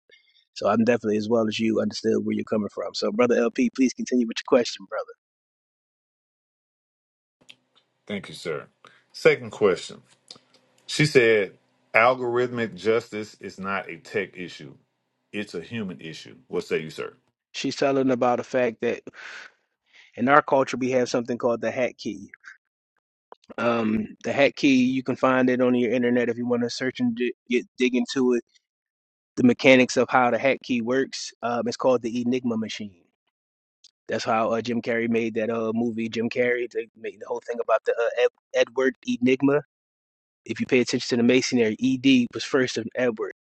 Speaker 4: So I'm definitely as well as you understood where you're coming from. So brother LP, please continue with your question, brother.
Speaker 3: Thank you, sir. Second question. She said algorithmic justice is not a tech issue, it's a human issue. What say you, sir?
Speaker 4: She's telling about the fact that in our culture we have something called the hat key. Um, the hat key you can find it on your internet if you want to search and di- get dig into it. The mechanics of how the hat key works. Um, it's called the Enigma machine. That's how uh, Jim Carrey made that uh movie Jim Carrey. They made the whole thing about the uh, Ed- Edward Enigma. If you pay attention to the masonry, Ed was first of Edward.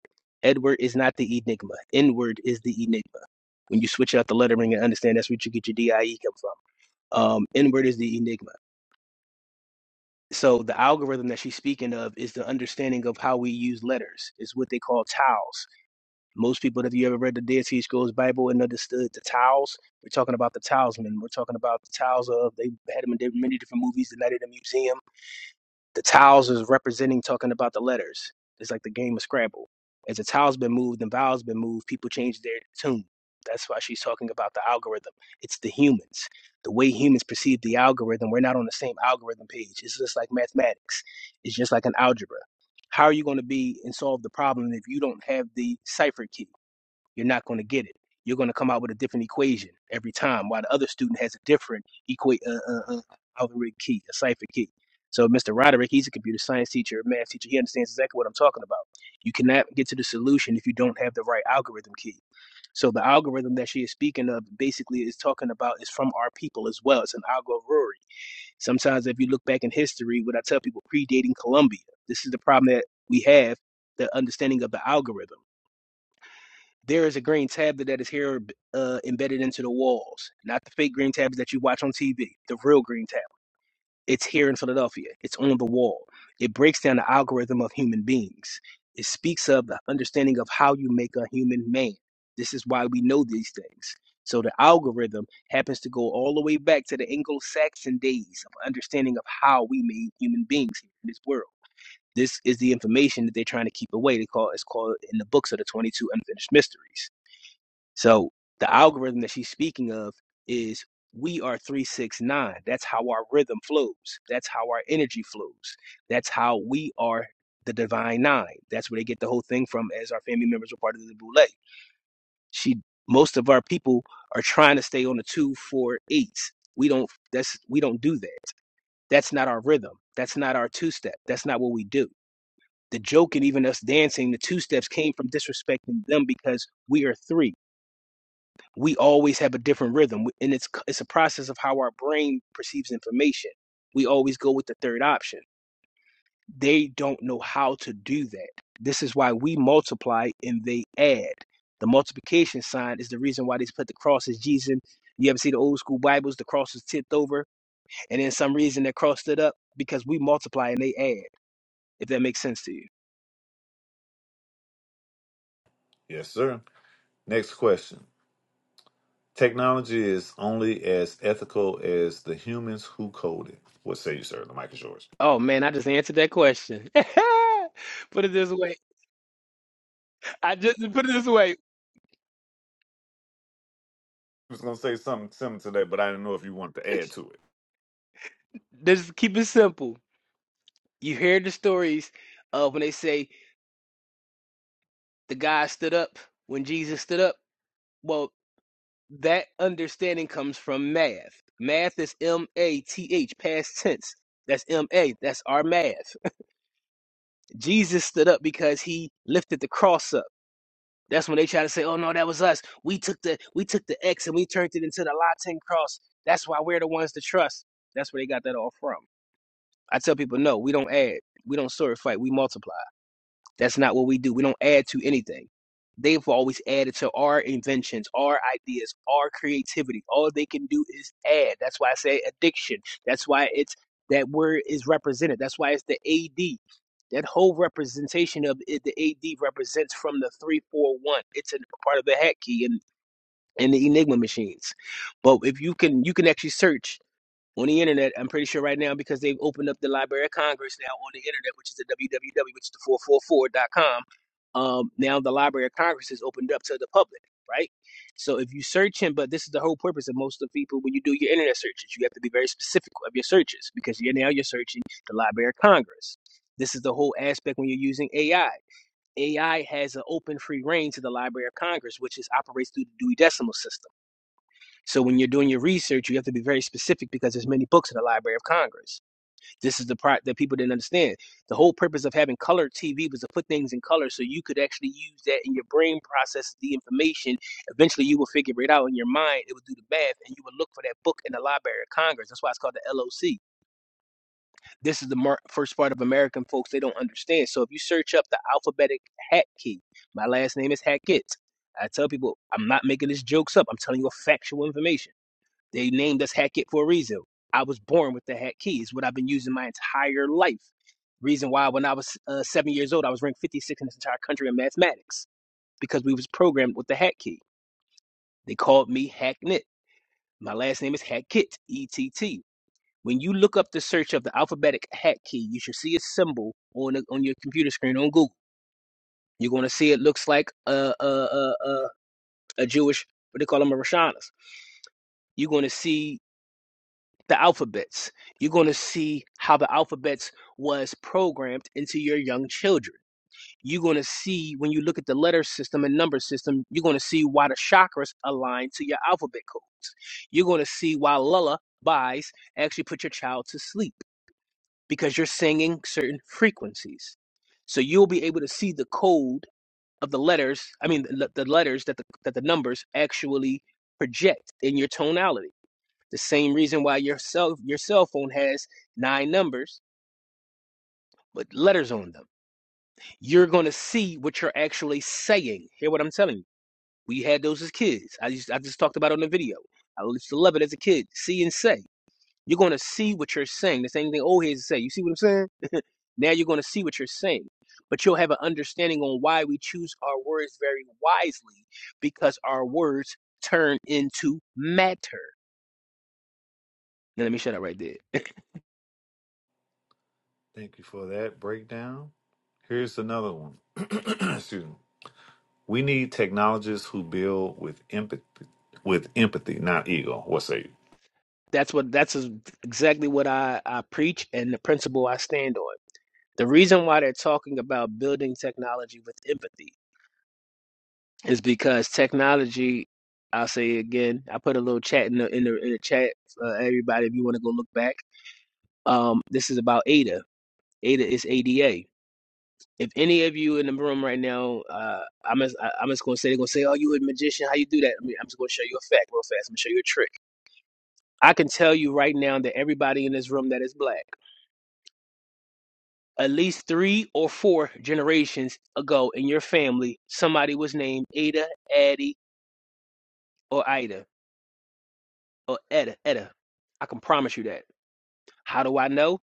Speaker 4: Edward is not the enigma. N word is the enigma. When you switch out the lettering and understand, that's where you get your DIE come from. Um, N word is the enigma. So the algorithm that she's speaking of is the understanding of how we use letters. It's what they call tiles. Most people, if you ever read the Dead Sea Scrolls Bible and understood the towels, we're talking about the talisman. We're talking about the towels of, they had them in many different movies, The Night at the Museum. The towels is representing talking about the letters. It's like the game of Scrabble. As the towel's been moved and vowel's been moved, people change their tune. That's why she's talking about the algorithm. It's the humans. The way humans perceive the algorithm, we're not on the same algorithm page. It's just like mathematics. It's just like an algebra how are you going to be and solve the problem if you don't have the cipher key? you're not going to get it. You're going to come out with a different equation every time, while the other student has a different equa- uh, uh, uh, algorithm key, a cipher key. So Mr. Roderick, he's a computer science teacher, a math teacher. He understands exactly what I'm talking about. You cannot get to the solution if you don't have the right algorithm key. So the algorithm that she is speaking of basically is talking about is from our people as well. It's an algorithm. Sometimes if you look back in history, what I tell people predating Columbia, this is the problem that we have, the understanding of the algorithm. There is a green tablet that is here uh, embedded into the walls, not the fake green tablets that you watch on TV, the real green tablet. It's here in Philadelphia, it's on the wall. It breaks down the algorithm of human beings, it speaks of the understanding of how you make a human man. This is why we know these things. So the algorithm happens to go all the way back to the Anglo-Saxon days of understanding of how we made human beings here in this world. This is the information that they're trying to keep away. They call it's called in the books of the 22 unfinished mysteries. So the algorithm that she's speaking of is we are 369. That's how our rhythm flows. That's how our energy flows. That's how we are the divine nine. That's where they get the whole thing from as our family members are part of the boule. She most of our people are trying to stay on the two, four, eights. We don't that's we don't do that. That's not our rhythm. That's not our two step. That's not what we do. The joke and even us dancing, the two steps came from disrespecting them because we are three we always have a different rhythm and it's it's a process of how our brain perceives information we always go with the third option they don't know how to do that this is why we multiply and they add the multiplication sign is the reason why they put the cross as jesus you ever see the old school bibles the cross is tipped over and then some reason they crossed it up because we multiply and they add if that makes sense to you
Speaker 3: Yes, sir. Next question. Technology is only as ethical as the humans who code it. What say you, sir? The mic is yours.
Speaker 4: oh man i just answered that question [laughs] put it this way i just put it this way
Speaker 3: I was going to say something similar to that, but I didn't know if you wanted to add to it.
Speaker 4: just keep it simple You hear the stories of when they say the guy stood up when Jesus stood up. Well, that understanding comes from math. Math is M A T H, past tense. That's M A. That's our math. [laughs] Jesus stood up because he lifted the cross up. That's when they try to say, "Oh no, that was us. We took the we took the X and we turned it into the Latin cross. That's why we're the ones to trust." That's where they got that all from. I tell people, no, we don't add, we don't sword fight, we multiply. That's not what we do. We don't add to anything. They've always added to our inventions, our ideas, our creativity. All they can do is add. That's why I say addiction. That's why it's that word is represented. That's why it's the AD. That whole representation of it, the AD represents from the 341. It's a part of the hat key and, and the Enigma machines. But if you can, you can actually search on the internet. I'm pretty sure right now because they've opened up the Library of Congress now on the internet, which is the www, which is the four four four dot com. Um, now the Library of Congress is opened up to the public, right? So if you search him, but this is the whole purpose of most of the people when you do your internet searches, you have to be very specific of your searches because you're now you're searching the Library of Congress. This is the whole aspect when you're using AI. AI has an open free reign to the Library of Congress, which is operates through the Dewey Decimal System so when you're doing your research, you have to be very specific because there's many books in the Library of Congress. This is the part that people didn't understand. The whole purpose of having color TV was to put things in color so you could actually use that in your brain process the information. Eventually you will figure it out in your mind. It would do the math and you would look for that book in the Library of Congress. That's why it's called the LOC. This is the mar- first part of American folks they don't understand. So if you search up the alphabetic hat key, my last name is Hackett. I tell people I'm not making these jokes up. I'm telling you a factual information they named us Hat for a reason. I was born with the Hat Key. It's what I've been using my entire life. Reason why, when I was uh, seven years old, I was ranked 56 in this entire country in mathematics because we was programmed with the Hat Key. They called me Hacknit. My last name is Hackit, E-T-T. When you look up the search of the alphabetic Hat Key, you should see a symbol on the, on your computer screen on Google. You're going to see it looks like a a, a a a Jewish what they call them a Rashanas. You're going to see the alphabets. You're going to see how the alphabets was programmed into your young children. You're going to see when you look at the letter system and number system, you're going to see why the chakras align to your alphabet codes. You're going to see why lullabies actually put your child to sleep because you're singing certain frequencies. So you'll be able to see the code of the letters, I mean the, the letters that the, that the numbers actually project in your tonality the same reason why your cell, your cell phone has nine numbers with letters on them. You're going to see what you're actually saying. Hear what I'm telling you. We had those as kids. I just, I just talked about it on the video. I used to love it as a kid. See and say. You're going to see what you're saying. The same thing old heads say. You see what I'm saying? Now you're going to see what you're saying. But you'll have an understanding on why we choose our words very wisely because our words turn into matter. Now let me shut up right there. [laughs]
Speaker 3: Thank you for that breakdown. Here's another one. [clears throat] Excuse me. We need technologists who build with empathy, with empathy, not ego. What say you?
Speaker 4: That's what that's exactly what I, I preach and the principle I stand on. The reason why they're talking about building technology with empathy is because technology. I'll say it again. I put a little chat in the in the, in the chat. Uh, everybody, if you want to go look back, um, this is about ADA. ADA is ADA. If any of you in the room right now, uh, I'm just, I- I'm just gonna say they're gonna say, "Oh, you a magician? How you do that?" I mean, I'm just gonna show you a fact real fast. I'm gonna show you a trick. I can tell you right now that everybody in this room that is black. at least three or four generations ago in your family, somebody was named Ada, Addie, or Ida, or Etta, Etta. I can promise you that. How do I know?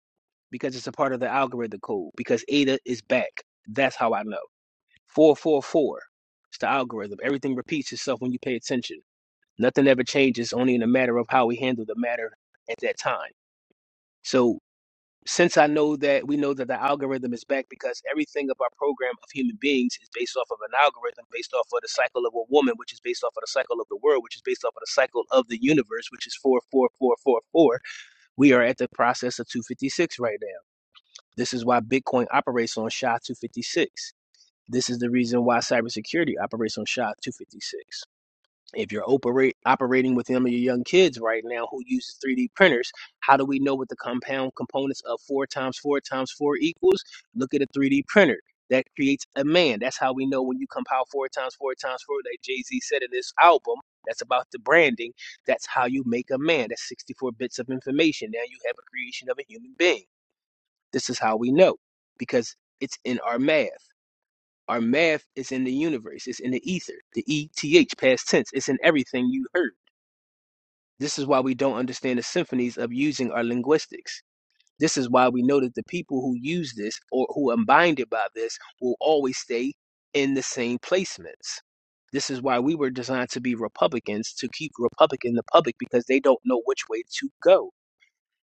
Speaker 4: Because it's a part of the algorithm code. Because Ada is back. That's how I know. 444. It's the algorithm. Everything repeats itself when you pay attention. Nothing ever changes, only in a matter of how we handle the matter at that time. So. since I know that we know that the algorithm is back because everything of our program of human beings is based off of an algorithm, based off of the cycle of a woman, which is based off of the cycle of the world, which is based off of the cycle of the universe, which is four, four, four, four, four. We are at the process of 256 right now. This is why Bitcoin operates on SHA 256. This is the reason why cybersecurity operates on SHA 256 if you're operate, operating with them and your young kids right now who uses 3D printers, how do we know what the compound components of four times four times four equals? Look at a 3D printer. That creates a man. That's how we know when you compile four times four times four, like Jay Z said in this album. That's about the branding. That's how you make a man. That's 64 bits of information. Now you have a creation of a human being. This is how we know because it's in our math. Our math is in the universe, it's in the ether, the ETH, past tense, it's in everything you heard. This is why we don't understand the symphonies of using our linguistics. This is why we know that the people who use this or who are binded by this will always stay in the same placements. This is why we were designed to be Republicans to keep Republican the public because they don't know which way to go.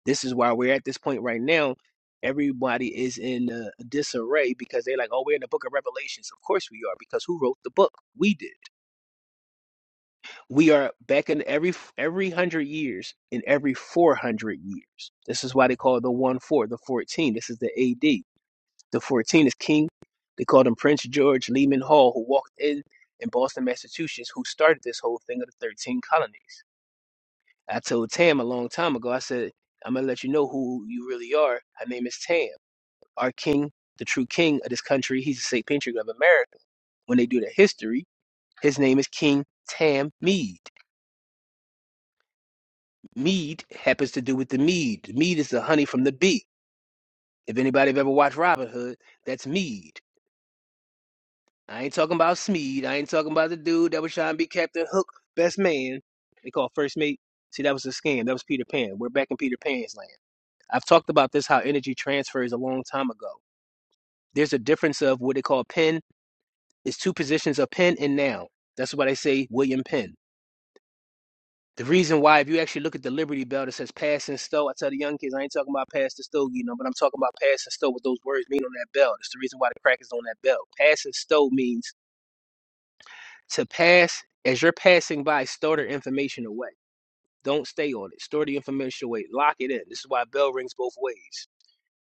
Speaker 4: This is why we're at this point right now. Everybody is in uh, disarray because they're like, oh, we're in the book of Revelations. Of course we are, because who wrote the book? We did we are back in every every hundred years in every 400 years this is why they call the one four the 14 this is the ad the 14 is king they called him prince george lehman hall who walked in in boston massachusetts who started this whole thing of the 13 colonies i told tam a long time ago i said i'm gonna let you know who you really are her name is tam our king the true king of this country he's the state patriot of america when they do the history his name is king tam Meade." Mead happens to do with the mead. Mead is the honey from the bee. If anybody have ever watched Robin Hood, that's Mead. I ain't talking about Smead. I ain't talking about the dude that was trying to be Captain Hook, best man. They call first mate. See, that was a scam. That was Peter Pan. We're back in Peter Pan's land. I've talked about this how energy transfers a long time ago. There's a difference of what they call pen. It's two positions of pen and noun. That's why they say William Penn. The reason why, if you actually look at the Liberty Bell that says pass and stow, I tell the young kids, I ain't talking about pass the stow, you know, but I'm talking about pass and stow, what those words mean on that bell. That's the reason why the crack is on that bell. Pass and stow means to pass, as you're passing by, store the information away. Don't stay on it. Store the information away. Lock it in. This is why bell rings both ways.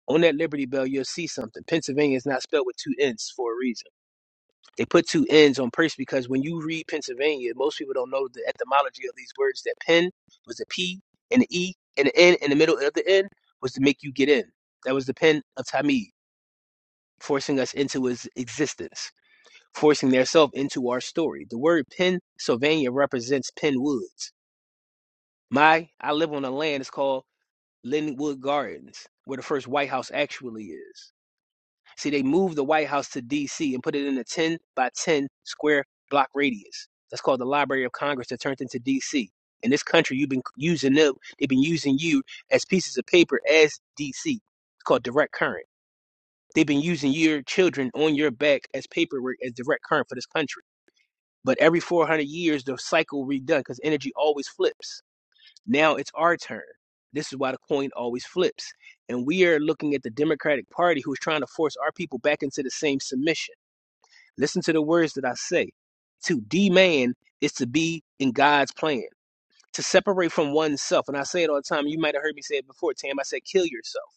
Speaker 4: On that Liberty Bell, you'll see something. Pennsylvania is not spelled with two N's for a reason. They put two N's on Percy because when you read Pennsylvania, most people don't know the etymology of these words. That "Penn" was a P and an E and an N in the middle of the N was to make you get in. That was the pen of Tamid, forcing us into his existence, forcing theirself into our story. The word Pennsylvania represents Penn Woods. My, I live on a land, it's called Linwood Gardens, where the first White House actually is. See, they moved the White House to D.C. and put it in a 10 by 10 square block radius. That's called the Library of Congress that turned into D.C. In this country, you've been using them. They've been using you as pieces of paper as D.C. It's called direct current. They've been using your children on your back as paperwork, as direct current for this country. But every 400 years, the cycle redone because energy always flips. Now it's our turn. This is why the coin always flips. And we are looking at the Democratic Party who's trying to force our people back into the same submission. Listen to the words that I say. To demand is to be in God's plan, to separate from oneself. And I say it all the time. You might have heard me say it before, Tam. I said, kill yourself.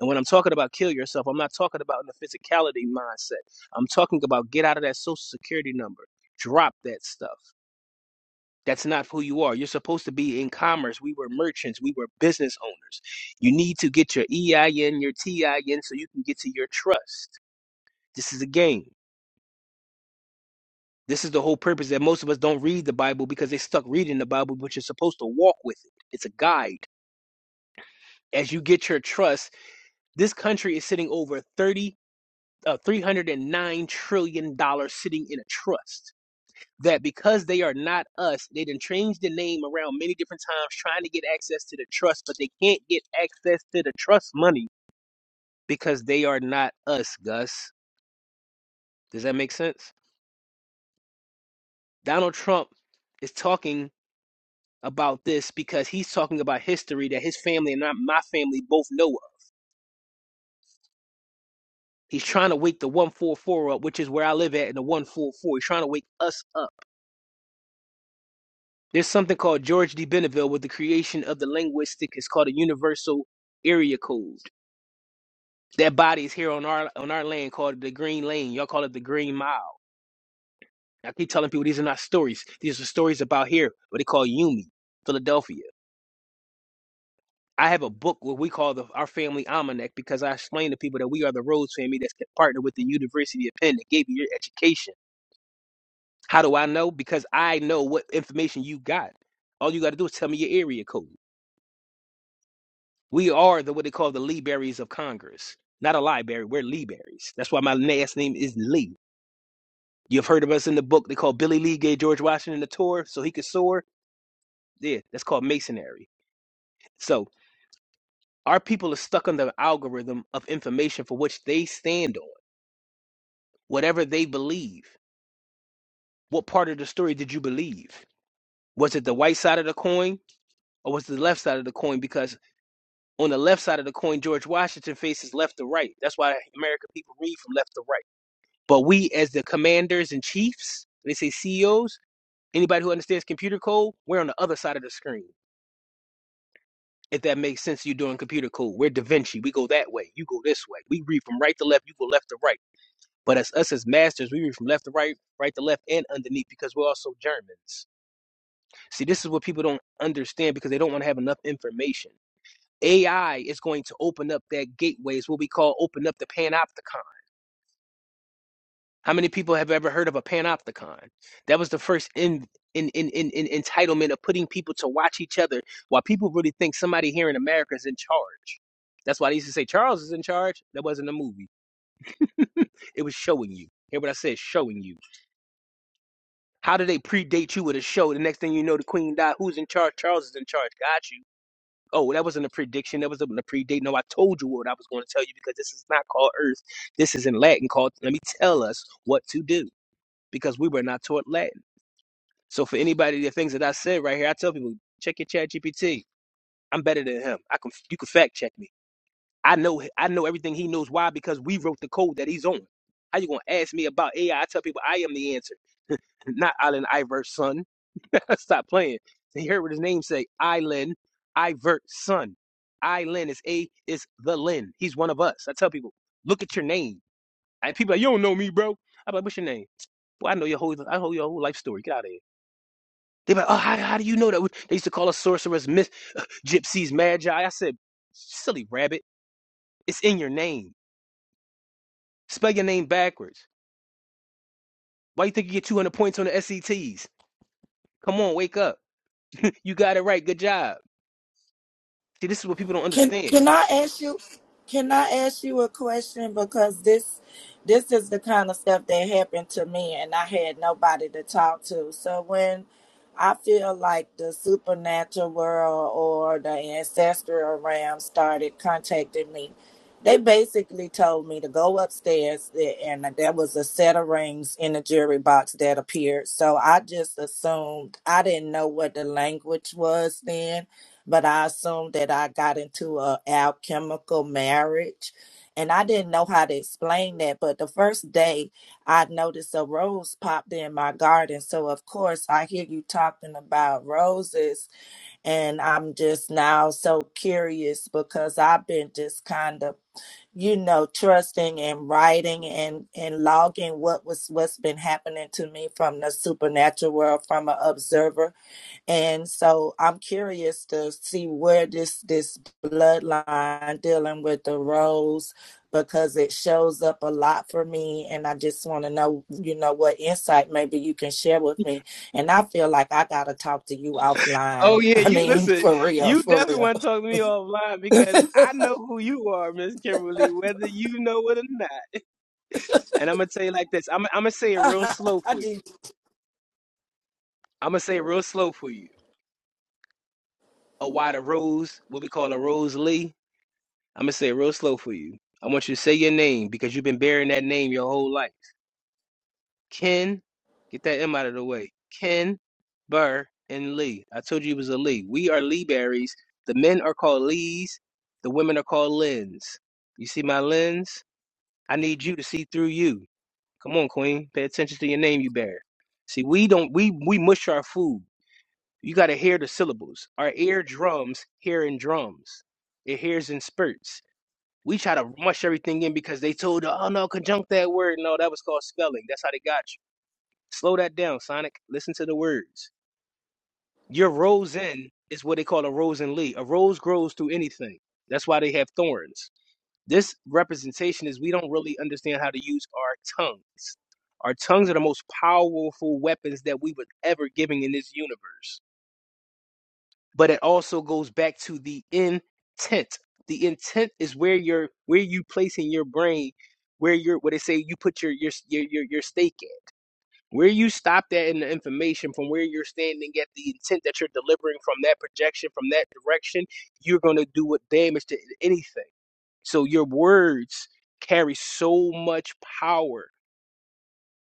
Speaker 4: And when I'm talking about kill yourself, I'm not talking about in the physicality mindset. I'm talking about get out of that social security number, drop that stuff. That's not who you are. You're supposed to be in commerce. We were merchants. We were business owners. You need to get your EIN, your TIN, so you can get to your trust. This is a game. This is the whole purpose that most of us don't read the Bible because they stuck reading the Bible, but you're supposed to walk with it. It's a guide. As you get your trust, this country is sitting over 30, uh, $309 trillion dollars sitting in a trust. that because they are not us, they done changed the name around many different times trying to get access to the trust, but they can't get access to the trust money because they are not us, Gus. Does that make sense? Donald Trump is talking about this because he's talking about history that his family and not my family both know of. He's trying to wake the 144 up, which is where I live at in the 144. He's trying to wake us up. There's something called George D. Benneville with the creation of the linguistic. It's called a universal area code. That body is here on our on our land called the Green Lane. Y'all call it the Green Mile. I keep telling people these are not stories. These are stories about here, what they call Yumi, Philadelphia. I have a book what we call the our family almanac because I explain to people that we are the Rhodes family that's partnered with the University of Penn that gave you your education. How do I know? Because I know what information you got. All you got to do is tell me your area code. We are the what they call the Lee Berries of Congress. Not a library, we're Lee Berries. That's why my last name is Lee. You've heard of us in the book. They call Billy Lee gave George Washington a tour so he could soar. Yeah, that's called masonry. So our people are stuck on the algorithm of information for which they stand on, whatever they believe. What part of the story did you believe? Was it the white side of the coin or was it the left side of the coin? Because on the left side of the coin, George Washington faces left to right. That's why American people read from left to right. But we, as the commanders and chiefs, they say CEOs, anybody who understands computer code, we're on the other side of the screen. If that makes sense, you're doing computer code. We're Da Vinci. We go that way. You go this way. We read from right to left. You go left to right. But as us as masters, we read from left to right, right to left, and underneath because we're also Germans. See, this is what people don't understand because they don't want to have enough information. AI is going to open up that gateway. It's what we call open up the panopticon. How many people have ever heard of a panopticon? That was the first in, in, in, in, in entitlement of putting people to watch each other while people really think somebody here in America is in charge. That's why they used to say Charles is in charge. That wasn't a movie. It was showing you. Hear what I said? Showing you. How do they predate you with a show? The next thing you know, the queen died. Who's in charge? Charles is in charge. Got you. Oh, that wasn't a prediction. That wasn't a predate. No, I told you what I was going to tell you because this is not called Earth. This is in Latin called, let me tell us what to do because we were not taught Latin. So for anybody, the things that I said right here, I tell people, check your chat GPT. I'm better than him. I can you can fact check me. I know I know everything he knows. Why? Because we wrote the code that he's on. How you gonna ask me about AI? I I tell people I am the answer, [laughs] not Allen Iverson. son. [laughs] Stop playing. You heard what his name say? Island Ivert son. Island is a is the Lin. He's one of us. I tell people, look at your name. And people are like, you don't know me, bro. I'm like, what's your name? Well, I know your whole I know your whole life story. Get out of here. They be like, oh, how, how do you know that? We-" They used to call us sorcerers, myth, gypsies, magi. I said, silly rabbit, it's in your name. Spell your name backwards. Why you think you get 200 points on the SETs? Come on, wake up. [laughs] You got it right. Good job. See, this is what people don't
Speaker 7: Can
Speaker 4: understand.
Speaker 7: can I ask you? Can I ask you a question? Because this this is the kind of stuff that happened to me, and I had nobody to talk to. So when I feel like the supernatural world or the ancestral realm started contacting me, they basically told me to go upstairs, a- and there was a set of rings in the jewelry box that appeared. So I just assumed I didn't know what the language was then but I assumed that I got into a alchemical marriage. And I didn't know how to explain that, but the first day I noticed a rose popped in my garden. So of course I hear you talking about roses and I'm just now so curious because I've been just kind of, you know, trusting and writing and, and logging what was what's been happening to me from the supernatural world, from an observer and so I'm curious to see where this this bloodline dealing with the rose because it shows up a lot for me and I just want to know, you know, what insight maybe you can share with me. And I feel like I got to talk to you
Speaker 4: Oh
Speaker 7: offline. [laughs]
Speaker 4: yeah,
Speaker 7: I
Speaker 4: you
Speaker 7: mean,
Speaker 4: listen.
Speaker 7: for real,
Speaker 4: You
Speaker 7: for
Speaker 4: definitely
Speaker 7: real.
Speaker 4: want to talk to me offline because I know who you are, Miss Kimberly, whether you know it or not. And I'm gonna tell you like this. I'm I'm gonna say
Speaker 7: [laughs]
Speaker 4: it real slow
Speaker 7: I
Speaker 4: for you.
Speaker 7: do
Speaker 4: I'm gonna say it real slow for you. A white a rose, what we call a rose Lee. I'm gonna say it real slow for you. I want you to say your name because you've been bearing that name your whole life. Ken, get that M out of the way. Ken, Burr, and Lee. I told you it was a Lee. We are Lee Berries. The men are called Lees. The women are called Lens. You see my lens? I need you to see through you. Come on, Queen. Pay attention to your name you bear. See, we don't we we mush our food. You gotta hear the syllables. Our eardrums hear in drums. It hears in spurts. We try to mush everything in because they told, you, oh no, conjunct that word. No, that was called spelling. That's how they got you. Slow that down, Sonic. Listen to the words. Your rosin is what they call a rosin lee. A rose grows through anything. That's why they have thorns. This representation is we don't really understand how to use our tongues. Our tongues are the most powerful weapons that we were ever given in this universe. But it also goes back to the intent. The intent is where you're where you place in your brain, where you're what they say you put your your your your, your stake Where you stopped at in the information from where you're standing at the intent that you're delivering from that projection, from that direction, you're going to do what damage to anything. So your words carry so much power.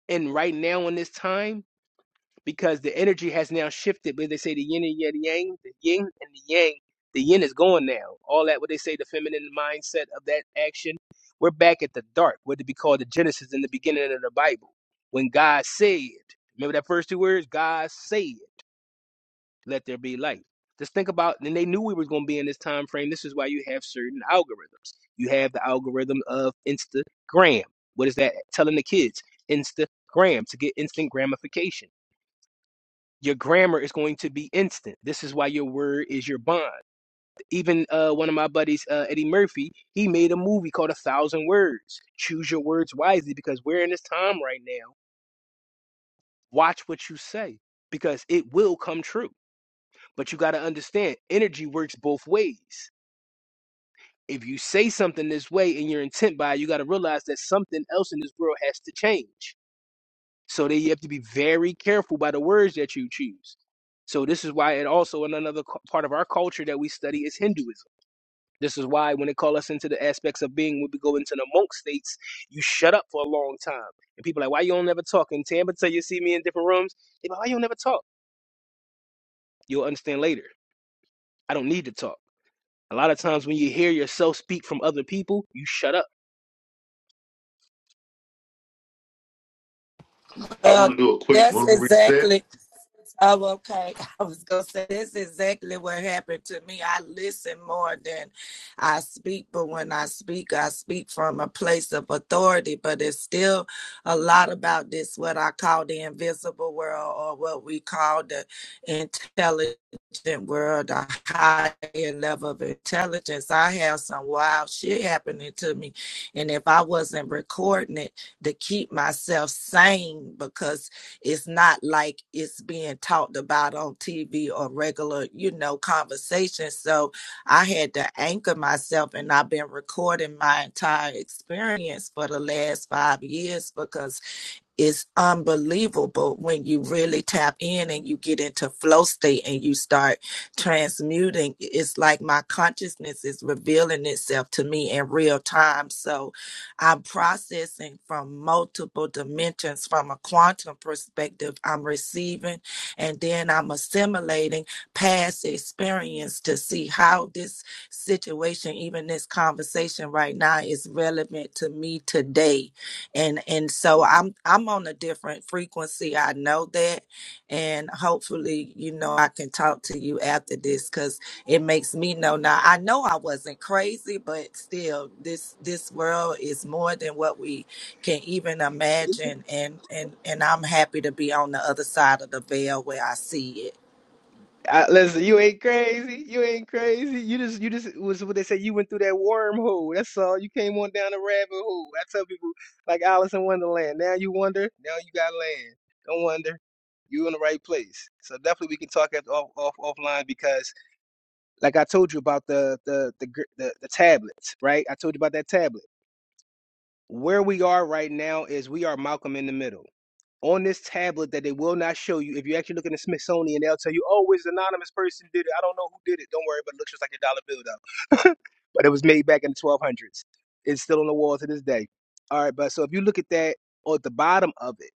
Speaker 4: And right now in this time, because the energy has now shifted. But they say the yin and yang, the yang, the yin and the yang, the yin is gone now. All that what they say, the feminine mindset of that action. We're back at the dark, what to be called the Genesis in the beginning of the Bible, when God said. Remember that first two words, God said, "Let there be light." Just think about, and they knew we were going to be in this time frame. This is why you have certain algorithms. You have the algorithm of Instagram. What is that telling the kids? Instagram to get instant gratification your grammar is going to be instant. This is why your word is your bond. Even uh, one of my buddies, uh, Eddie Murphy, he made a movie called A Thousand Words. Choose your words wisely because we're in this time right now. Watch what you say because it will come true. But you got to understand, energy works both ways. If you say something this way and your intent by it, you got to realize that something else in this world has to change. So that you have to be very careful by the words that you choose. So this is why, and also in another part of our culture that we study is Hinduism. This is why when they call us into the aspects of being, when we go into the monk states, you shut up for a long time. And people are like, why you don't never talk? And Tam until you see me in different rooms, they be like, why you don't never talk? You'll understand later. I don't need to talk. A lot of times when you hear yourself speak from other people, you shut up
Speaker 3: I
Speaker 7: well,
Speaker 3: want to do a quick
Speaker 7: that's
Speaker 3: room reset.
Speaker 7: exactly Oh, okay. [laughs] I was gonna say that's exactly what happened to me. I listen more than I speak, but when I speak, I speak from a place of authority. But it's still a lot about this what I call the invisible world or what we call the intelligent world, the higher level of intelligence. I have some wild shit happening to me. And if I wasn't recording it to keep myself sane because it's not like it's being talked about on TV or regular, you know, conversation. So I had to anchor myself and I've been recording my entire experience for the last five years because is unbelievable when you really tap in and you get into flow state and you start transmuting. It's like my consciousness is revealing itself to me in real time. So I'm processing from multiple dimensions from a quantum perspective. I'm receiving and then I'm assimilating past experience to see how this situation, even this conversation right now, is relevant to me today and and so i'm i'm on a different frequency i know that and hopefully you know i can talk to you after this because it makes me know now i know i wasn't crazy but still this this world is more than what we can even imagine and and and i'm happy to be on the other side of the veil where i see it
Speaker 4: I, listen, you ain't crazy. You ain't crazy. You just, you just was what they say. You went through that wormhole. That's all. You came on down the rabbit hole. I tell people like Alice in Wonderland. Now you wonder. Now you got land. Don't wonder. You in the right place. So definitely we can talk at, off, off offline because, like I told you about the the the gr- the, the tablets, right? I told you about that tablet. Where we are right now is we are Malcolm in the middle. On this tablet that they will not show you, if you actually look in the Smithsonian, they'll tell you, oh, it's an anonymous person did it. I don't know who did it. Don't worry, but it looks just like a dollar bill, though. [laughs] but it was made back in the 1200s. It's still on the wall to this day. All right, but so if you look at that, or at the bottom of it,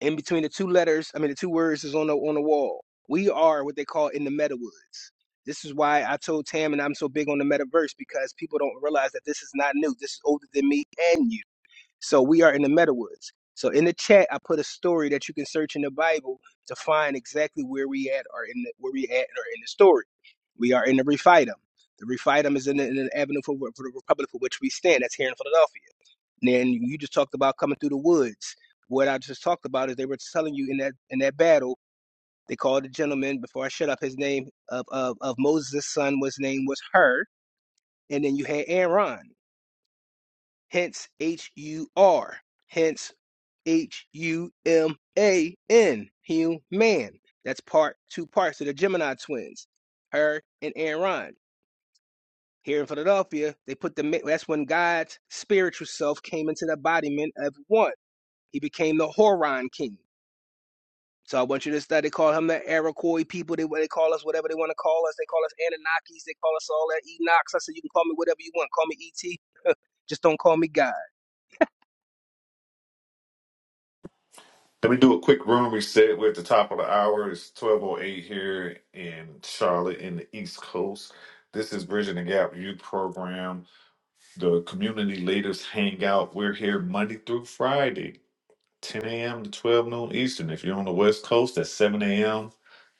Speaker 4: in between the two letters, I mean the two words is on the on the wall. We are what they call in the meta woods. This is why I told Tam and I'm so big on the metaverse because people don't realize that this is not new. This is older than me and you so we are in the Meadowwoods. So in the chat, I put a story that you can search in the Bible to find exactly where we at or in the, where we at or in the story. We are in the Rephidim. The Rephidim is in the, in the avenue for, for the Republic for which we stand. That's here in Philadelphia. And then you just talked about coming through the woods. What I just talked about is they were telling you in that in that battle. They called a gentleman before I shut up. His name of of, of Moses' son was name was Hur, and then you had Aaron. Hence H U R. Hence H U M A N, human. That's part two parts of the Gemini twins, her and Aaron. Here in Philadelphia, they put the that's when God's spiritual self came into the embodiment of one. He became the Horon king. So I want you to study. They Call him the Iroquois people. They they call us whatever they want to call us. They call us Anunnakis. They call us all that Enochs. I said you can call me whatever you want. Call me ET. [laughs] Just don't call me God.
Speaker 3: Let me do a quick room reset. We're at the top of the hour. It's 12.08 here in Charlotte in the East Coast. This is Bridging the Gap Youth Program, the community leaders hangout. We're here Monday through Friday, 10 a.m. to 12 noon Eastern. If you're on the West Coast, that's 7 a.m.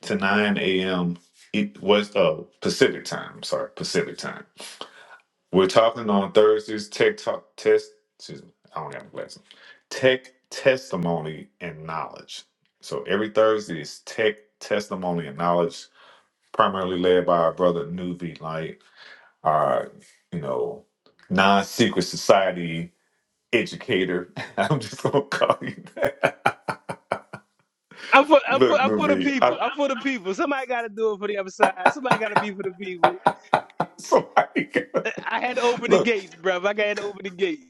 Speaker 3: to 9 a.m. E- West uh, Pacific time. Sorry, Pacific time. We're talking on Thursdays, tech talk test. Excuse me, I don't have a glasses. Tech testimony and knowledge. So every Thursday is tech testimony and knowledge, primarily led by our brother Nuvi Light, our you know non-secret society educator. [laughs] I'm just gonna call you that.
Speaker 4: I'm for, I'm for,
Speaker 3: Look,
Speaker 4: I'm for the
Speaker 3: Nuvi,
Speaker 4: people.
Speaker 3: I,
Speaker 4: I'm for the people. Somebody got to do it for the other side. Somebody got to be for the people.
Speaker 3: somebody
Speaker 4: I had to
Speaker 3: [laughs]
Speaker 4: open the
Speaker 3: look.
Speaker 4: gates, bruv. I got to open the gates.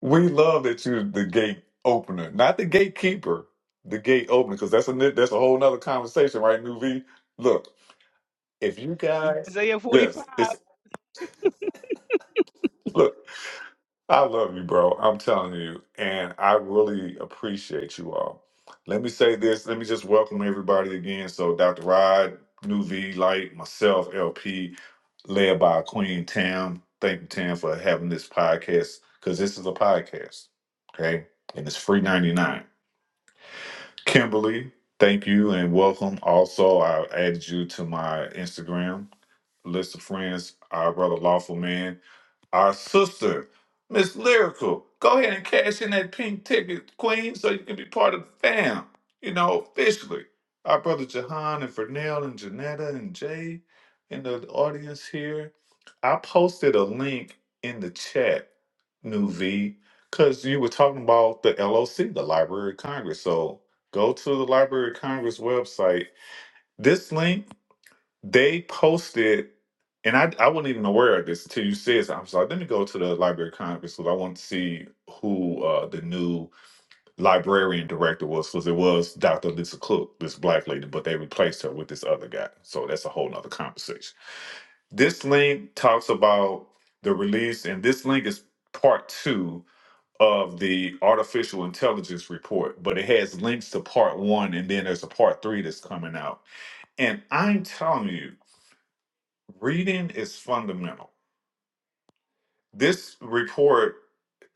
Speaker 3: We love that you're the gate opener, not the gatekeeper, the gate opener, because that's a ni- that's a whole nother conversation, right, New V? Look, if you guys,
Speaker 4: Isaiah 45.
Speaker 3: yes, it's look. I love you, bro. I'm telling you, and I really appreciate you all. Let me say this. Let me just welcome everybody again. So, Dr. Rod, New V, Light, myself, LP, led by Queen Tam. Thank you, Tam, for having this podcast because this is a podcast, okay? And it's free 99 Kimberly, thank you and welcome. Also, I added you to my Instagram list of friends, our brother Lawful Man. Our sister, Miss Lyrical, go ahead and cash in that pink ticket, Queen, so you can be part of the fam, you know, officially. Our brother Jahan and Fernell and Janetta and Jay in the audience here. I posted a link in the chat, New V, because you were talking about the LOC, the Library of Congress. So go to the Library of Congress website. This link they posted, and I I wasn't even aware of this until you said this. I was like, let me go to the Library of Congress because I want to see who uh, the new librarian director was because it was Dr. Lisa Cook, this black lady, but they replaced her with this other guy. So that's a whole nother conversation. This link talks about the release, and this link is part two of the artificial intelligence report, but it has links to part one, and then there's a part three that's coming out. And I'm telling you, reading is fundamental. This report,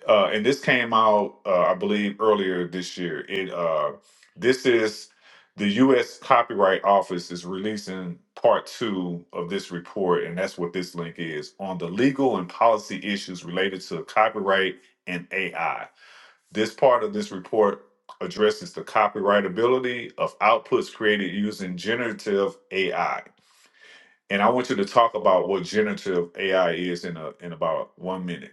Speaker 3: uh, and this came out, uh, I believe, earlier this year. It uh, this is the U.S. Copyright Office is releasing part two of this report, and that's what this link is on the legal and policy issues related to copyright and AI. This part of this report addresses the copyrightability of outputs created using generative AI and I want you to talk about what generative AI is in a in about one minute.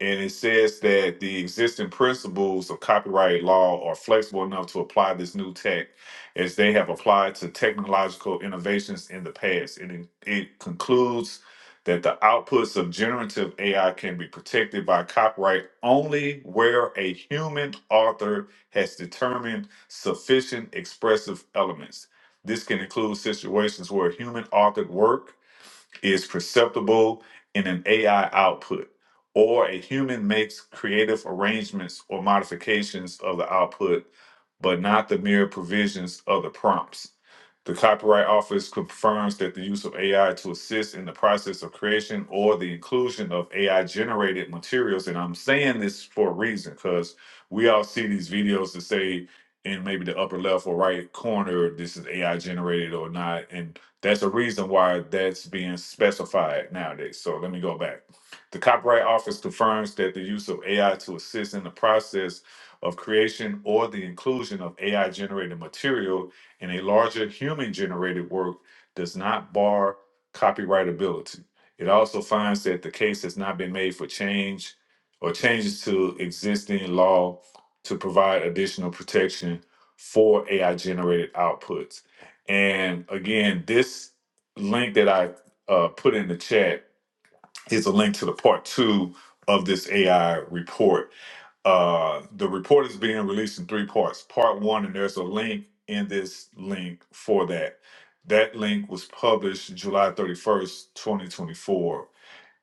Speaker 3: And it says that the existing principles of copyright law are flexible enough to apply this new tech as they have applied to technological innovations in the past. And it, it concludes that the outputs of generative AI can be protected by copyright only where a human author has determined sufficient expressive elements this can include situations where human authored work is perceptible in an AI output, or a human makes creative arrangements or modifications of the output, but not the mere provisions of the prompts. The Copyright Office confirms that the use of AI to assist in the process of creation or the inclusion of AI generated materials, and I'm saying this for a reason because we all see these videos that say in maybe the upper left or right corner, this is AI generated or not. And that's a reason why that's being specified nowadays. So let me go back. The Copyright Office confirms that the use of AI to assist in the process of creation or the inclusion of AI generated material in a larger human generated work does not bar copyrightability. It also finds that the case has not been made for change or changes to existing law to provide additional protection for AI generated outputs. And again, this link that I uh, put in the chat is a link to the part two of this AI report. Uh, the report is being released in three parts. Part one, and there's a link in this link for that. That link was published July 31st, 2024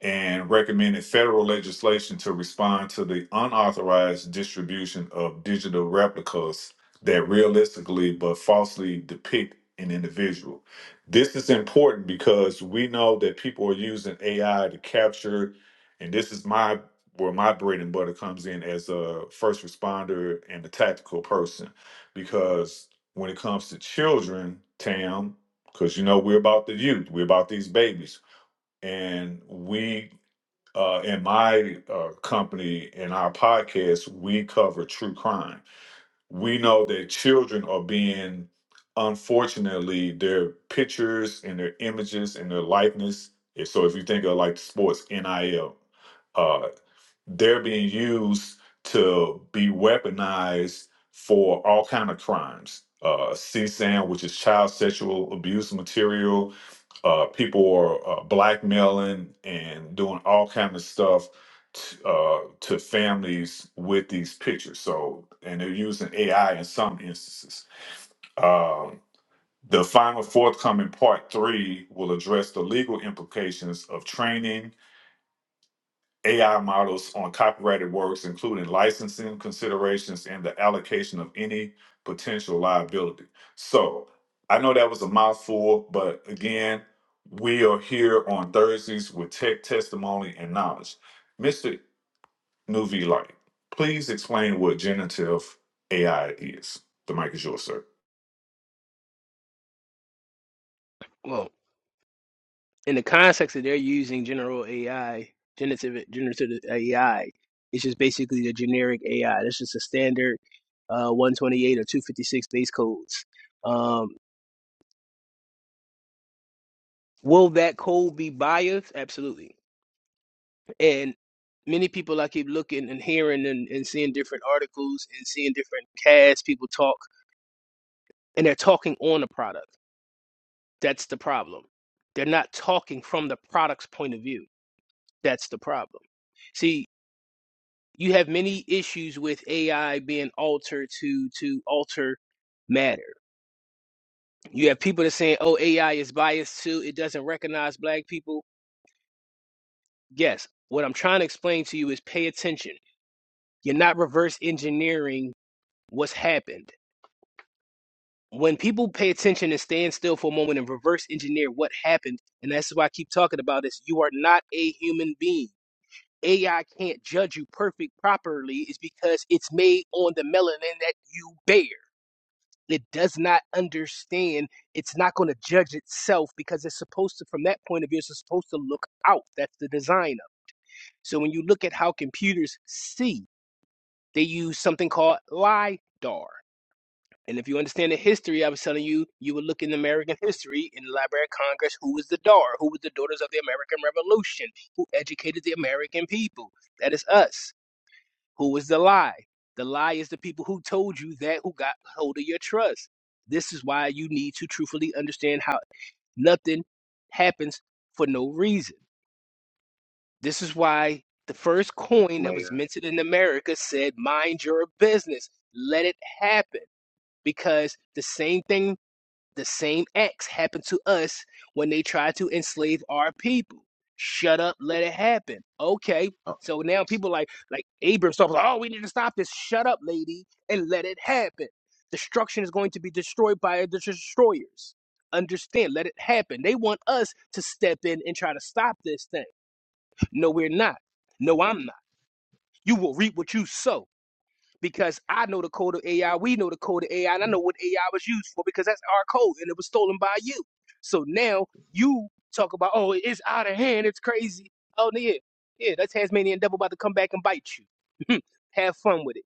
Speaker 3: and recommended federal legislation to respond to the unauthorized distribution of digital replicas that realistically but falsely depict an individual. This is important because we know that people are using AI to capture, and this is my where my bread and butter comes in as a first responder and a tactical person. Because when it comes to children, Tam, because you know we're about the youth, we're about these babies and we uh, in my uh, company in our podcast, we cover true crime. We know that children are being, unfortunately, their pictures and their images and their likeness. So if you think of like sports, NIL, uh they're being used to be weaponized for all kind of crimes. Uh, CSAM, which is child sexual abuse material, uh, people are uh, blackmailing and doing all kind of stuff t- uh, to families with these pictures. So, and they're using AI in some instances. Um, the final forthcoming part three will address the legal implications of training AI models on copyrighted works, including licensing considerations and the allocation of any potential liability. So I know that was a mouthful, but again, we are here on Thursdays with tech testimony and knowledge. Mr. Nuvi Light, please explain what generative AI is. The mic is yours, sir.
Speaker 4: Well, in the context that they're using general AI, generative, generative AI, it's just basically the generic AI. That's just a standard uh, 128 or 256 base codes. Um, will that code be biased? Absolutely And many people I keep looking and hearing and, and seeing different articles and seeing different casts, people talk, and they're talking on the product. That's the problem. They're not talking from the product's point of view. That's the problem. See, you have many issues with AI being altered to to alter matter. You have people that saying, "Oh, AI is biased too. It doesn't recognize black people." Yes. What I'm trying to explain to you is pay attention. You're not reverse engineering what's happened when people pay attention and stand still for a moment and reverse engineer what happened, and that's why I keep talking about this, you are not a human being. AI can't judge you perfect properly is because it's made on the melanin that you bear. It does not understand. It's not going to judge itself because it's supposed to, from that point of view, it's supposed to look out. That's the design of it. So when you look at how computers see, they use something called LIDAR. And if you understand the history, I was telling you, you would look in American history in the Library of Congress who was the DAR, who was the Daughters of the American Revolution, who educated the American people. That is us. Who was the lie? The lie is the people who told you that, who got hold of your trust. This is why you need to truthfully understand how nothing happens for no reason. This is why the first coin that
Speaker 9: May
Speaker 4: was
Speaker 9: I?
Speaker 4: minted in America said, Mind your business, let it happen. Because the same thing the same acts happened to us when they tried to enslave our people. Shut up, let it happen. Okay.
Speaker 9: Oh,
Speaker 4: So now people like like Abram stuff like, oh, we need to stop this. Shut up, lady, and let it happen. Destruction is going to be destroyed by the destroyers. Understand, let it happen. They want us to step in and try to stop this thing. No, we're not. No, I'm not. You will reap what you sow because I know the code of AI, we know the code of AI, and I know what AI was used for because that's our code and it was stolen by you. So now you talk about, oh, it's out of hand, it's crazy. Oh, yeah, yeah, that Tasmanian devil about to come back and bite you. [laughs] Have fun with it.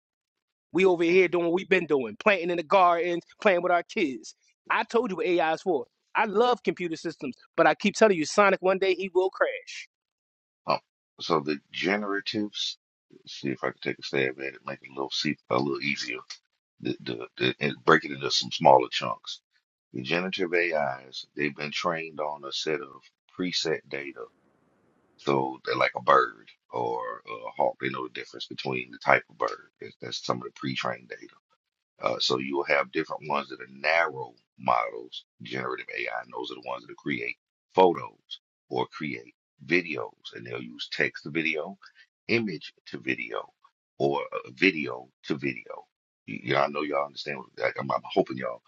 Speaker 4: We over
Speaker 9: okay.
Speaker 4: here doing what we've been doing, planting in the gardens, playing with our kids. I told you what AI is for. I love computer systems, but I keep telling you, Sonic, one day he will crash.
Speaker 9: Oh, so the generatives. let's see if I can take a stab at it, make it a little see a little easier. The, the, the, and break it into some smaller chunks. The generative AIs they've been trained on a set of preset data. So they're like a bird or a hawk. They know the difference between the type of bird. That's that's some of the pre-trained data Uh, so you will have different ones that are narrow models. Generative AI and those are the ones that create photos or create videos, and they'll use text to video, image to video, or uh, video to video. Y- Y'all know y'all understand. what- like, I'm, I'm hoping y'all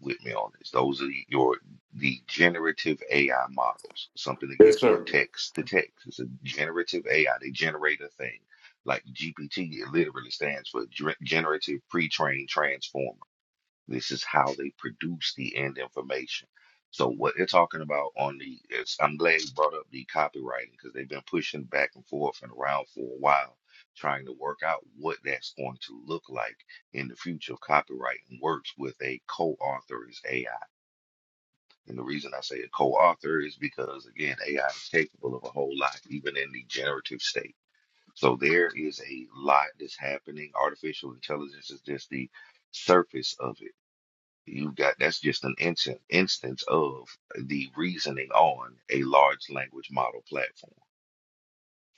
Speaker 9: with me on this. Those are the- your the generative AI models. Something that
Speaker 3: Yes,
Speaker 9: gives you a
Speaker 3: sir.
Speaker 9: text to text. It's a generative AI. They generate a thing like GPT, it literally stands for Ger- Generative Pre-trained Transformer. This is how they produce the end information. So what they're talking about on the, it's, I'm glad you brought up the copywriting because they've been pushing back and forth and around for a while, trying to work out what that's going to look like in the future of copywriting works with a co-author is AI. And the reason I say a co-author is because again, AI is capable of a whole lot, even in the generative state. So there is a lot that's happening. Artificial intelligence is just the surface of it. You've got that's just an instant instance of the reasoning on a large language model platform.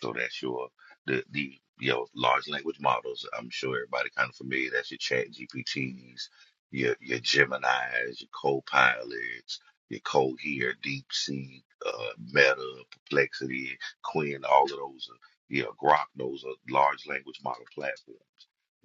Speaker 9: So that's your the the you know large language models. I'm sure everybody kind of familiar. That's your Chat GPTs, your your Gemini's, your Copilots, your Cohere, DeepSeek, uh, Meta, Perplexity, Quinn. All of those, are, you know, Grok. Those are large language model platforms.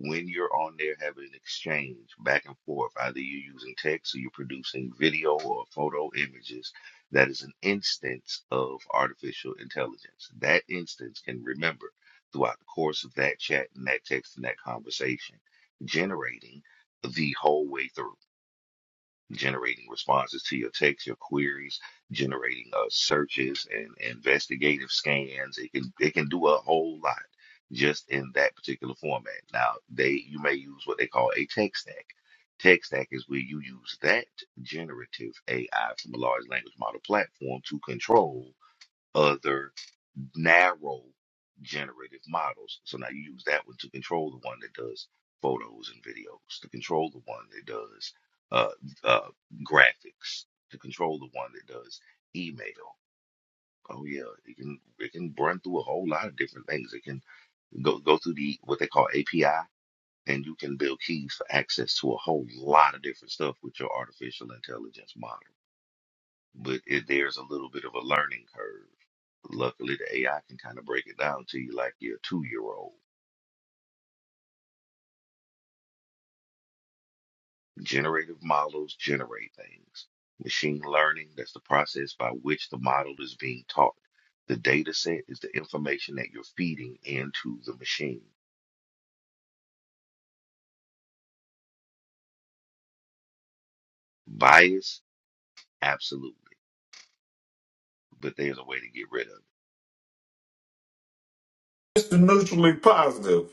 Speaker 9: When you're on there having an exchange back and forth, either you're using text or you're producing video or photo images that is an instance of artificial intelligence. That instance can remember throughout the course of that chat and that text and that conversation, generating the whole way through generating responses to your texts, your queries, generating uh, searches and investigative scans. It can it can do a whole lot just in that particular format. Now they you may use what they call a tech stack. Tech stack is where you use that generative AI from a large language model platform to control other narrow generative models. So now you use that one to control the one that does photos and videos, to control the one that does uh, uh, graphics, to control the one that does email. Oh yeah, it can it can run through a whole lot of different things. It can go go through the what they call API, and you can build keys for access to a whole lot of different stuff with your artificial intelligence model. But it, there's a little bit of a learning curve Luckily, the AI can kind of break it down to you like you're a two-year-old. Generative models generate things. Machine learning, that's the process by which the model is being taught. The data set is the information that you're feeding into the machine. Bias, absolutely. But there's a way to get rid of it.
Speaker 3: Mr. Neutrally Positive.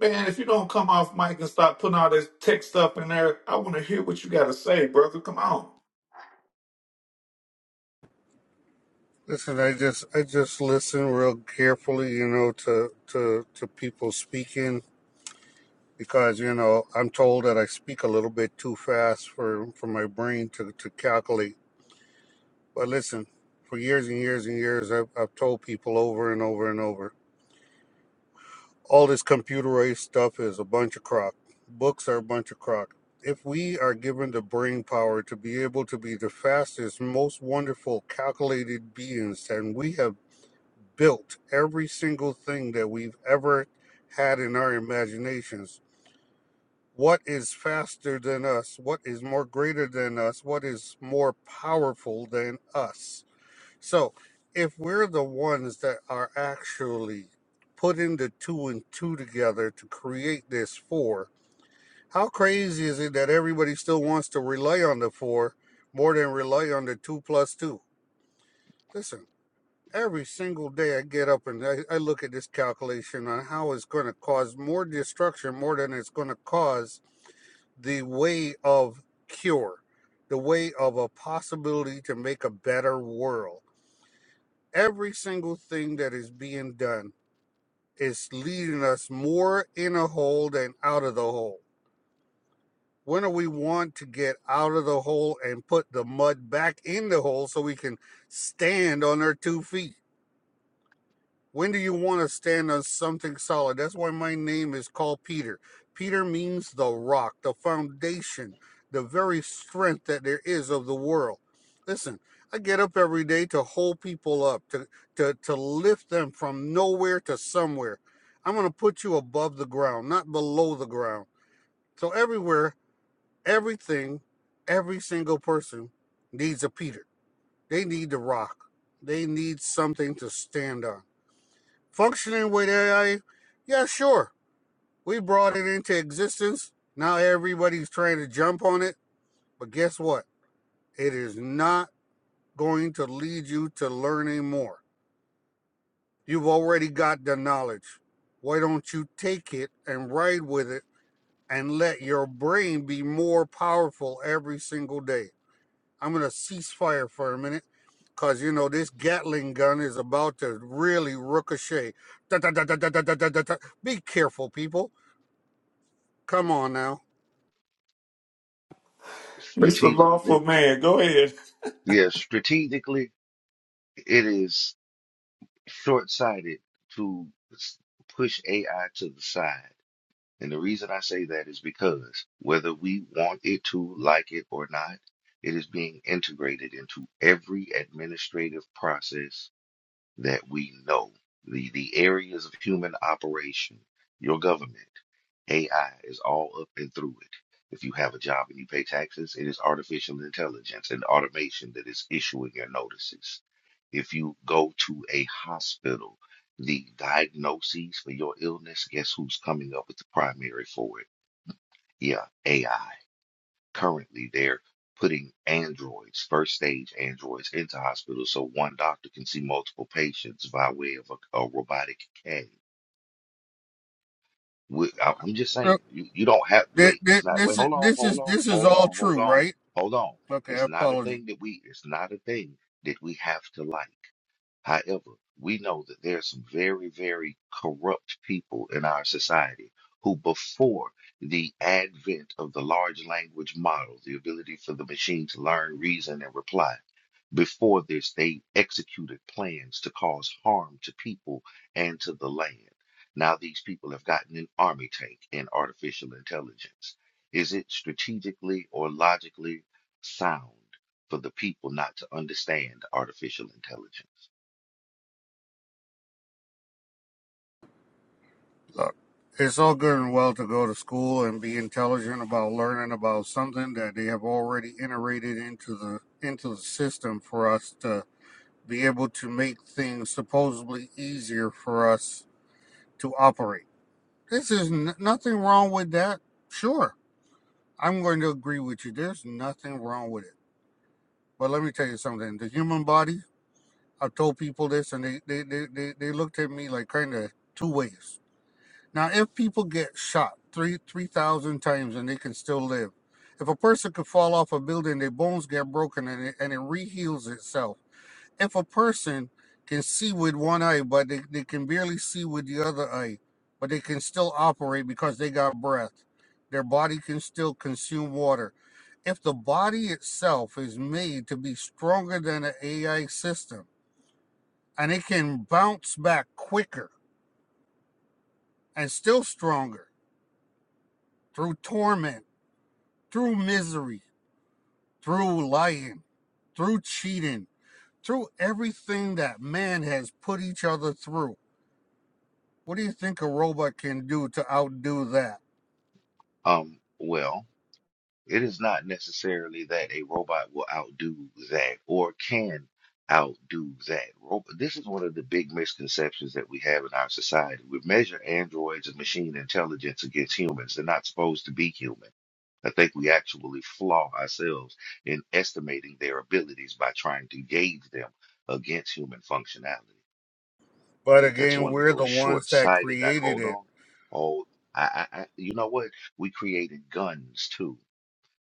Speaker 3: Man, if you don't come off mic and start putting all this tech stuff in there, I want to hear what you got to say, brother. Come on.
Speaker 8: listen, I just I just listen real carefully, you know, to to to people speaking because you know I'm told that I speak a little bit too fast for for my brain to to calculate. But listen, for years and years and years, I've I've told people over and over and over, all this computerized stuff is a bunch of crock. Books are a bunch of crock. If we are given the brain power to be able to be the fastest, most wonderful calculated beings, and we have built every single thing that we've ever had in our imaginations. What is faster than us? What is more greater than us? What is more powerful than us? So, if we're the ones that are actually putting the two and two together to create this four, how crazy is it that everybody still wants to rely on the four more than rely on the two plus two? Listen Every single day I get up and I, I look at this calculation on how it's going to cause more destruction more than it's going to cause the way of cure, the way of a possibility to make a better world. Every single thing that is being done is leading us more in a hole than out of the hole. When do we want to get out of the hole and put the mud back in the hole so we can stand on our two feet? When do you want to stand on something solid? That's why my name is called Peter. Peter means the rock, the foundation, the very strength that there is of the world. Listen, I get up every day to hold people up, to to to lift them from nowhere to somewhere. I'm going to put you above the ground, not below the ground. So everywhere, everything, every single person needs a Peter. They need the rock. They need something to stand on. Functioning with AI, yeah, sure. We brought it into existence. Now everybody's trying to jump on it. But guess what? It is not going to lead you to learning more. You've already got the knowledge. Why don't you take it and ride with it and let your brain be more powerful every single day? I'm going to cease fire for a minute because, you know, this Gatling gun is about to really ricochet. Da, da, da, da, da, da, da, da, da. Be careful, people Come on now.
Speaker 3: Mr. Lawful
Speaker 9: Strategically,
Speaker 3: Man, go ahead.
Speaker 9: yeah, strategically, it is short-sighted to s- push AI to the side And the reason I say that is because whether we want it to, like it, or not, it is being integrated into every administrative process that we know the, the areas of human operation, your government, AI is all up and through it. If you have a job and you pay taxes, it is artificial intelligence and automation that is issuing your notices. If you go to a hospital, the diagnoses for your illness, guess who's coming up with the primary for it? Yeah, AI currently they're putting androids, first stage androids, into hospitals so one doctor can see multiple patients by way of a, a robotic K. I'm just saying,
Speaker 8: Look,
Speaker 9: you, you don't have to
Speaker 8: thi-
Speaker 9: wait.
Speaker 8: thi-
Speaker 9: It's not wait.
Speaker 8: This is
Speaker 9: Hold on,
Speaker 8: this
Speaker 9: hold
Speaker 8: is
Speaker 9: on,
Speaker 8: this is
Speaker 9: hold
Speaker 8: all
Speaker 9: on, hold
Speaker 8: true,
Speaker 9: on,
Speaker 8: right?
Speaker 9: hold on.
Speaker 8: Okay, I
Speaker 9: It's not a
Speaker 8: apologize.
Speaker 9: thing that we. It's not a thing that we have to like. However, we know that there are some very, very corrupt people in our society who, before the advent of the large language model, the ability for the machine to learn, reason, and reply, before this, they executed plans to cause harm to people and to the land. Now, these people have gotten an army tank in artificial intelligence. Is it strategically or logically sound for the people not to understand artificial intelligence?
Speaker 8: Look, it's all good and well to go to school and be intelligent about learning about something that they have already iterated into the into the system for us to be able to make things supposedly easier for us to operate. This is n- nothing wrong with that. Sure, I'm going to agree with you. There's nothing wrong with it. But let me tell you something. The human body I've told people this, and they they they they, they looked at me like kind of two ways. Now, if people get shot three three thousand times and they can still live, if a person could fall off a building, their bones get broken and it, and it reheals itself. If a person can see with one eye, but they, they can barely see with the other eye, but they can still operate because they got breath. Their body can still consume water. If the body itself is made to be stronger than an AI system and it can bounce back quicker and still stronger through torment, through misery, through lying, through cheating, through everything that man has put each other through. What do you think a robot can do to outdo that?
Speaker 9: Um, well, it is not necessarily that a robot will outdo that or can outdo that. Rob- This is one of the big misconceptions that we have in our society. We measure androids and machine intelligence against humans. They're not supposed to be human. I think we actually flaw ourselves in estimating their abilities by trying to gauge them against human functionality.
Speaker 8: But
Speaker 9: That's
Speaker 8: again,
Speaker 9: one of
Speaker 8: we're the
Speaker 9: those
Speaker 8: ones that
Speaker 9: short-sighted. I,
Speaker 8: created
Speaker 9: hold
Speaker 8: it.
Speaker 9: on, hold. I, I, I, you know what? We created guns too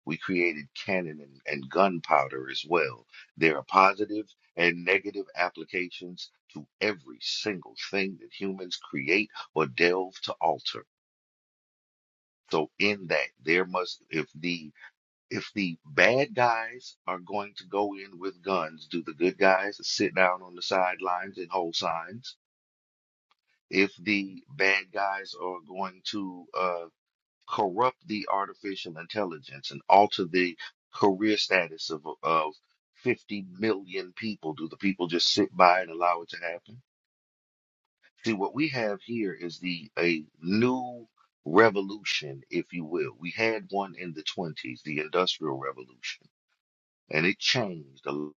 Speaker 9: we created cannon and, and gunpowder as well. There are positive and negative applications to every single thing that humans create or delve to alter. So in that, there must if the if the bad guys are going to go in with guns, do the good guys sit down on the sidelines and hold signs? If the bad guys are going to uh, corrupt the artificial intelligence and alter the career status of of 50 million people? Do the people just sit by and allow it to happen? See, what we have here is the a new revolution, if you will. We had one in the 20s, the Industrial Revolution, and it changed. a l-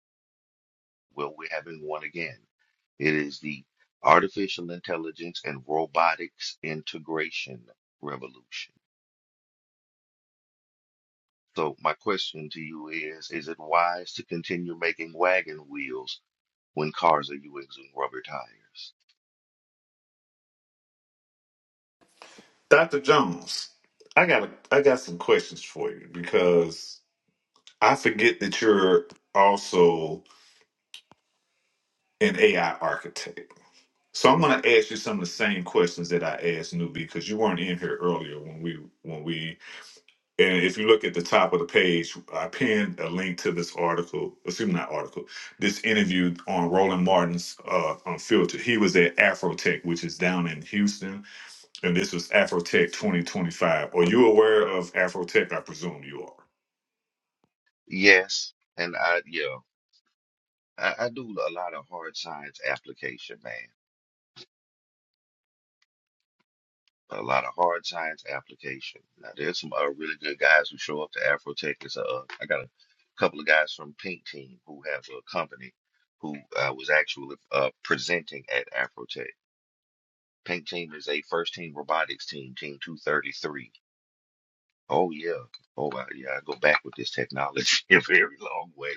Speaker 9: Well, we're having one again. It is the artificial intelligence and robotics integration revolution. So my question to you is, is it wise to continue making wagon wheels when cars are using rubber tires?
Speaker 3: Dr. Jones, I got a, I got some questions for you because I forget that you're also an AI architect. So I'm going to ask you some of the same questions that I asked Newbie because you weren't in here earlier when we when we and if you look at the top of the page, I pinned a link to this article, excuse me, not article, this interview on Roland Martin's uh, Unfiltered. He was at Afrotech, which is down in Houston And this was Afrotech 2025. Are you aware of Afrotech? I presume you are.
Speaker 9: Yes, and I yeah, I, I do a lot of hard science application, man. A lot of hard science application. Now there's some uh, really good guys who show up to Afrotech. It's uh, I got a couple of guys from Pink Team who have a company who uh, was actually uh, presenting at Afrotech. Pink Team is a first team robotics team, Team 233 Oh yeah. Oh I, yeah. I go back with this technology [laughs] a very long way.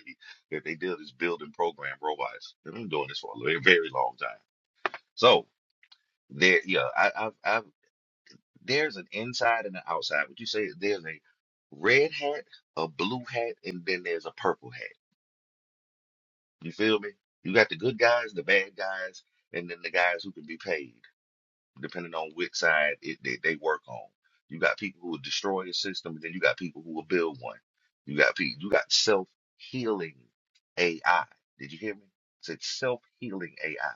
Speaker 9: That they did is build and program robots. They've been doing this for a very, very long time. So there, yeah. I, I've, I've there's an inside and an outside. Would you say there's a red hat, a blue hat, and then there's a purple hat? You feel me? You got the good guys, the bad guys, and then the guys who can be paid. depending on which side it, they, they work on. You got people who will destroy a system, and then you got people who will build one. You got people, you got self-healing AI. Did you hear me? It's said self-healing AI.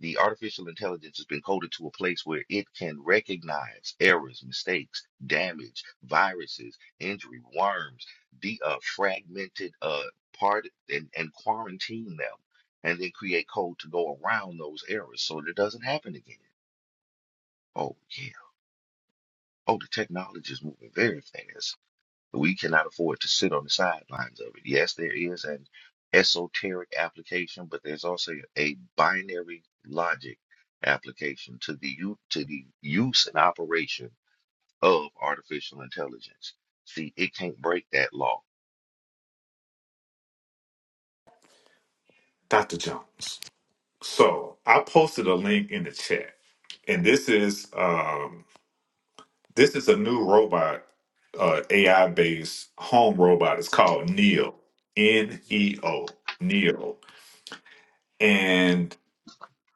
Speaker 9: The artificial intelligence has been coded to a place where it can recognize errors, mistakes, damage, viruses, injury, worms, the uh, fragmented uh, part, and, and quarantine them, and then create code to go around those errors so that it doesn't happen again. Oh Oh, the technology is moving very fast. We cannot afford to sit on the sidelines of it. Yes, there is an esoteric application, but there's also a binary logic application to the u- to the use and operation of artificial intelligence. See, it can't break that law
Speaker 3: Dr. Jones. So I posted a link in the chat. And this is um, this is a new robot, uh, AI based home robot. It's called Neo. N E O. Neo. And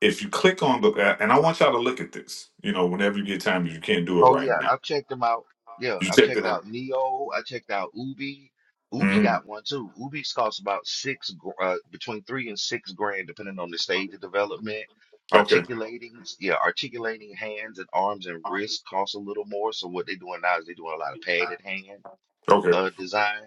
Speaker 3: if you click on the and I want y'all to look at this, you know, whenever you get time, if you can't do it
Speaker 9: Oh
Speaker 3: right
Speaker 9: yeah,
Speaker 3: now.
Speaker 9: I've checked them out. Yeah,
Speaker 3: You
Speaker 9: I've
Speaker 3: check it
Speaker 9: checked
Speaker 3: out.
Speaker 9: out Neo. I checked out Ubi. Ubi
Speaker 3: Mhm.
Speaker 9: got one too. Ubi's costs about six, gr- uh, between three and six grand, depending on the stage of development.
Speaker 3: Okay.
Speaker 9: Articulating, yeah, articulating hands and arms and wrists costs a little more. So what they're doing now is they're doing a lot of padded hands
Speaker 3: Okay.
Speaker 9: uh, design.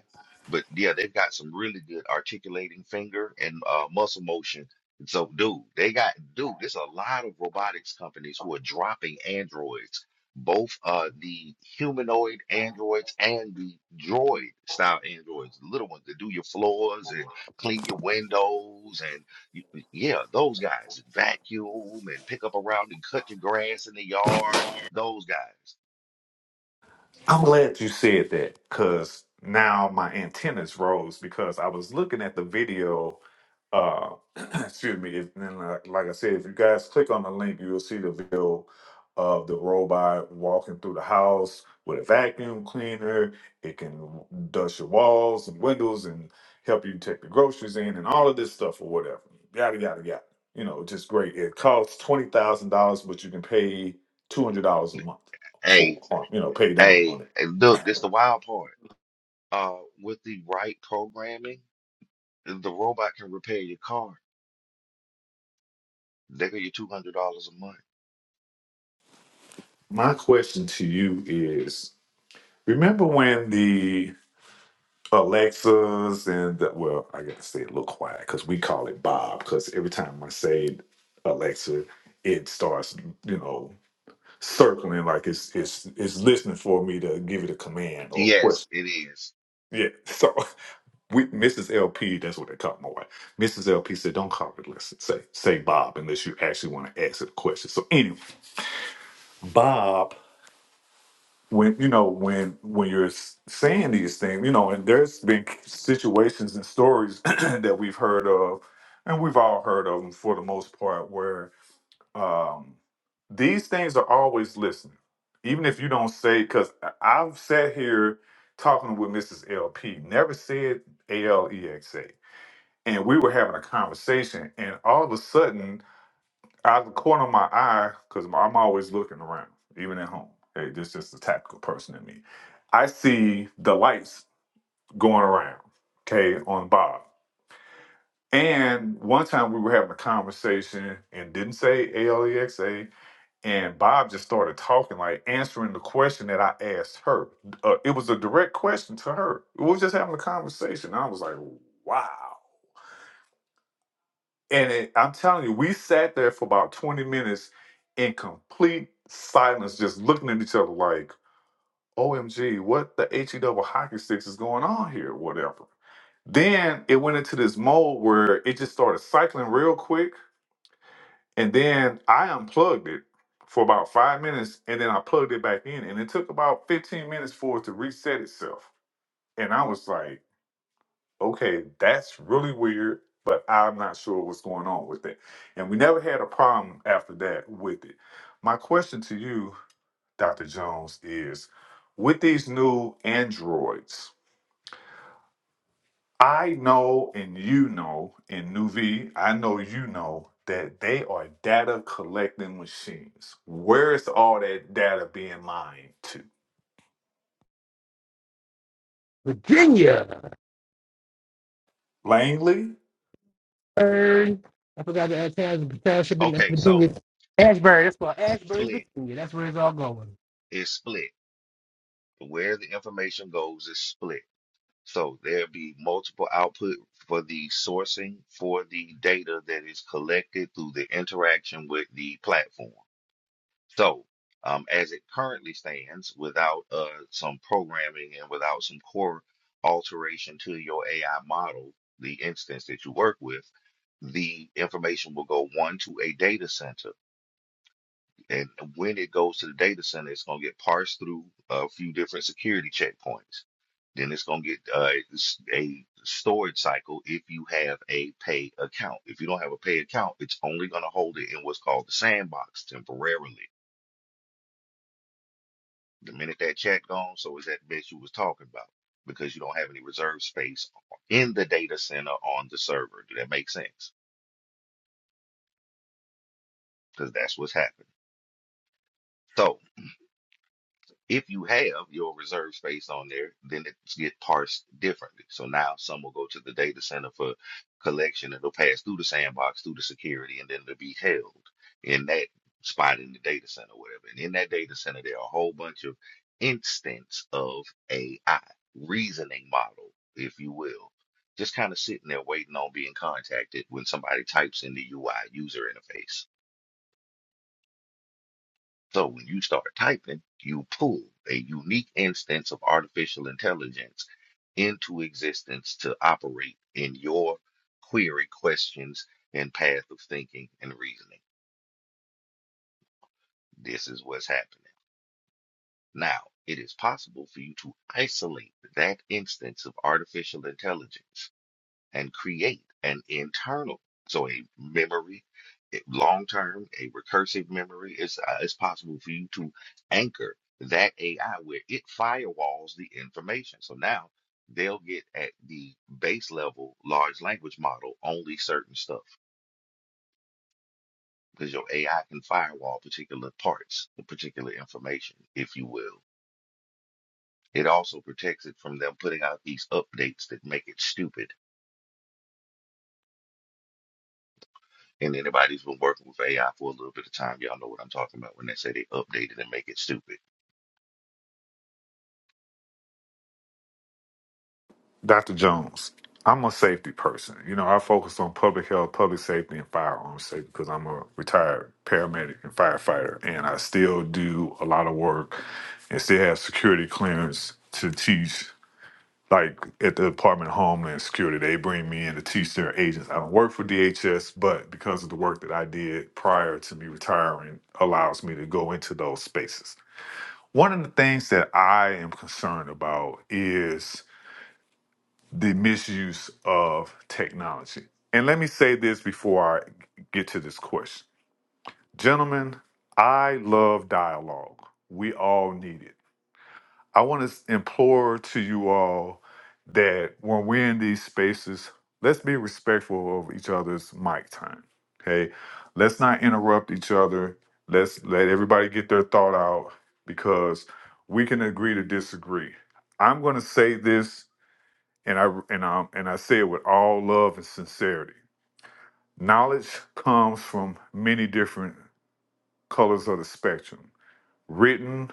Speaker 9: But yeah, they've got some really good articulating finger and uh, muscle motion. And so, dude, they got dude. There's a lot of robotics companies who are dropping androids, both uh, the humanoid androids and the droid style androids, the little ones that do your floors and clean your windows and y- yeah, those guys vacuum and pick up around and cut your grass in the yard. Those guys.
Speaker 3: I'm glad you said that because now my antennas rose because I was looking at the video. Uh, [clears throat] excuse me. If, and like, like I said, if you guys click on the link, you'll see the video of the robot walking through the house with a vacuum cleaner. It can dust your walls and windows and help you take the groceries in and all of this stuff or whatever. Yada yada yada. You know, just great. It costs twenty thousand dollars, but you can pay two hundred dollars a month for
Speaker 9: Hey,
Speaker 3: on, you know pay down on
Speaker 9: hey, and
Speaker 3: it.
Speaker 9: look, this the
Speaker 3: [laughs]
Speaker 9: wild part. uh, with the right programming, the robot can repair your car. They give you two hundred dollars a month.
Speaker 3: My question to you is: Remember when the Alexas and the, well, I gotta say it a little quiet because we call it Bob because every time I say Alexa, it starts you know circling like it's it's it's listening for me to give it a command or a
Speaker 9: Yes,
Speaker 3: question.
Speaker 9: it is.
Speaker 3: Yeah, so [laughs] we, Mrs. LP, that's what they call my wife. Mrs. LP said, "Don't call it. Listen, say say Bob unless you actually want to ask it a question." So anyway, Bob when you know when when you're s- saying these things you know and there's been c- situations and stories [clears throat] that we've heard of and we've all heard of them for the most part where um these things are always listening even if you don't say because i've sat here talking with mrs lp never said a-l-e-x-a and we were having a conversation and all of a sudden out of the corner of my eye, because I'm always looking around, even at home. Hey, this is just a tactical person in me. I see the lights going around, okay, on Bob. And one time we were having a conversation and didn't say ALEXA, and Bob just started talking, like answering the question that I asked her. Uh, it was a direct question to her. We were just having a conversation. And I was like, wow. And it, I'm telling you, we sat there for about 20 minutes in complete silence, just looking at each other like, OMG, what the HE double hockey sticks is going on here, whatever. Then it went into this mode where it just started cycling real quick. And then I unplugged it for about five minutes and then I plugged it back in. And it took about 15 minutes for it to reset itself. And I was like, okay, that's really weird, but I'm not sure what's going on with it. And we never had a problem after that with it. My question to you, Dr. Jones, is with these new androids, I know and you know, and Nuvi, I know you know that they are data collecting machines. Where is all that data being mined to?
Speaker 4: Virginia.
Speaker 3: Langley?
Speaker 4: Ashburn. I forgot to add towns, township in
Speaker 9: Okay, so
Speaker 4: Virginia. Ashburn, that's called Ashburn,
Speaker 9: split
Speaker 4: Virginia. That's where it's all going.
Speaker 9: is split. Where the information goes is split. So there'll be multiple output for the sourcing for the data that is collected through the interaction with the platform. So, um, as it currently stands, without uh, some programming and without some core alteration to your AI model, the instance that you work with, the information will go one to a data center. And when it goes to the data center, it's going to get parsed through a few different security checkpoints. Then it's going to get uh, s- a storage cycle if you have a pay account. If you don't have a pay account, it's only going to hold it in what's called the sandbox temporarily the minute that check gone, so is that bet you was talking about because you don't have any reserve space in the data center on the server. Do that make sense? Because that's what's happening. So If you have your reserve space on there, then it gets parsed differently. So now some will go to the data center for collection. It'll pass through the sandbox, through the security, and then it'll be held in that spot in the data center, whatever. And in that data center, there are a whole bunch of instance of AI, reasoning model, if you will, just kind of sitting there waiting on being contacted when somebody types in the UI user interface. So when you start typing, you pull a unique instance of artificial intelligence into existence to operate in your query questions and path of thinking and reasoning. This is what's happening. Now, it is possible for you to isolate that instance of artificial intelligence and create an internal. So a memory, long term, a recursive memory. It's uh, it's possible for you to anchor that AI where it firewalls the information. So now they'll get at the base level large language model only certain stuff because your AI can firewall particular parts, the particular information, if you will. It also protects it from them putting out these updates that make it stupid And anybody who's been working with AI for a little bit of time, y'all know what I'm talking about when they say they update it and make it stupid.
Speaker 3: Dr. Jones, I'm a safety person. You know, I focus on public health, public safety, and firearms safety because I'm a retired paramedic and firefighter, and I still do a lot of work and still have security clearance to teach. Like at the Department of Homeland Security, they bring me in to teach their agents. I don't work for DHS, but because of the work that I did prior to me retiring, allows me to go into those spaces. One of the things that I am concerned about is the misuse of technology. And let me say this before I get to this question. Gentlemen, I love dialogue. We all need it. I want to implore to you all that when we're in these spaces, let's be respectful of each other's mic time. Okay? Let's not interrupt each other. Let's let everybody get their thought out because we can agree to disagree. I'm going to say this and I and I and I say it with all love and sincerity. Knowledge comes from many different colors of the spectrum: written,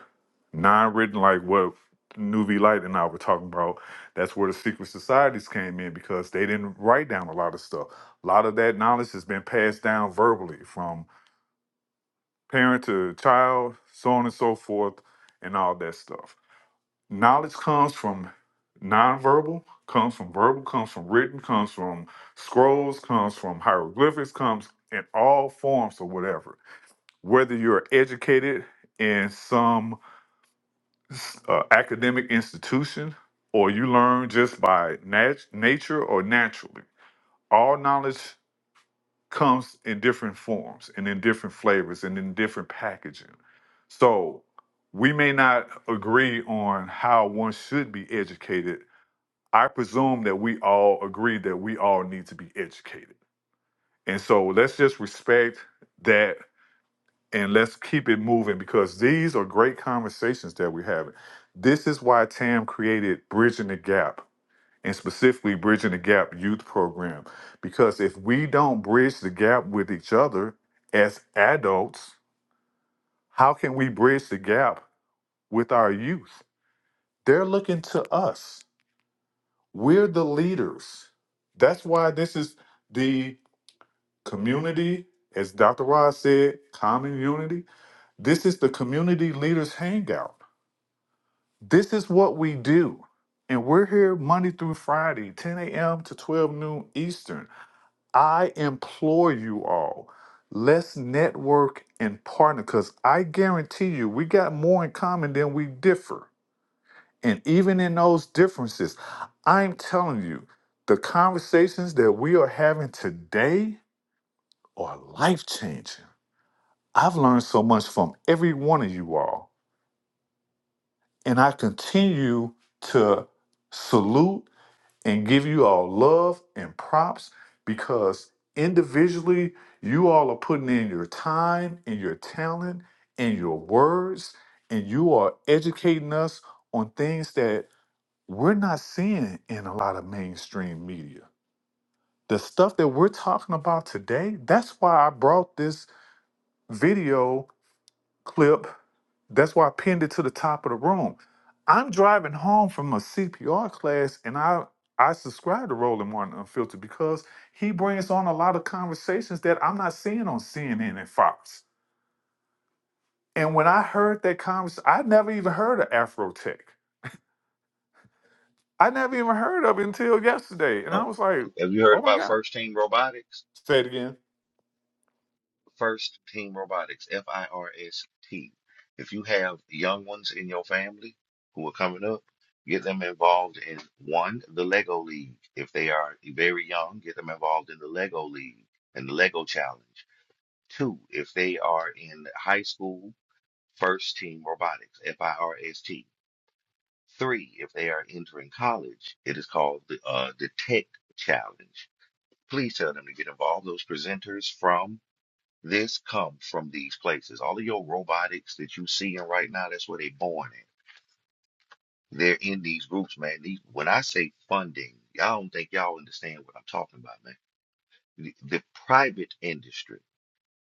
Speaker 3: non-written, like what Nuvi Light and I were talking about. That's where the secret societies came in because they didn't write down a lot of stuff. A lot of that knowledge has been passed down verbally from parent to child, so on and so forth, and all that stuff. knowledge comes from nonverbal, comes from verbal, comes from written, comes from scrolls, comes from hieroglyphics, comes in all forms or whatever. Whether you're educated in some uh, academic institution or you learn just by nat- nature or naturally, all knowledge comes in different forms and in different flavors and in different packaging. So we may not agree on how one should be educated I presume that we all agree that we all need to be educated. And so let's just respect that and let's keep it moving because these are great conversations that we're having. This is why TAM created Bridging the Gap and specifically Bridging the Gap Youth Program. Because if we don't bridge the gap with each other as adults, how can we bridge the gap with our youth? They're looking to us. We're the leaders. That's why this is the Community, as Dr. Ross said, common unity. This is the community leaders hangout. This is what we do. And we're here Monday through Friday, 10 a.m. to 12 noon Eastern. I implore you all, let's network and partner because I guarantee you we got more in common than we differ. And even in those differences, I'm telling you, the conversations that we are having today are life changing. I've learned so much from every one of you all, and I continue to salute and give you all love and props because individually, you all are putting in your time and your talent and your words, and you are educating us on things that we're not seeing in a lot of mainstream media. The stuff that we're talking about today, that's why I brought this video clip. That's why I pinned it to the top of the room. I'm driving home from a CPR class, and I I subscribe to Roland Martin Unfiltered because he brings on a lot of conversations that I'm not seeing on CNN and Fox. And when I heard that conversation, I never even heard of Afro Tech. I never even heard of it until yesterday, and I
Speaker 9: Oh,
Speaker 3: was like,
Speaker 9: have you heard
Speaker 3: "Oh my
Speaker 9: about
Speaker 3: god!"
Speaker 9: First Team Robotics?
Speaker 3: Say it again.
Speaker 9: First Team Robotics, F I R S T. If you have young ones in your family who are coming up, get them involved in one, the Lego League. If they are very young, get them involved in the Lego League and the Lego Challenge. Two, if they are in high school, First Team Robotics, F I R S T Three, if they are entering college, it is called the uh, Detect Challenge. Please tell them to get involved. Those presenters from this come from these places. All of your robotics that you see in right now, that's where they born in. They're in these groups, man. These, when I say funding, y'all don't think y'all understand what I'm talking about, man. The, the private industry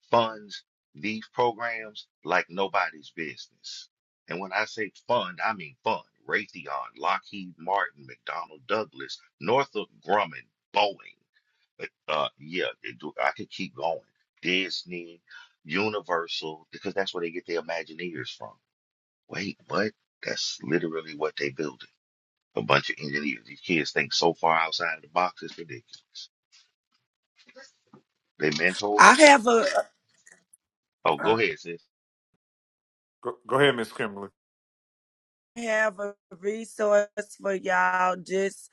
Speaker 9: funds these programs like nobody's business. And when I say fund, I mean fund. Raytheon, Lockheed Martin, McDonnell Douglas, Northrop Grumman, Boeing. Uh, yeah, it do- I could keep going. Disney, Universal, because that's where they get their Imagineers from. Wait, what? That's literally what they building. A bunch of engineers. These kids think so far outside of the box, it's ridiculous. They
Speaker 7: i
Speaker 9: mentors.
Speaker 7: have a
Speaker 9: Oh,
Speaker 7: I
Speaker 9: go ahead, sis.
Speaker 3: Go, go ahead, Miss Kimberly.
Speaker 7: have a resource for y'all. Just.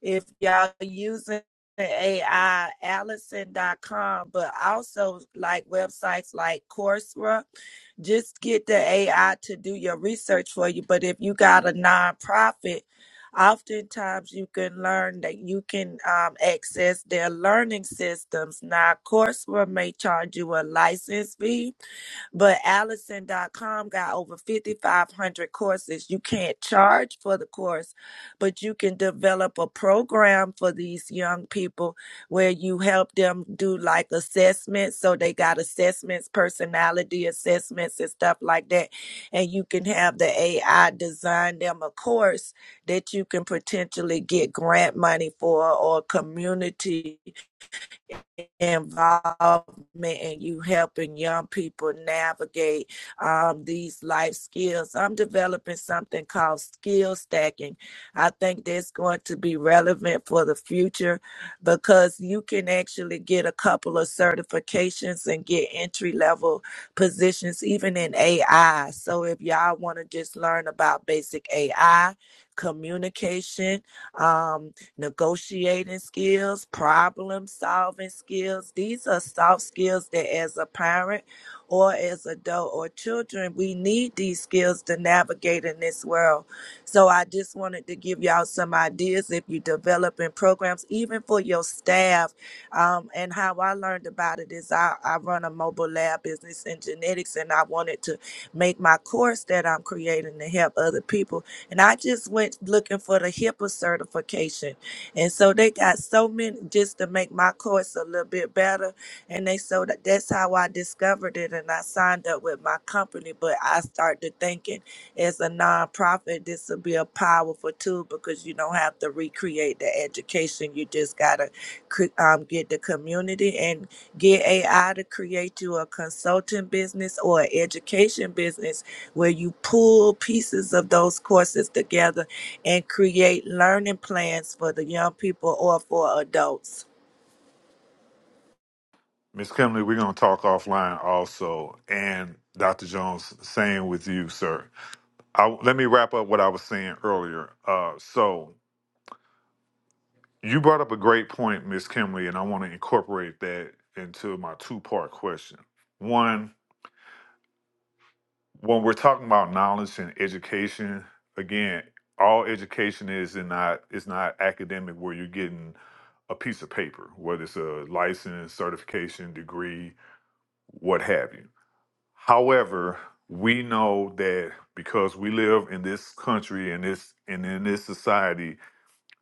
Speaker 7: if y'all using AI, Allison.com, but also like websites like Coursera, just get the AI to do your research for you. But if you got a nonprofit, oftentimes you can learn that you can um, access their learning systems. Now, Coursera may charge you a license fee but Allison.com got over 5,500 courses. You can't charge for the course, but you can develop a program for these young people where you help them do like assessments. So they got assessments, personality assessments, and stuff like that. And you can have the AI design them a course that you can potentially get grant money for or community involvement and you helping young people navigate um, these life skills. I'm developing something called skill stacking. I think that's going to be relevant for the future because you can actually get a couple of certifications and get entry level positions, even in AI. So if y'all want to just learn about basic AI, communication, um negotiating skills, problem solving skills. These are soft skills that, as a parent or as adult or children, we need these skills to navigate in this world. So I just wanted to give y'all some ideas if you're developing programs, even for your staff. Um, and how I learned about it is I, I run a mobile lab business in genetics, and I wanted to make my course that I'm creating to help other people. And I just went looking for the HIPAA certification and so they got so many just to make my course a little bit better. And they so that that's how I discovered it and I signed up with my company. But I started thinking as a nonprofit, this will be a powerful tool because you don't have to recreate the education. You just gotta cre- um, get the community and get AI to create you a consulting business or an education business where you pull pieces of those courses together and create learning plans for the young people or for adults.
Speaker 3: Miss Kimley, we're going to talk offline also. And Dr. Jones, same with you, sir. I, let me wrap up what I was saying earlier. Uh, so you brought up a great point, Miss Kimley, and I want to incorporate that into my two part question. One, when we're talking about knowledge and education, again, all education is in not is not academic where you're getting a piece of paper, whether it's a license, certification, degree, what have you However, we know that because we live in this country and this and in this society,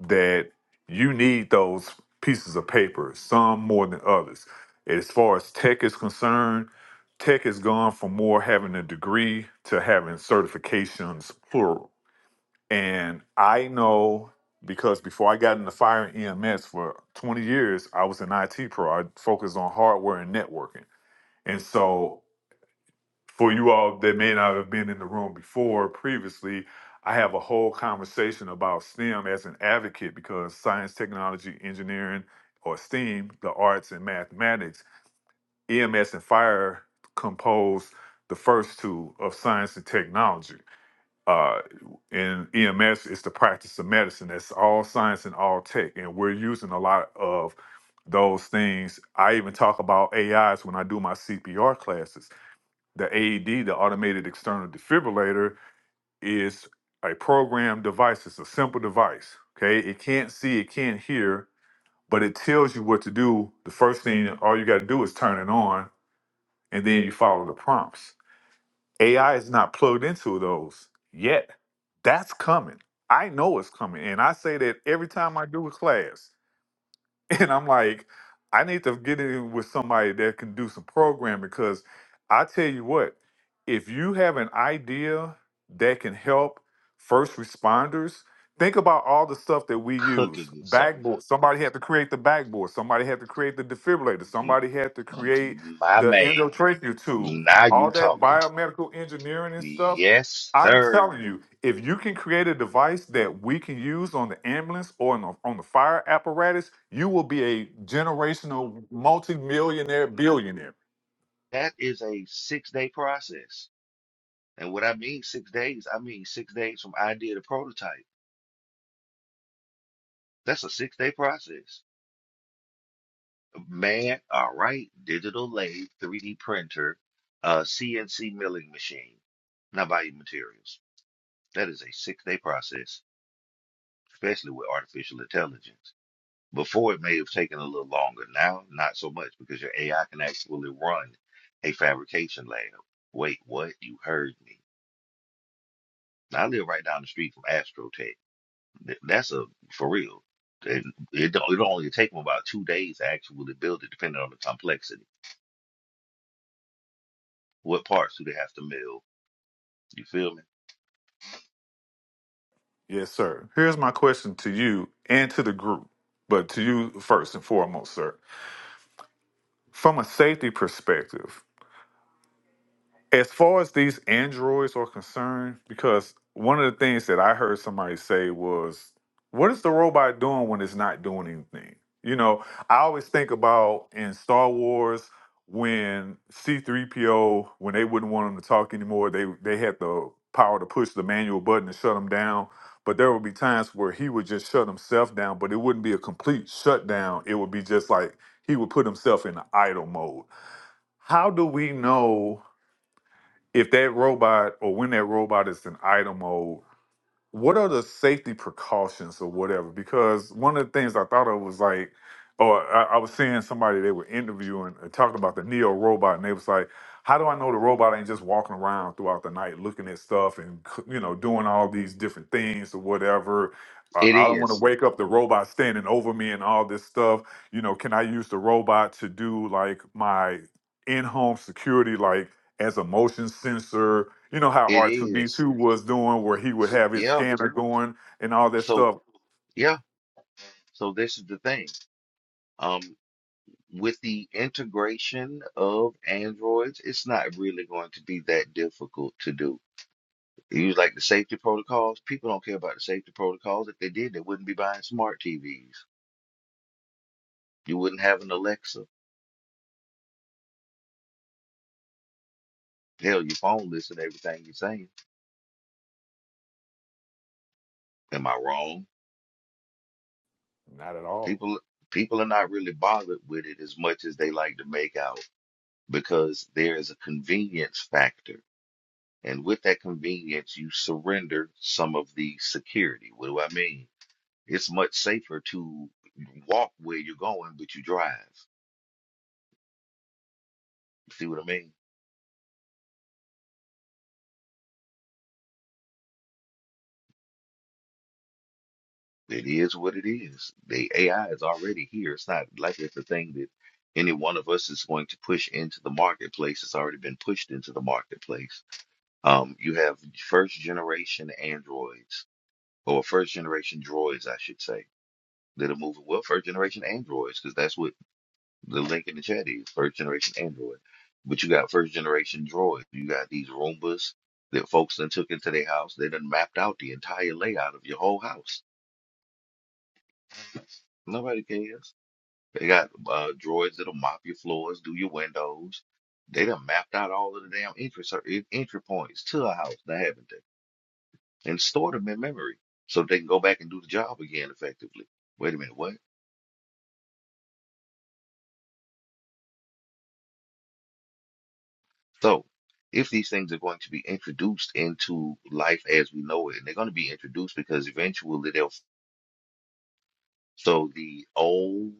Speaker 3: that you need those pieces of paper, some more than others. As far as tech is concerned, tech has gone from more having a degree to having certifications plural. And I know because before I got into fire and EMS for 20 years, I was an IT pro. I focused on hardware and networking. And so for you all that may not have been in the room before previously, I have a whole conversation about STEM as an advocate because science, technology, engineering, or STEAM, the arts and mathematics, EMS and fire compose the first two of science and technology. Uh, in EMS, it's the practice of medicine. That's all science and all tech. And we're using a lot of those things. I even talk about AIs when I do my CPR classes the AED, the automated external defibrillator, is a programmed device. It's a simple device. Okay. It can't see, it can't hear, but it tells you what to do. The first thing, all you got to do is turn it on, and then you follow the prompts. AI is not plugged into those yet. That's coming. I know it's coming. And I say that every time I do a class. [laughs] And I'm like, I need to get in with somebody that can do some programming because I tell you what, if you have an idea that can help first responders, think about all the stuff that we use.
Speaker 9: Cooking, sir.
Speaker 3: Backboard. Somebody had to create the backboard. Somebody had to create the defibrillator. Somebody had to
Speaker 9: M-
Speaker 3: create
Speaker 9: My
Speaker 3: the
Speaker 9: man,
Speaker 3: endotracheal tube.
Speaker 9: now you
Speaker 3: All that
Speaker 9: talking.
Speaker 3: biomedical engineering and stuff
Speaker 9: Yes,
Speaker 3: I'm telling
Speaker 9: sir.
Speaker 3: you, if you can create a device that we can use on the ambulance or on the, on the fire apparatus, you will be a generational multimillionaire billionaire.
Speaker 9: That is a six day process. And what I mean six days, I mean six days from idea to prototype. That's a six day process. Man, all right, digital lathe, 3D printer, uh, CNC milling machine. Now buy your materials. That is a six day process, especially with artificial intelligence. Before it may have taken a little longer. Now, not so much because your AI can actually run a fabrication lab. Wait, what? You heard me. I live right down the street from Astrotech. Th- That's a for real. And it don't, it'll only take them about two days to actually build it, depending on the complexity. What parts do they have to mill? You feel me?
Speaker 3: Yes, sir. Here's my question to you and to the group, but to you first and foremost, sir. From a safety perspective, As far as these androids are concerned, because one of the things that I heard somebody say was, "What is the robot doing when it's not doing anything?" You know, I always think about in Star Wars when C-3PO, when they wouldn't want him to talk anymore, they they had the power to push the manual button to shut him down. But there would be times where he would just shut himself down, but it wouldn't be a complete shutdown. It would be just like he would put himself in idle mode. How do we know? if that robot or when that robot is in idle mode, what are the safety precautions or whatever? Because one of the things I thought of was like, or I, I was seeing somebody they were interviewing and talking about the Neo robot, and they was like, how do I know the robot ain't just walking around throughout the night looking at stuff and c- you know doing all these different things or whatever? Uh,
Speaker 9: It
Speaker 3: I don't want to
Speaker 9: is.
Speaker 3: wake up the robot standing over me and all this stuff. You know, can I use the robot to do like my in-home security, like? as a motion sensor. You know how
Speaker 9: It is.
Speaker 3: R2D2 was doing, where he would have his
Speaker 9: Yeah.
Speaker 3: scanner going and all that
Speaker 9: So
Speaker 3: stuff.
Speaker 9: yeah. So this is the thing. Um. with the integration of Androids, it's not really going to be that difficult to do. Use like the safety protocols. People don't care about the safety protocols. If they did, they wouldn't be buying smart TVs. You wouldn't have an Alexa. Hell, your phone listen to everything you're saying. Am I wrong?
Speaker 3: Not at all.
Speaker 9: People people are not really bothered with it as much as they like to make out because there is a convenience factor. And with that convenience, you surrender some of the security. What do I mean? It's much safer to walk where you're going, but you drive. See what I mean? It is what it is. The AI is already here. It's not like it's a thing that any one of us is going to push into the marketplace. It's already been pushed into the marketplace. Um, you have first generation androids, or first generation droids, I should say, that are moving. Well, first generation androids, because that's what The link in the chat is first generation Android. But you got first generation Droid. You got these Roombas that folks then took into their house. They done mapped out the entire layout of your whole house. Nobody cares. They got uh, droids that'll mop your floors, do your windows. They done mapped out all of the damn entry cer- en- entry points to a house, now haven't they? And stored them in memory so they can go back and do the job again effectively. Wait a minute, what? So, if these things are going to be introduced into life as we know it, and they're going to be introduced because eventually they'll. So the old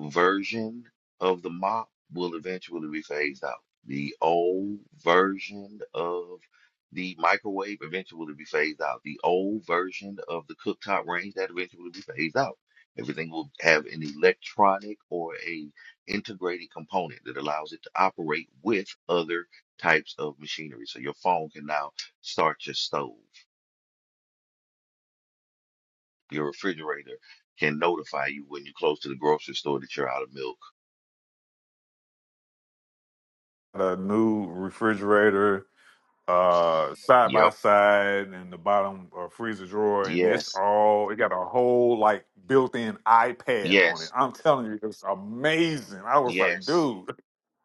Speaker 9: version of the mop will eventually be phased out. The old version of the microwave eventually will be phased out. The old version of the cooktop range that eventually will be phased out. Everything will have an electronic or a integrated component that allows it to operate with other types of machinery. So your phone can now start your stove. Your refrigerator can notify you when you're close to the grocery store that you're out of milk.
Speaker 3: A new refrigerator, uh, side by
Speaker 9: Yep.
Speaker 3: side, and the bottom uh, freezer drawer, and it's
Speaker 9: Yes.
Speaker 3: all. It got a whole like built-in iPad on it.
Speaker 9: Yes,
Speaker 3: I'm telling you, it's amazing. I was like,
Speaker 9: yes.
Speaker 3: dude,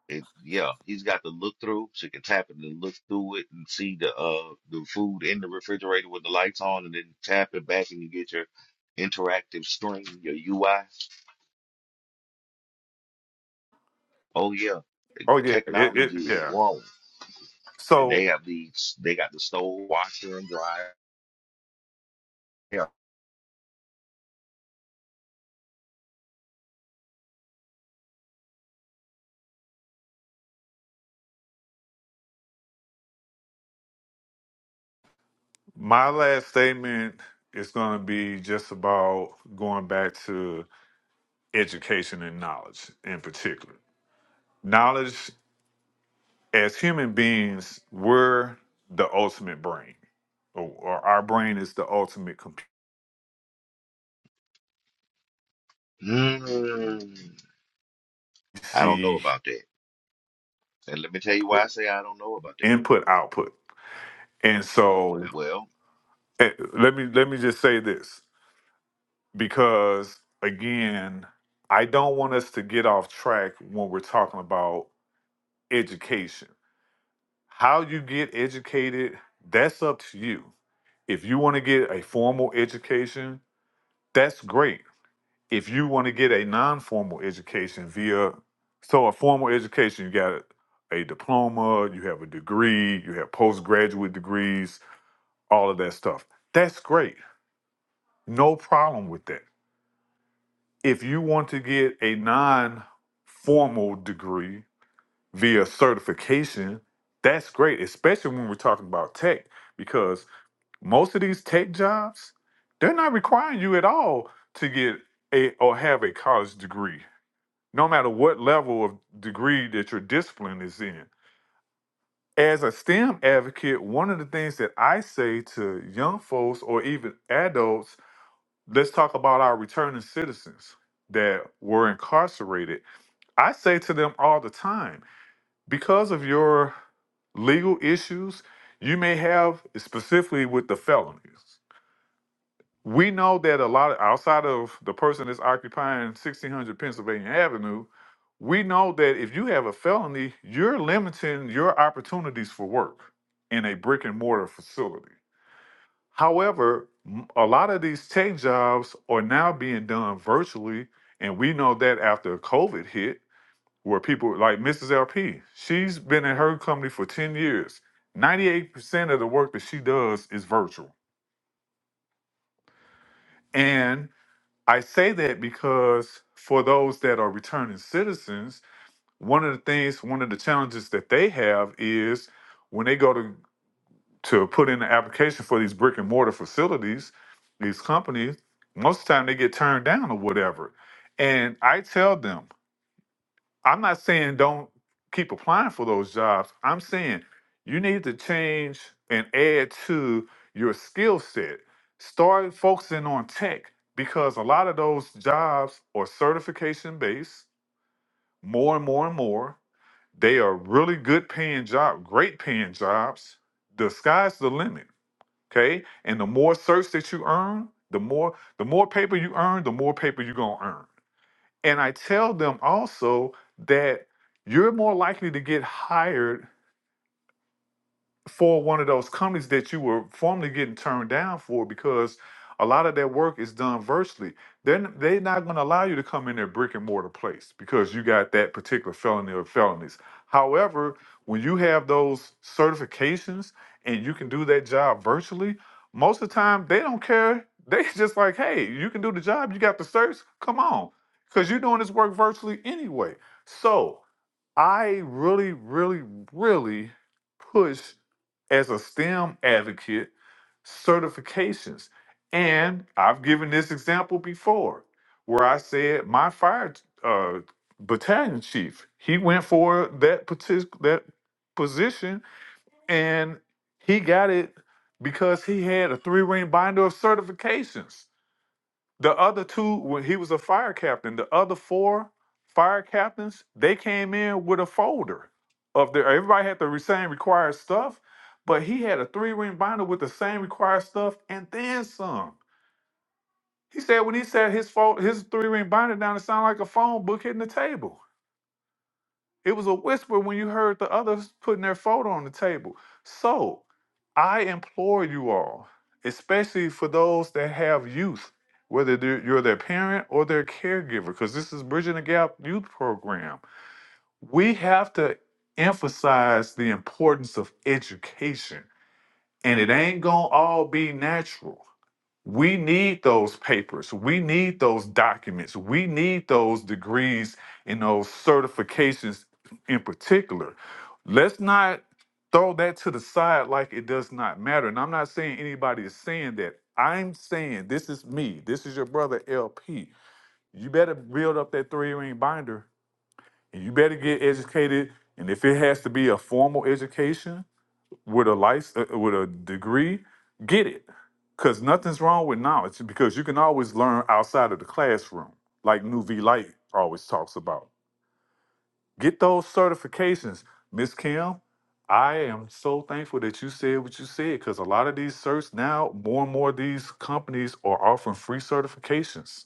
Speaker 9: It, yeah, he's got the look through. She can tap it and look through it and see the uh the food in the refrigerator with the lights on, and then tap it back and you get your interactive screen, your UI. Oh yeah, The
Speaker 3: oh yeah, it, it
Speaker 9: technology is
Speaker 3: yeah.
Speaker 9: growing, and they
Speaker 3: So
Speaker 9: have these. They got the stove, washer, and dryer. Yeah.
Speaker 3: my last statement is going to be just about going back to education and knowledge in particular. Knowledge, as human beings, we're the ultimate brain, or, or our brain is the ultimate computer.
Speaker 9: Mm, I don't know
Speaker 3: See
Speaker 9: about that, and let me tell you why I
Speaker 3: output,
Speaker 9: say I don't know about that.
Speaker 3: input, output, and so
Speaker 9: Well.
Speaker 3: eh, let me let me just say this because again, I don't want us to get off track when we're talking about education. How you get educated, that's up to you. If you want to get a formal education, that's great if you want to get a non-formal education via so a formal education you got a diploma you have a degree you have postgraduate degrees all of that stuff that's great no problem with that if you want to get a non-formal degree via certification that's great especially when we're talking about tech because most of these tech jobs they're not requiring you at all to get a or have a college degree no matter what level of degree that your discipline is in. As a STEM advocate, one of the things that I say to young folks or even adults, let's talk about our returning citizens that were incarcerated. I say to them all the time, because of your legal issues, you may have specifically with the felonies. We know that a lot of, outside of the person that's occupying 1600 Pennsylvania Avenue, we know that if you have a felony, you're limiting your opportunities for work in a brick and mortar facility. However, m- a lot of these tech jobs are now being done virtually, and we know that after COVID hit, where people like Mrs. LP, she's been in her company for 10 years. 98% of the work that she does is virtual. and I say that because for those that are returning citizens, one of the things, one of the challenges that they have is when they go to to put in the application for these brick and mortar facilities, these companies, most of the time they get turned down or whatever. And I tell them, I'm not saying don't keep applying for those jobs. I'm saying you need to change and add to your skill set. Start focusing on tech because a lot of those jobs are certification based, more and more and more. They are really good paying job, great paying jobs. The sky's the limit, okay? And the more certs that you earn, the more the more paper you earn, the more paper you're gonna earn and I tell them also that you're more likely to get hired for one of those companies that you were formerly getting turned down for because a lot of their work is done virtually. Then they're not going to allow you to come in their brick and mortar place because you got that particular felony or felonies. However, when you have those certifications and you can do that job virtually, most of the time they don't care. They [laughs] just like, hey, you can do the job. You got the certs. Come on, because you're doing this work virtually anyway. So I really, really, really push as a STEM advocate certifications. And I've given this example before where I said my fire uh, battalion chief, he went for that, partic- that position and he got it because he had a three ring binder of certifications. The other two, when he was a fire captain, the other four fire captains, they came in with a folder of their everybody had the re- same required stuff, but he had a three ring binder with the same required stuff and then some. He said when he said his fault, his three ring binder down, it sounded like a phone book hitting the table. It was a whisper when you heard the others putting their photo on the table. So I implore you all, especially for those that have youth, whether they're- you're their parent or their caregiver, because this is Bridging the Gap Youth Program. We have to emphasize the importance of education, and it ain't gonna all be natural. We need those papers. We need those documents. We need those degrees and those certifications in particular. Let's not throw that to the side like it does not matter. And I'm not saying anybody is saying that. I'm saying this is me. This is your brother LP. You better build up that three ring binder and you better get educated. And if it has to be a formal education, with a license, with a degree, get it. Because nothing's wrong with knowledge because you can always learn outside of the classroom, like New V Light always talks about. Get those certifications. Miss Kim, I am so thankful that you said what you said because a lot of these certs now, more and more of these companies are offering free certifications.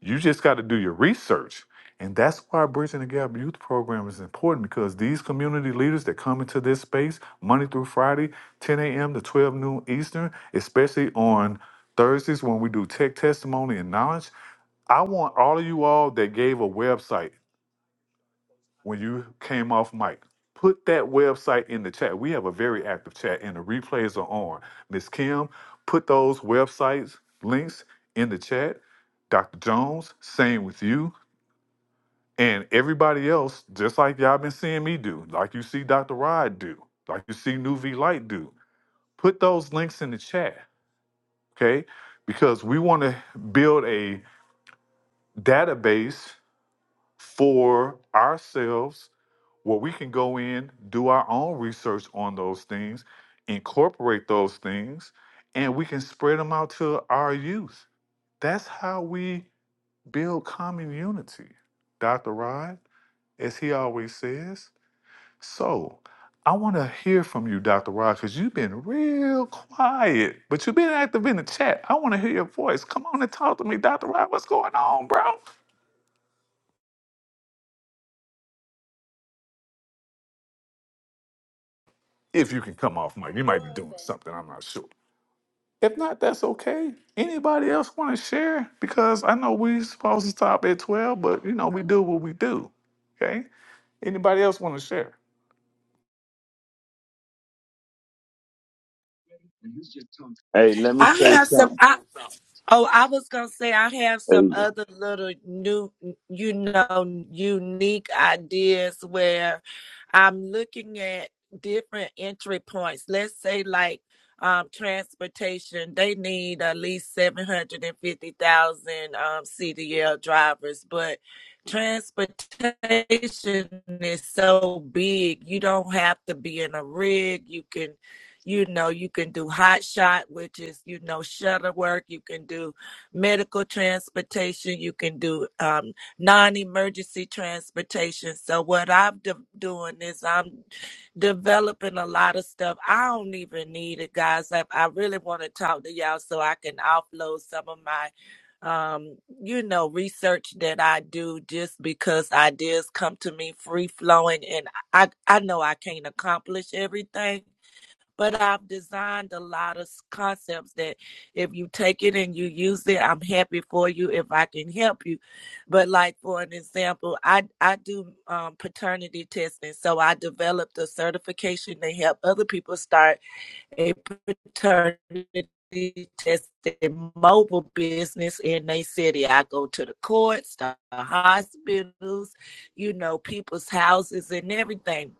Speaker 3: You just got to do your research. And that's why Bridging the Gap Youth Program is important because these community leaders that come into this space Monday through Friday, 10 a.m. to 12 noon Eastern, especially on Thursdays when we do tech testimony and knowledge. I want all of you all that gave a website when you came off mic, put that website in the chat. We have a very active chat and the replays are on. Miss Kim, put those websites links in the chat. Dr. Jones, same with you. And everybody else, just like y'all been seeing me do, like you see Dr. Rod do, like you see New V Light do, put those links in the chat, okay? Because we want to build a database for ourselves where we can go in, do our own research on those things, incorporate those things, and we can spread them out to our youth. That's how we build common unity. Dr. Rod, as he always says. So I want to hear from you, Dr. Rod, because you've been real quiet, but you've been active in the chat. I want to hear your voice. Come on and talk to me, Dr. Rod. What's going on, bro? If you can come off mic, you might be doing something. I'm not sure. If not, that's okay. Anybody else want to share? Because I know we supposed to stop at 12, but you know, we do what we do. Okay. Anybody else want to share?
Speaker 7: I have some. I, oh, I was gonna say I have some other little new, you know, unique ideas where I'm looking at different entry points. Let's say like um, transportation, they need at least seven hundred and fifty thousand um, CDL drivers, but transportation is so big you don't have to be in a rig you can you know, you can do hot shot, which is, you know, shutter work. You can do medical transportation. You can do um, non emergency transportation. So, what I'm de- doing is I'm developing a lot of stuff. I don't even need it, guys. I, I really want to talk to y'all so I can offload some of my um you know research that i do just because ideas come to me free flowing and i i know i can't accomplish everything but I've designed a lot of concepts that if you take it and you use it, I'm happy for you if I can help you. But like for an example, I I do um, paternity testing, so I developed a certification to help other people start a paternity testing mobile business in their city. I go to the courts, the hospitals, you know, people's houses and everything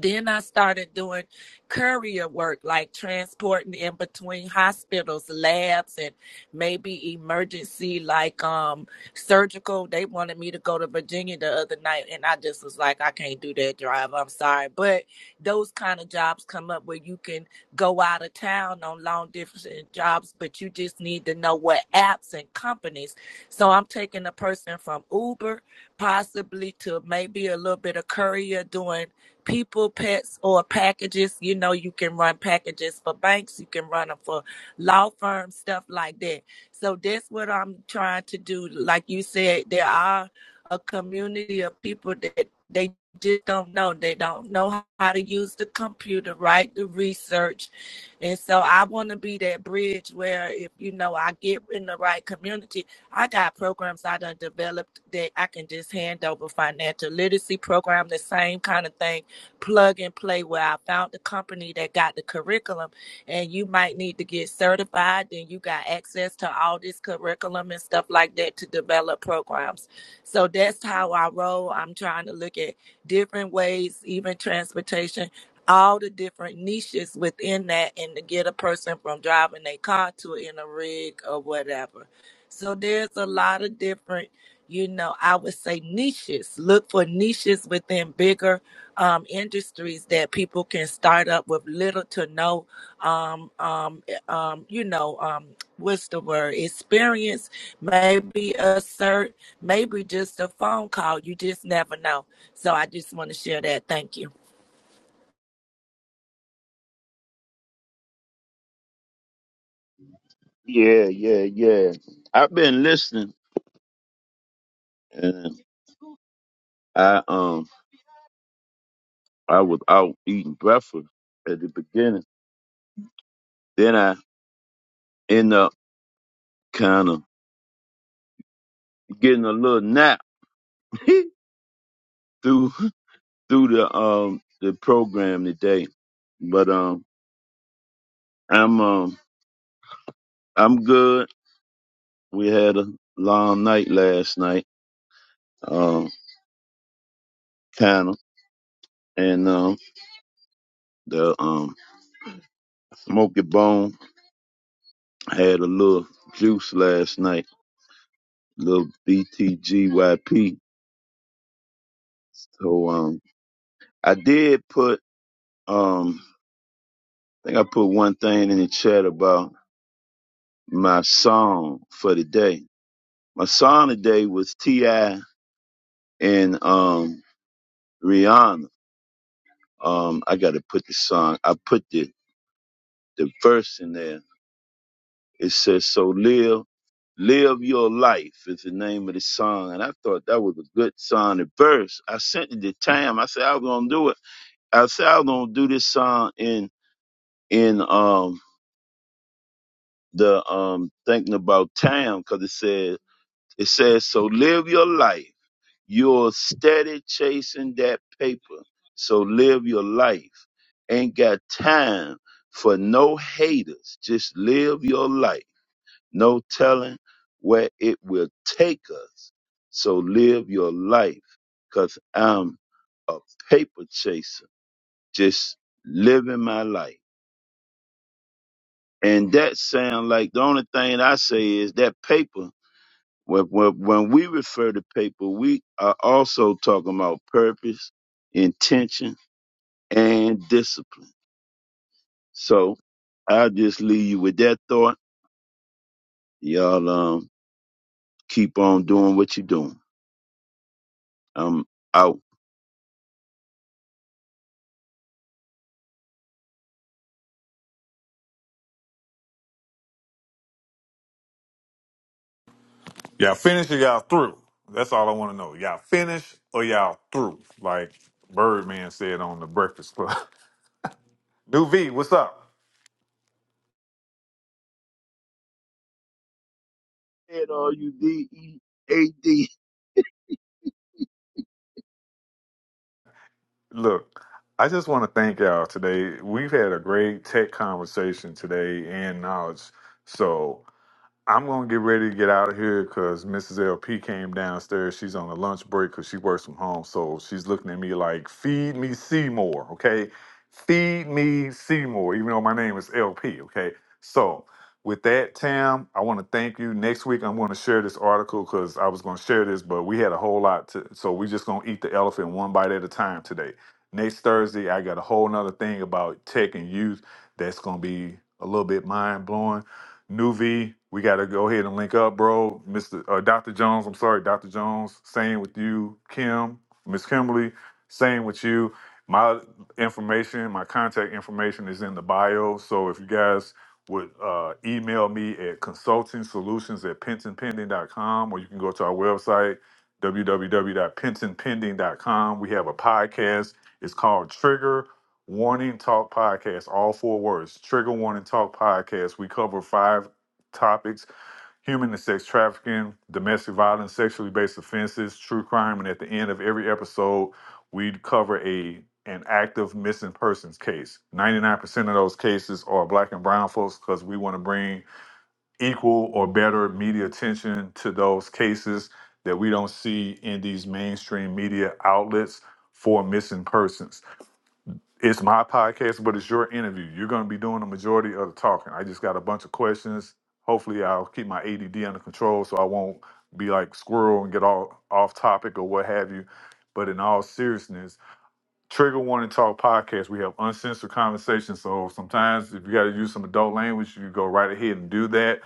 Speaker 7: then I started doing courier work, like transporting in between hospitals, labs, and maybe emergency, like um surgical. They wanted me to go to Virginia the other night, and I just was like, I can't do that drive. I'm sorry, but those kind of jobs come up where you can go out of town on long distance jobs, but you just need to know what apps and companies. So I'm taking a person from Uber, possibly to maybe a little bit of courier doing people, pets, or packages. You know, you can run packages for banks, you can run them for law firms, stuff like that. So that's what I'm trying to do. Like you said, there are a community of people that they just don't know. They don't know how to use the computer, right? The research. And so I want to be that bridge where if, you know, I get in the right community, I got programs I done developed that I can just hand over financial literacy program, the same kind of thing plug and play where I found the company that got the curriculum and you might need to get certified. Then you got access to all this curriculum and stuff like that to develop programs. So that's how I roll. I'm trying to look at different ways, even transportation, all the different niches within that, and to get a person from driving their car to in a rig or whatever. So there's a lot of different you know, I would say niches. Look for niches within bigger um, industries that people can start up with little to no, um, um, eh, um, you know, um, what's the word? Experience, maybe a cert, maybe just a phone call. You just never know. So I just want to share that. Thank you.
Speaker 6: Yeah, yeah, yeah. I've been listening, and I um I was out eating breakfast at the beginning. Then I end up kind of getting a little nap through [laughs] through the um the program today. But um I'm um I'm good. We had a long night last night. Um, kind of. And um, the um, Smoky Bone had a little juice last night, little BTGYP. So um, I did put um, I think I put one thing in the chat about my song for the day. My song today was Ti and um Rihanna. Um, I got to put the song. I put the the verse in there It says, so live, live your life is the name of the song. And I thought that was a good song to verse. I sent it to Tam. I said, I was going to do it. I said, I was going to do this song in, in, um, the, um, thinking about Tam because it says, it says, so live your life. You're steady chasing that paper. So live your life. Ain't got time for no haters. Just live your life. No telling where it will take us. So live your life, cause I'm a paper chaser, just living my life. And that sound like the only thing I say is that paper. When, when, when we refer to paper, we are also talking about purpose, intention, and discipline. So I'll just leave you with that thought. Y'all um, keep on doing what you're doing. I'm out.
Speaker 3: Y'all finished or y'all through? That's all I want to know. Y'all finished or y'all through? Like Birdman said on the Breakfast Club. [laughs] New V, what's up?
Speaker 6: Said all you D E A D.
Speaker 3: Look, I just want to thank y'all today. We've had a great tech conversation today and knowledge. So I'm gonna get ready to get out of here because Mrs. LP came downstairs. She's on a lunch break because she works from home. So she's looking at me like, "Feed me Seymour," okay? Feed me Seymour, even though my name is LP, okay? So with that, Tam, I want to thank you. Next week, I'm going to share this article because I was going to share this, but we had a whole lot to, so we just gonna eat the elephant one bite at a time today. Next Thursday, I got a whole nother thing about tech and youth that's gonna be a little bit mind blowing. Nuvi, we got to go ahead and link up, bro. Mr. Uh, Dr. Jones, I'm sorry, Dr. Jones, same with you, Kim, Miss Kimberly, same with you. My information, my contact information is in the bio. So if you guys would uh, email me at consultingsolutions at pentonpending.com or you can go to our website, www.pentonpending.com. We have a podcast. It's called Trigger. Warning Talk Podcast, all four words. Trigger Warning Talk Podcast. We cover five topics human and sex trafficking, domestic violence, sexually based offenses, true crime, and at the end of every episode, we cover a an active missing persons case. 99% of those cases are black and brown folks because we want to bring equal or better media attention to those cases that we don't see in these mainstream media outlets for missing persons. It's my podcast, but it's your interview. You're going to be doing the majority of the talking. I just got a bunch of questions. Hopefully, I'll keep my ADD under control so I won't be like squirrel and get all off topic or what have you. But in all seriousness, Trigger Warning Talk podcast, we have uncensored conversations. So sometimes if you got to use some adult language, you go right ahead and do that.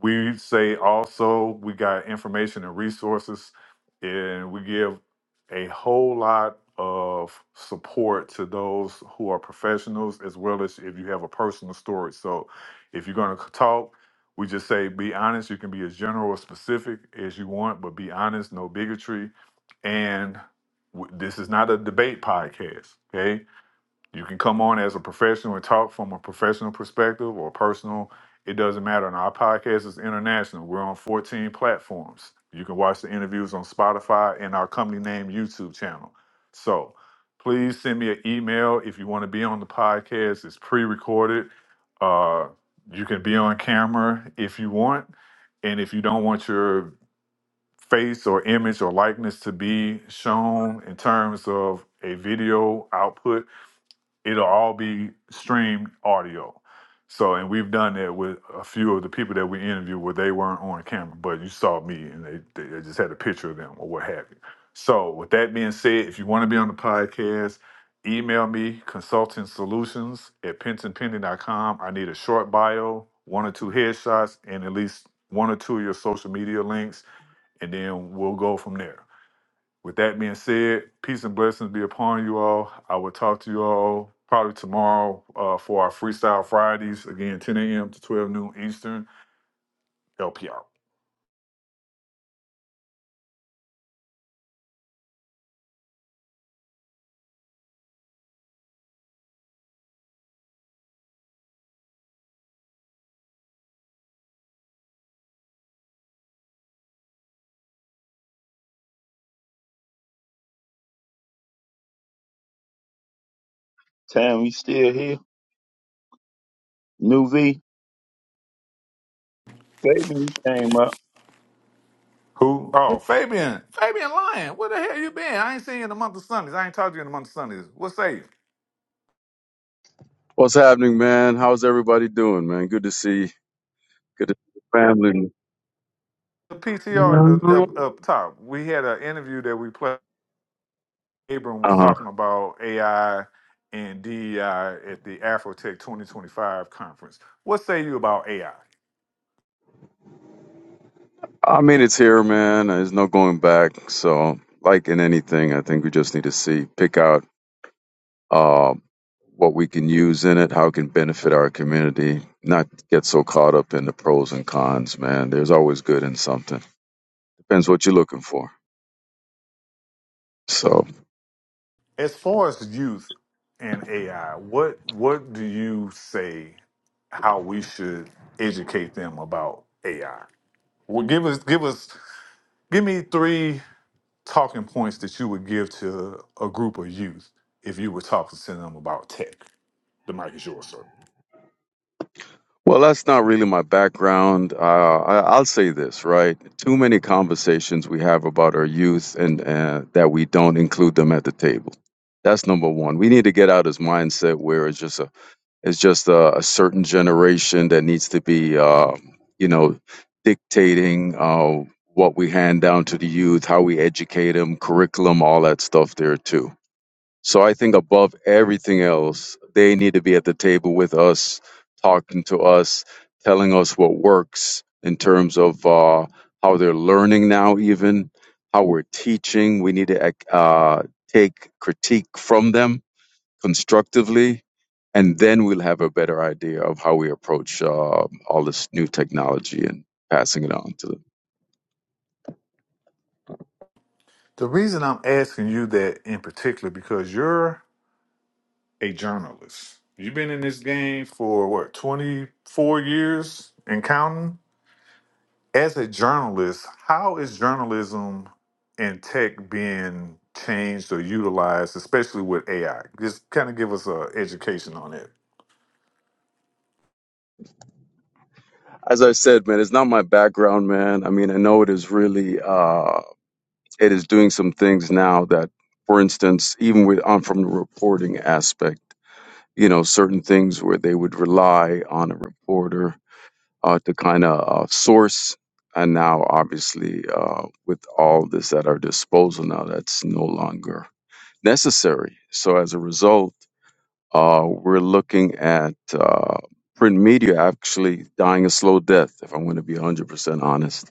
Speaker 3: We say also we got information and resources, and we give a whole lot of support to those who are professionals as well as if you have a personal story. So if you're going to talk, we just say be honest. You can be as general or specific as you want, but be honest, no bigotry. And w- this is not a debate podcast, okay? You can come on as a professional and talk from a professional perspective or personal. It doesn't matter. And our podcast is international. We're on 14 platforms. You can watch the interviews on Spotify and our company name YouTube channel. So please send me an email if you want to be on the podcast. It's pre recorded. Uh, you can be on camera if you want. And if you don't want your face or image or likeness to be shown in terms of a video output, it'll all be streamed audio. So, and we've done that with a few of the people that we interviewed where they weren't on camera, but you saw me and they, they just had a picture of them or what have you. So, with that being said, if you want to be on the podcast, email me consulting solutions at penson pending dot com. I need a short bio, one or two headshots, and at least one or two of your social media links, and then we'll go from there. With that being said, peace and blessings be upon you all. I will talk to you all probably tomorrow uh, for our Freestyle Fridays, again, 10 a.m. to 12 noon Eastern, LP out.
Speaker 6: Tam, you still here? New V. Fabian came up.
Speaker 3: Who? Oh, Fabian. Fabian Lyon. Where the hell you been? I ain't seen you in the month of Sundays. I ain't talked to you in the month of Sundays. What say you?
Speaker 10: What's happening, man? How's everybody doing, man? Good to see. Good to see the family.
Speaker 3: The PTR in the, up, up top, we had an interview that we played. Abram was
Speaker 10: Uh huh.
Speaker 3: talking about AI and DEI at the Afrotech 2025 conference. What say you about AI?
Speaker 10: I mean, it's here, man. There's no going back. So, like in anything, I think we just need to see, pick out uh, what we can use in it, how it can benefit our community. Not get so caught up in the pros and cons, man. There's always good in something. Depends what you're looking for. So.
Speaker 3: As far as youth and AI, what what do you say how we should educate them about AI? Well, give us give us give me three talking points that you would give to a group of youth if you were talking to them about tech. The mic is yours, sir.
Speaker 10: Well, that's not really my background. Uh, I, I'll say this, right? Too many conversations we have about our youth and uh, that we don't include them at the table. That's number one. We need to get out this mindset where it's just a it's just a, a certain generation that needs to be, uh, you know, dictating uh, what we hand down to the youth, how we educate them, curriculum, all that stuff there too so I think above everything else, they need to be at the table with us, talking to us, telling us what works in terms of uh, how they're learning now, even how we're teaching. We need to ac- uh, take critique from them constructively, and then we'll have a better idea of how we approach uh, all this new technology and passing it on to them.
Speaker 3: The reason I'm asking you that in particular because you're a journalist. You've been in this game for what, 24 years and counting? as a journalist, how is journalism and tech being changed or utilized, especially with AI? Just kind of give us a education on it.
Speaker 10: As I said, man, it's not my background, man. I mean, I know it is really, uh, it is doing some things now that, for instance, even with, I'm from the reporting aspect, you know, certain things where they would rely on a reporter uh, to kind of uh, source. And now, obviously, uh, with all this at our disposal now, that's no longer necessary. So, as a result, uh, we're looking at uh, print media actually dying a slow death, if I'm going to be 100% honest.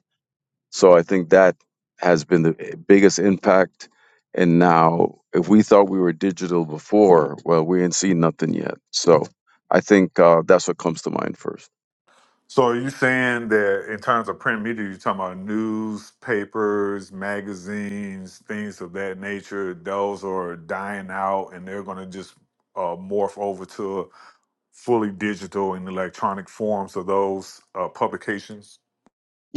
Speaker 10: So, I think that has been the eh, biggest impact. And now, if we thought we were digital before, well, we ain't seen nothing yet. So, I think uh, that's what comes to mind first.
Speaker 3: So, are you saying that in terms of print media, you're talking about newspapers, magazines, things of that nature? Those are dying out, and they're going to just uh, morph over to fully digital and electronic forms of those uh, publications.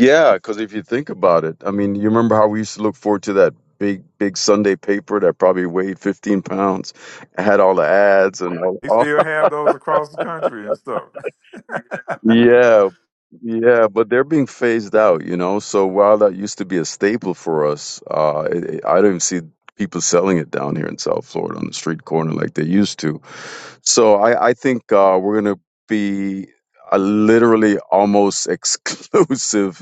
Speaker 10: Yeah, because if you think about it, I mean, you remember how we used to look forward to that big, big Sunday paper that probably weighed 15 pounds, had all the ads and all,
Speaker 3: They
Speaker 10: all
Speaker 3: still have those across the country and stuff. [laughs]
Speaker 10: Yeah, yeah, but they're being phased out, you know. So while that used to be a staple for us, uh, it, it- I don't see people selling it down here in South Florida on the street corner like they used to. So I, I think uh, we're gonna be a literally almost [laughs] exclusive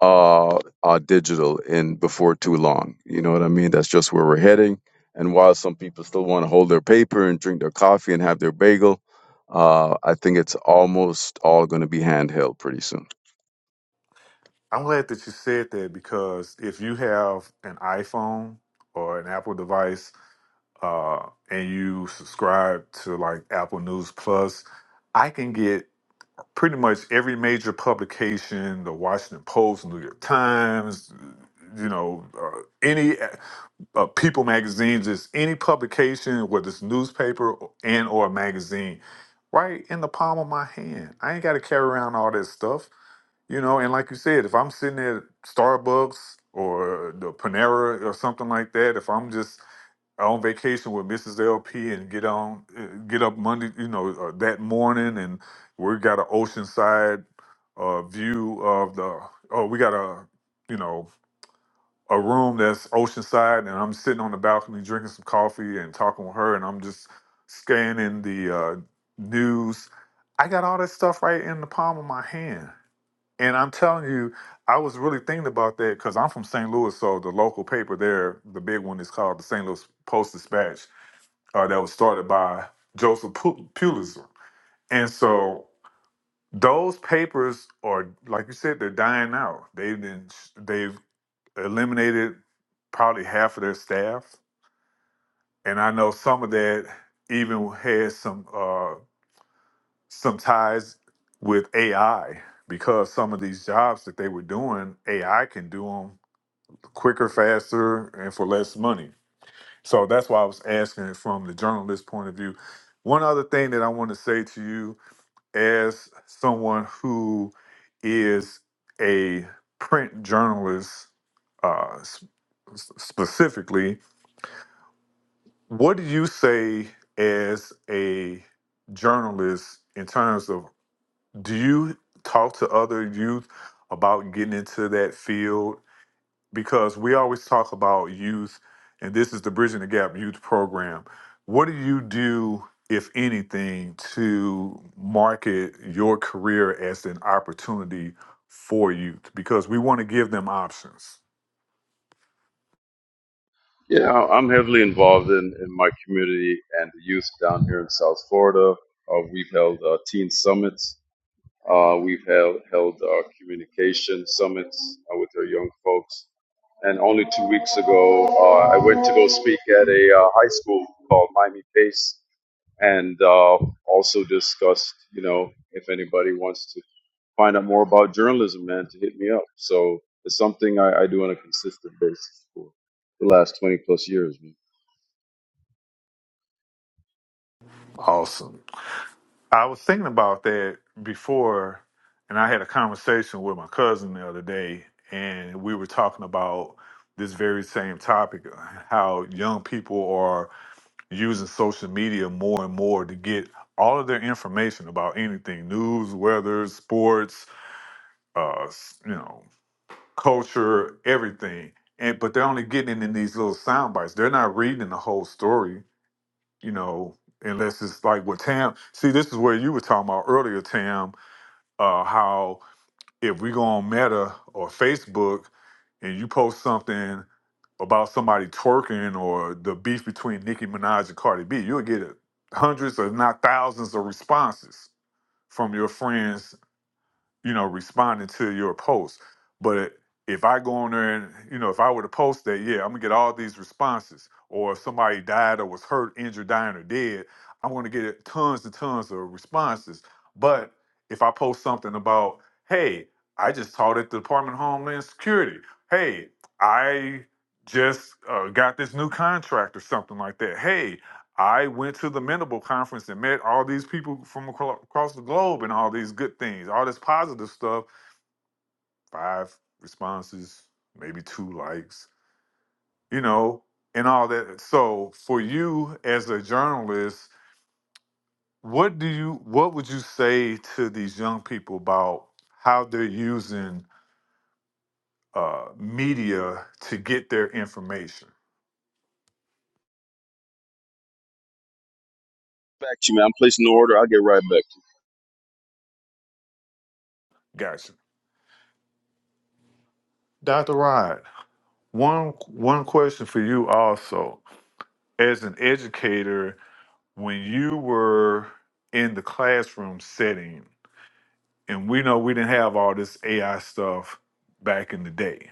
Speaker 10: uh, uh, digital in before too long. You know what I mean? That's just where we're heading. And while some people still want to hold their paper and drink their coffee and have their bagel, uh, I think it's almost all going to be handheld pretty soon.
Speaker 3: I'm glad that you said that because if you have an iPhone or an Apple device uh, and you subscribe to like Apple News Plus, I can get pretty much every major publication, the Washington Post, New York Times, you know, uh, any uh, uh, People magazine, just any publication, whether it's newspaper or- and or a magazine, right in the palm of my hand. I ain't got to carry around all that stuff, you know. And like you said, if I'm sitting at Starbucks or the Panera or something like that, if I'm just on vacation with Mrs. LP and get on, uh, get up Monday, you know, uh, that morning we got an oceanside uh, view of the. Oh, we got a you know a room that's oceanside, and I'm sitting on the balcony drinking some coffee and talking with her, and I'm just scanning the uh, news. I got all that stuff right in the palm of my hand, and I'm telling you, I was really thinking about that because I'm from St. Louis, so the local paper there, the big one, is called the St. Louis Post Dispatch, uh, that was started by Joseph Pu- Pulitzer, and so those papers are like you said they're dying out they've been they've eliminated probably half of their staff and i know some of that even has some uh some ties with ai because some of these jobs that they were doing ai can do them quicker faster and for less money so that's why i was asking it from the journalist point of view one other thing that i want to say to you as someone who is a print journalist uh, s- s- specifically, what do you say as a journalist in terms of do you talk to other youth about getting into that field because we always talk about youth, and this is the Bridging the Gap Youth Program. What do you do, if anything, to market your career as an opportunity for youth? Because we want to give them options.
Speaker 10: Yeah, I- am heavily involved in, in my community and the youth down here in South Florida. Uh, we've held uh, teen summits. Uh, we've held, held uh, communication summits uh, with our young folks. And only two weeks ago, uh, I went to go speak at a uh, high school called Miami Pace and uh, also discussed, you know, if anybody wants to find out more about journalism, man, to hit me up. So it's something I, I do on a consistent basis for the last 20 plus years, man.
Speaker 3: Awesome. I was thinking about that before, and I had a conversation with my cousin the other day, and we were talking about this very same topic how young people are using social media more and more to get all of their information about anything news weather sports uh s- you know culture everything and but they're only getting it in these little sound bites they're not reading the whole story you know unless it's like what tam see this is where you were talking about earlier tam uh how if we go on Meta or Facebook and you post something about somebody twerking or the beef between Nicki Minaj and Cardi B, you'll get hundreds, if not thousands, of responses from your friends you know, responding to your post. But if I go on there and, you know, if I were to post that, yeah, I'm gonna get all these responses. Or if somebody died or was hurt, injured, dying, or dead, I'm gonna get tons and tons of responses. But if I post something about, hey, I just taught at the Department of Homeland Security. Hey, I just uh, got this new contract or something like that. Hey, I went to the Mendable conference and met all these people from acro- across the globe and all these good things, all this positive stuff. Five responses, maybe two likes, you know, and all that. So, for you as a journalist, what do you, what would you say to these young people about how they're using uh, media to get their information?
Speaker 10: Back to you, man. I'm placing the order. I'll get right back.
Speaker 3: Gotcha, Dr. Rod. One one question for you also, as an educator when you were in the classroom setting, and we know we didn't have all this AI stuff back in the day.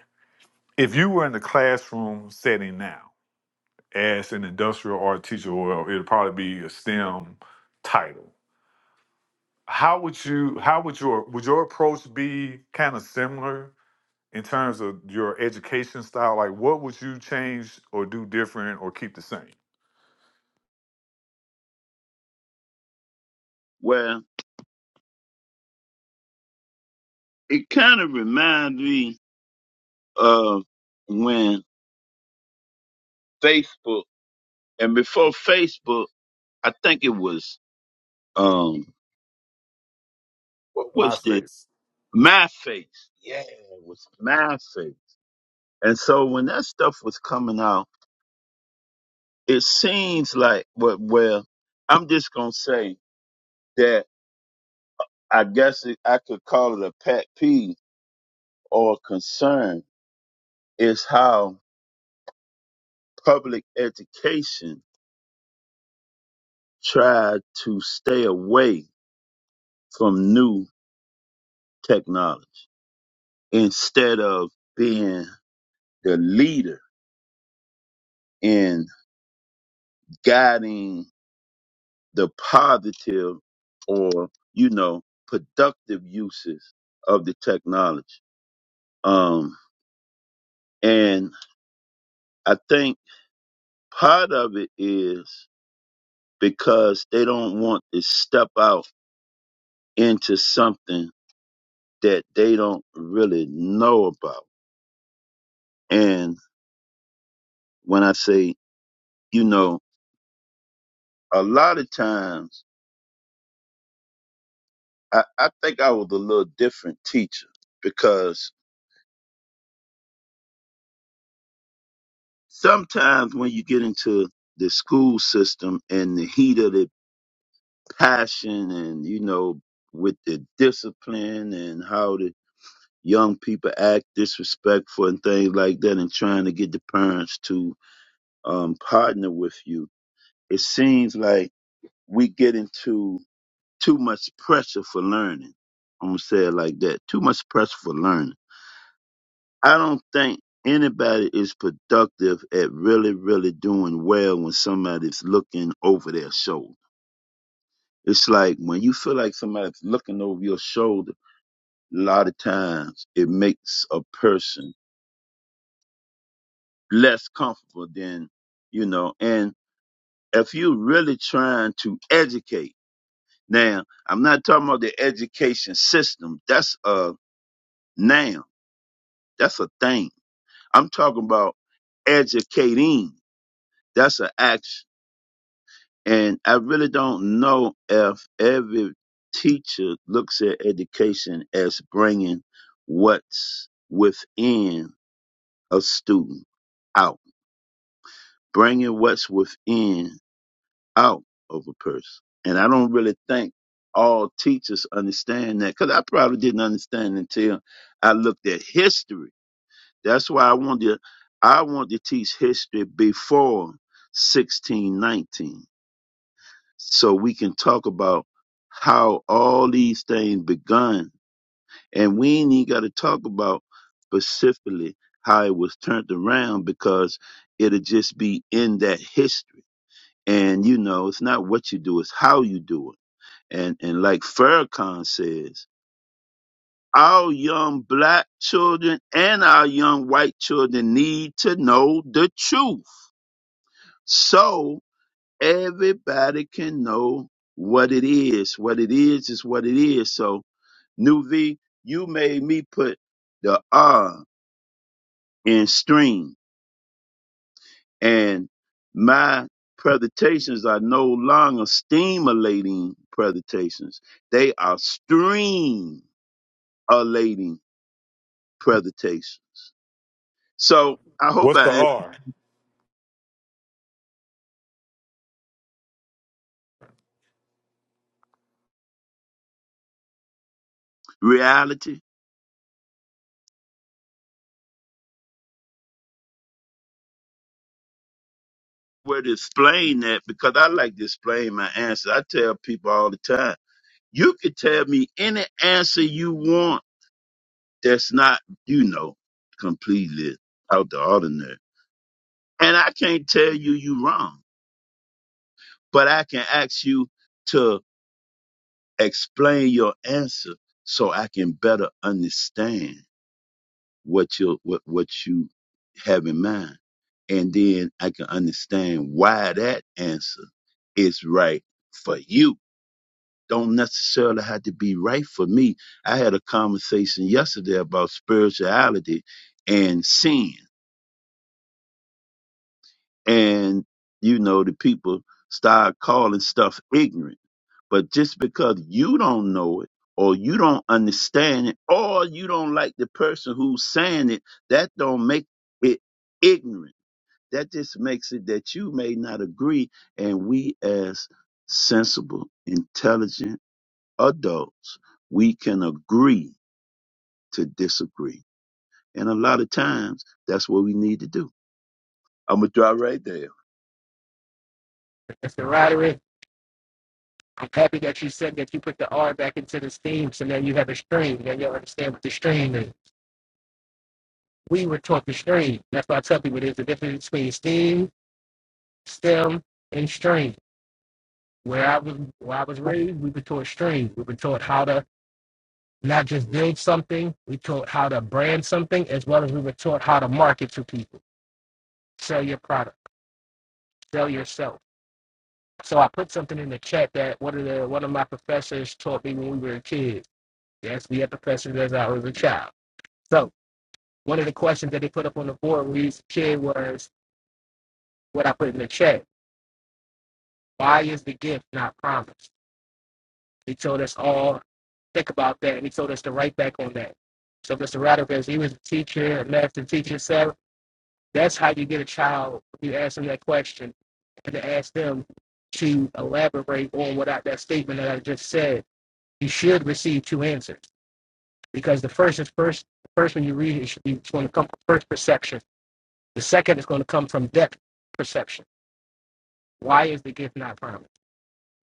Speaker 3: If you were in the classroom setting now as an industrial art teacher, or it'd probably be a STEM title, how would you how would your would your approach be kind of similar in terms of your education style? Like what would you change or do different or keep the same?
Speaker 6: Well, it kind of reminds me of when Facebook, and before Facebook, I think it was, um, what was the
Speaker 3: MySpace.
Speaker 6: My Yeah, it was My And so when that stuff was coming out, it seems like, well, well I'm just going to say that I guess it, I could call it a pet peeve or concern is how public education tried to stay away from new technology instead of being the leader in guiding the positive or, you know, productive uses of the technology. Um, and I think part of it is because they don't want to step out into something that they don't really know about. And when I say, you know, a lot of times I, I think I was a little different teacher because sometimes when you get into the school system and the heat of the passion and, you know, with the discipline and how the young people act disrespectful and things like that and trying to get the parents to um, partner with you, it seems like we get into too much pressure for learning. I'm gonna say it like that. Too much pressure for learning. I don't think anybody is productive at really, really doing well when somebody's looking over their shoulder. It's like when you feel like somebody's looking over your shoulder, a lot of times it makes a person less comfortable than, you know, and if you're really trying to educate Now, I'm not talking about the education system. That's a noun. That's a thing. I'm talking about educating. That's an action. And I really don't know if every teacher looks at education as bringing what's within a student out, bringing what's within out of a person. And I don't really think all teachers understand that because I probably didn't understand until I looked at history. That's why I wanted to, I want to teach history before 1619 so we can talk about how all these things begun. And we ain't even got to talk about specifically how it was turned around because it'll just be in that history. And you know, it's not what you do, it's how you do it and and like Farrakhan says, our young black children and our young white children need to know the truth. So everybody can know what it is. What it is is what it is. So New V, you made me put the R in stream. And my presentations are no longer stimulating presentations. They are stream presentations. So I hope
Speaker 3: What's
Speaker 6: I
Speaker 3: the
Speaker 6: answered
Speaker 3: R?
Speaker 6: reality where to explain that because I like to explain my answer. I tell people all the time, you can tell me any answer you want that's not, you know, completely out the ordinary. And I can't tell you you wrong, but I can ask you to explain your answer so I can better understand. what you what what you have in mind, and then I can understand why that answer is right for you. Don't necessarily have to be right for me. I had a conversation yesterday about spirituality and sin and you know the people start calling stuff ignorant but just because you don't know it or you don't understand it or you don't like the person who's saying it that don't make it ignorant that just makes it that you may not agree and we as sensible intelligent adults we can agree to disagree and a lot of times that's what we need to do i'm gonna draw right there
Speaker 4: That's the Rotary. I'm happy that you said that you put the R back into the steam, so now you have a stream. Now you understand what the stream is. We were taught the stream. That's why I tell people there's a difference between steam, stem, and stream. Where I was, where I was raised, we were taught stream. We were taught how to not just build something, we taught how to brand something, as well as we were taught how to market to people, sell your product, sell yourself So I put something in the chat that one of the one of my professors taught me when we were kids. Yes, we had professors as I was a child. So one of the questions that they put up on the board when we was a kid was what I put in the chat. Why is the gift not promised? He told us all to think about that and he told us to write back on that. So Mr. Radovich, he was a teacher, a master teacher, so that's how you get a child you ask them that question and to ask them to elaborate on what I, that statement that I just said you should receive two answers because the first is first. The first one you read is it's going to come from first perception. The second is going to come from depth perception. Why is the gift not promised?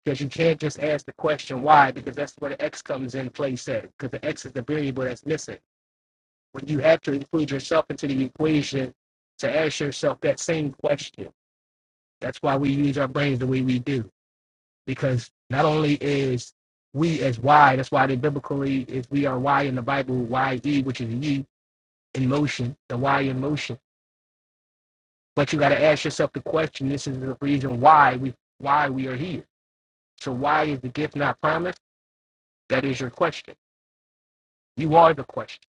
Speaker 4: Because you can't just ask the question why, because that's where the X comes in play set. Because the X is the variable that's missing. When you have to include yourself into the equation to ask yourself that same question. That's why we use our brains the way we do. Because not only is we as Y, that's why the biblically is we are Y in the Bible, Y E, which is ye, in motion, the why in motion. But you got to ask yourself the question. This is the reason why we why we are here. So why is the gift not promised? That is your question. You are the question,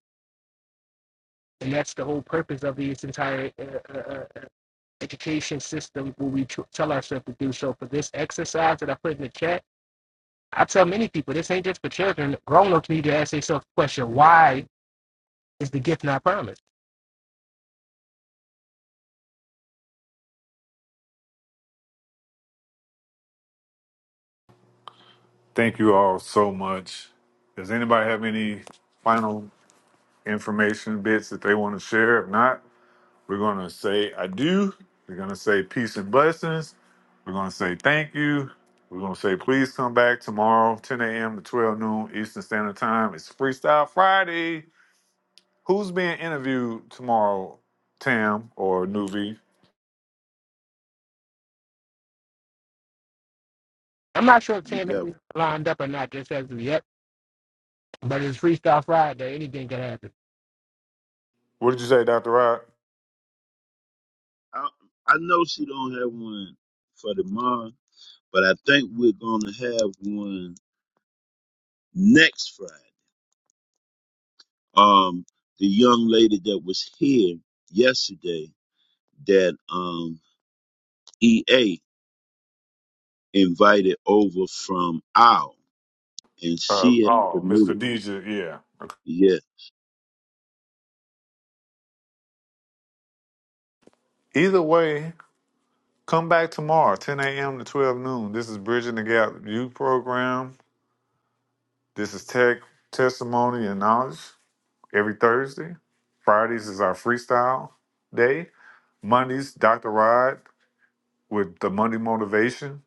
Speaker 4: and that's the whole purpose of this entire uh, uh, uh, education system. Where we tr- tell ourselves to do so. For this exercise that I put in the chat, I tell many people this ain't just for children. Grown ups need to ask themselves the question: Why is the gift not promised?
Speaker 3: Thank you all so much. Does anybody have any final information bits that they want to share? If not, we're going to say I do. We're going to say peace and blessings. We're going to say thank you. We're going to say please come back tomorrow, 10 a.m. to 12 noon Eastern Standard Time. It's Freestyle Friday. Who's being interviewed tomorrow, Tam or Nuvi?
Speaker 4: I'm not sure if
Speaker 6: we
Speaker 4: Tam
Speaker 6: go
Speaker 4: is lined up or not just as of yet, but it's Freestyle Friday. Anything can happen.
Speaker 3: What did you say, Dr. Rod?
Speaker 6: I, I know she don't have one for tomorrow, but I think we're gonna have one next Friday. Um, the young lady that was here yesterday that um EA invited over from OWL, and
Speaker 3: Uh,
Speaker 6: she had
Speaker 3: oh, Miss
Speaker 6: committed.
Speaker 3: Khadija. Yeah. Okay.
Speaker 6: yeah.
Speaker 3: Either way, Come back tomorrow, 10 a.m. to 12 noon. This is Bridging the Gap Youth Program. This is Tech Testimony and Knowledge every Thursday. Fridays is our freestyle day. Mondays, Dr. Rod with the Monday Motivation,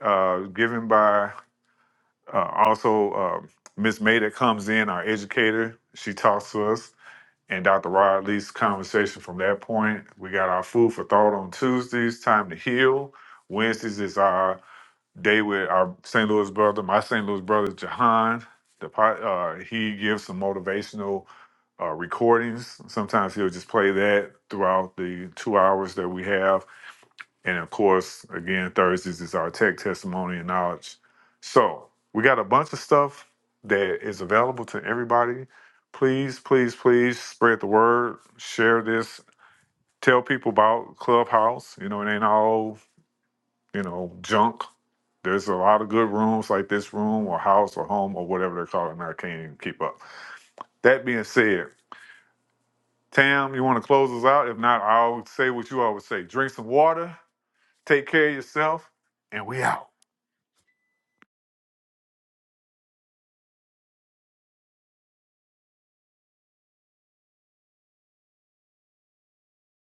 Speaker 3: uh, given by uh, also uh, Miss May that comes in, our educator. She talks to us, and Dr. Rod leads the conversation from that point. We got our food for thought on Tuesdays, Time to Heal. Wednesdays is our They with our St. Louis brother, my St. Louis brother Jahan. The po- uh, he gives some motivational uh, recordings. Sometimes he'll just play that throughout the two hours that we have. And of course, again, Thursdays is our tech testimony and knowledge. So we got a bunch of stuff that is available to everybody. Please, please, please spread the word, share this, tell people about Clubhouse. You know, it ain't all you know, junk. There's a lot of good rooms like this room or house or home or whatever they're calling it. I can't even keep up. That being said, Tam, you want to close us out? If not, I will say what you always say drink some water, take care of yourself, and we out.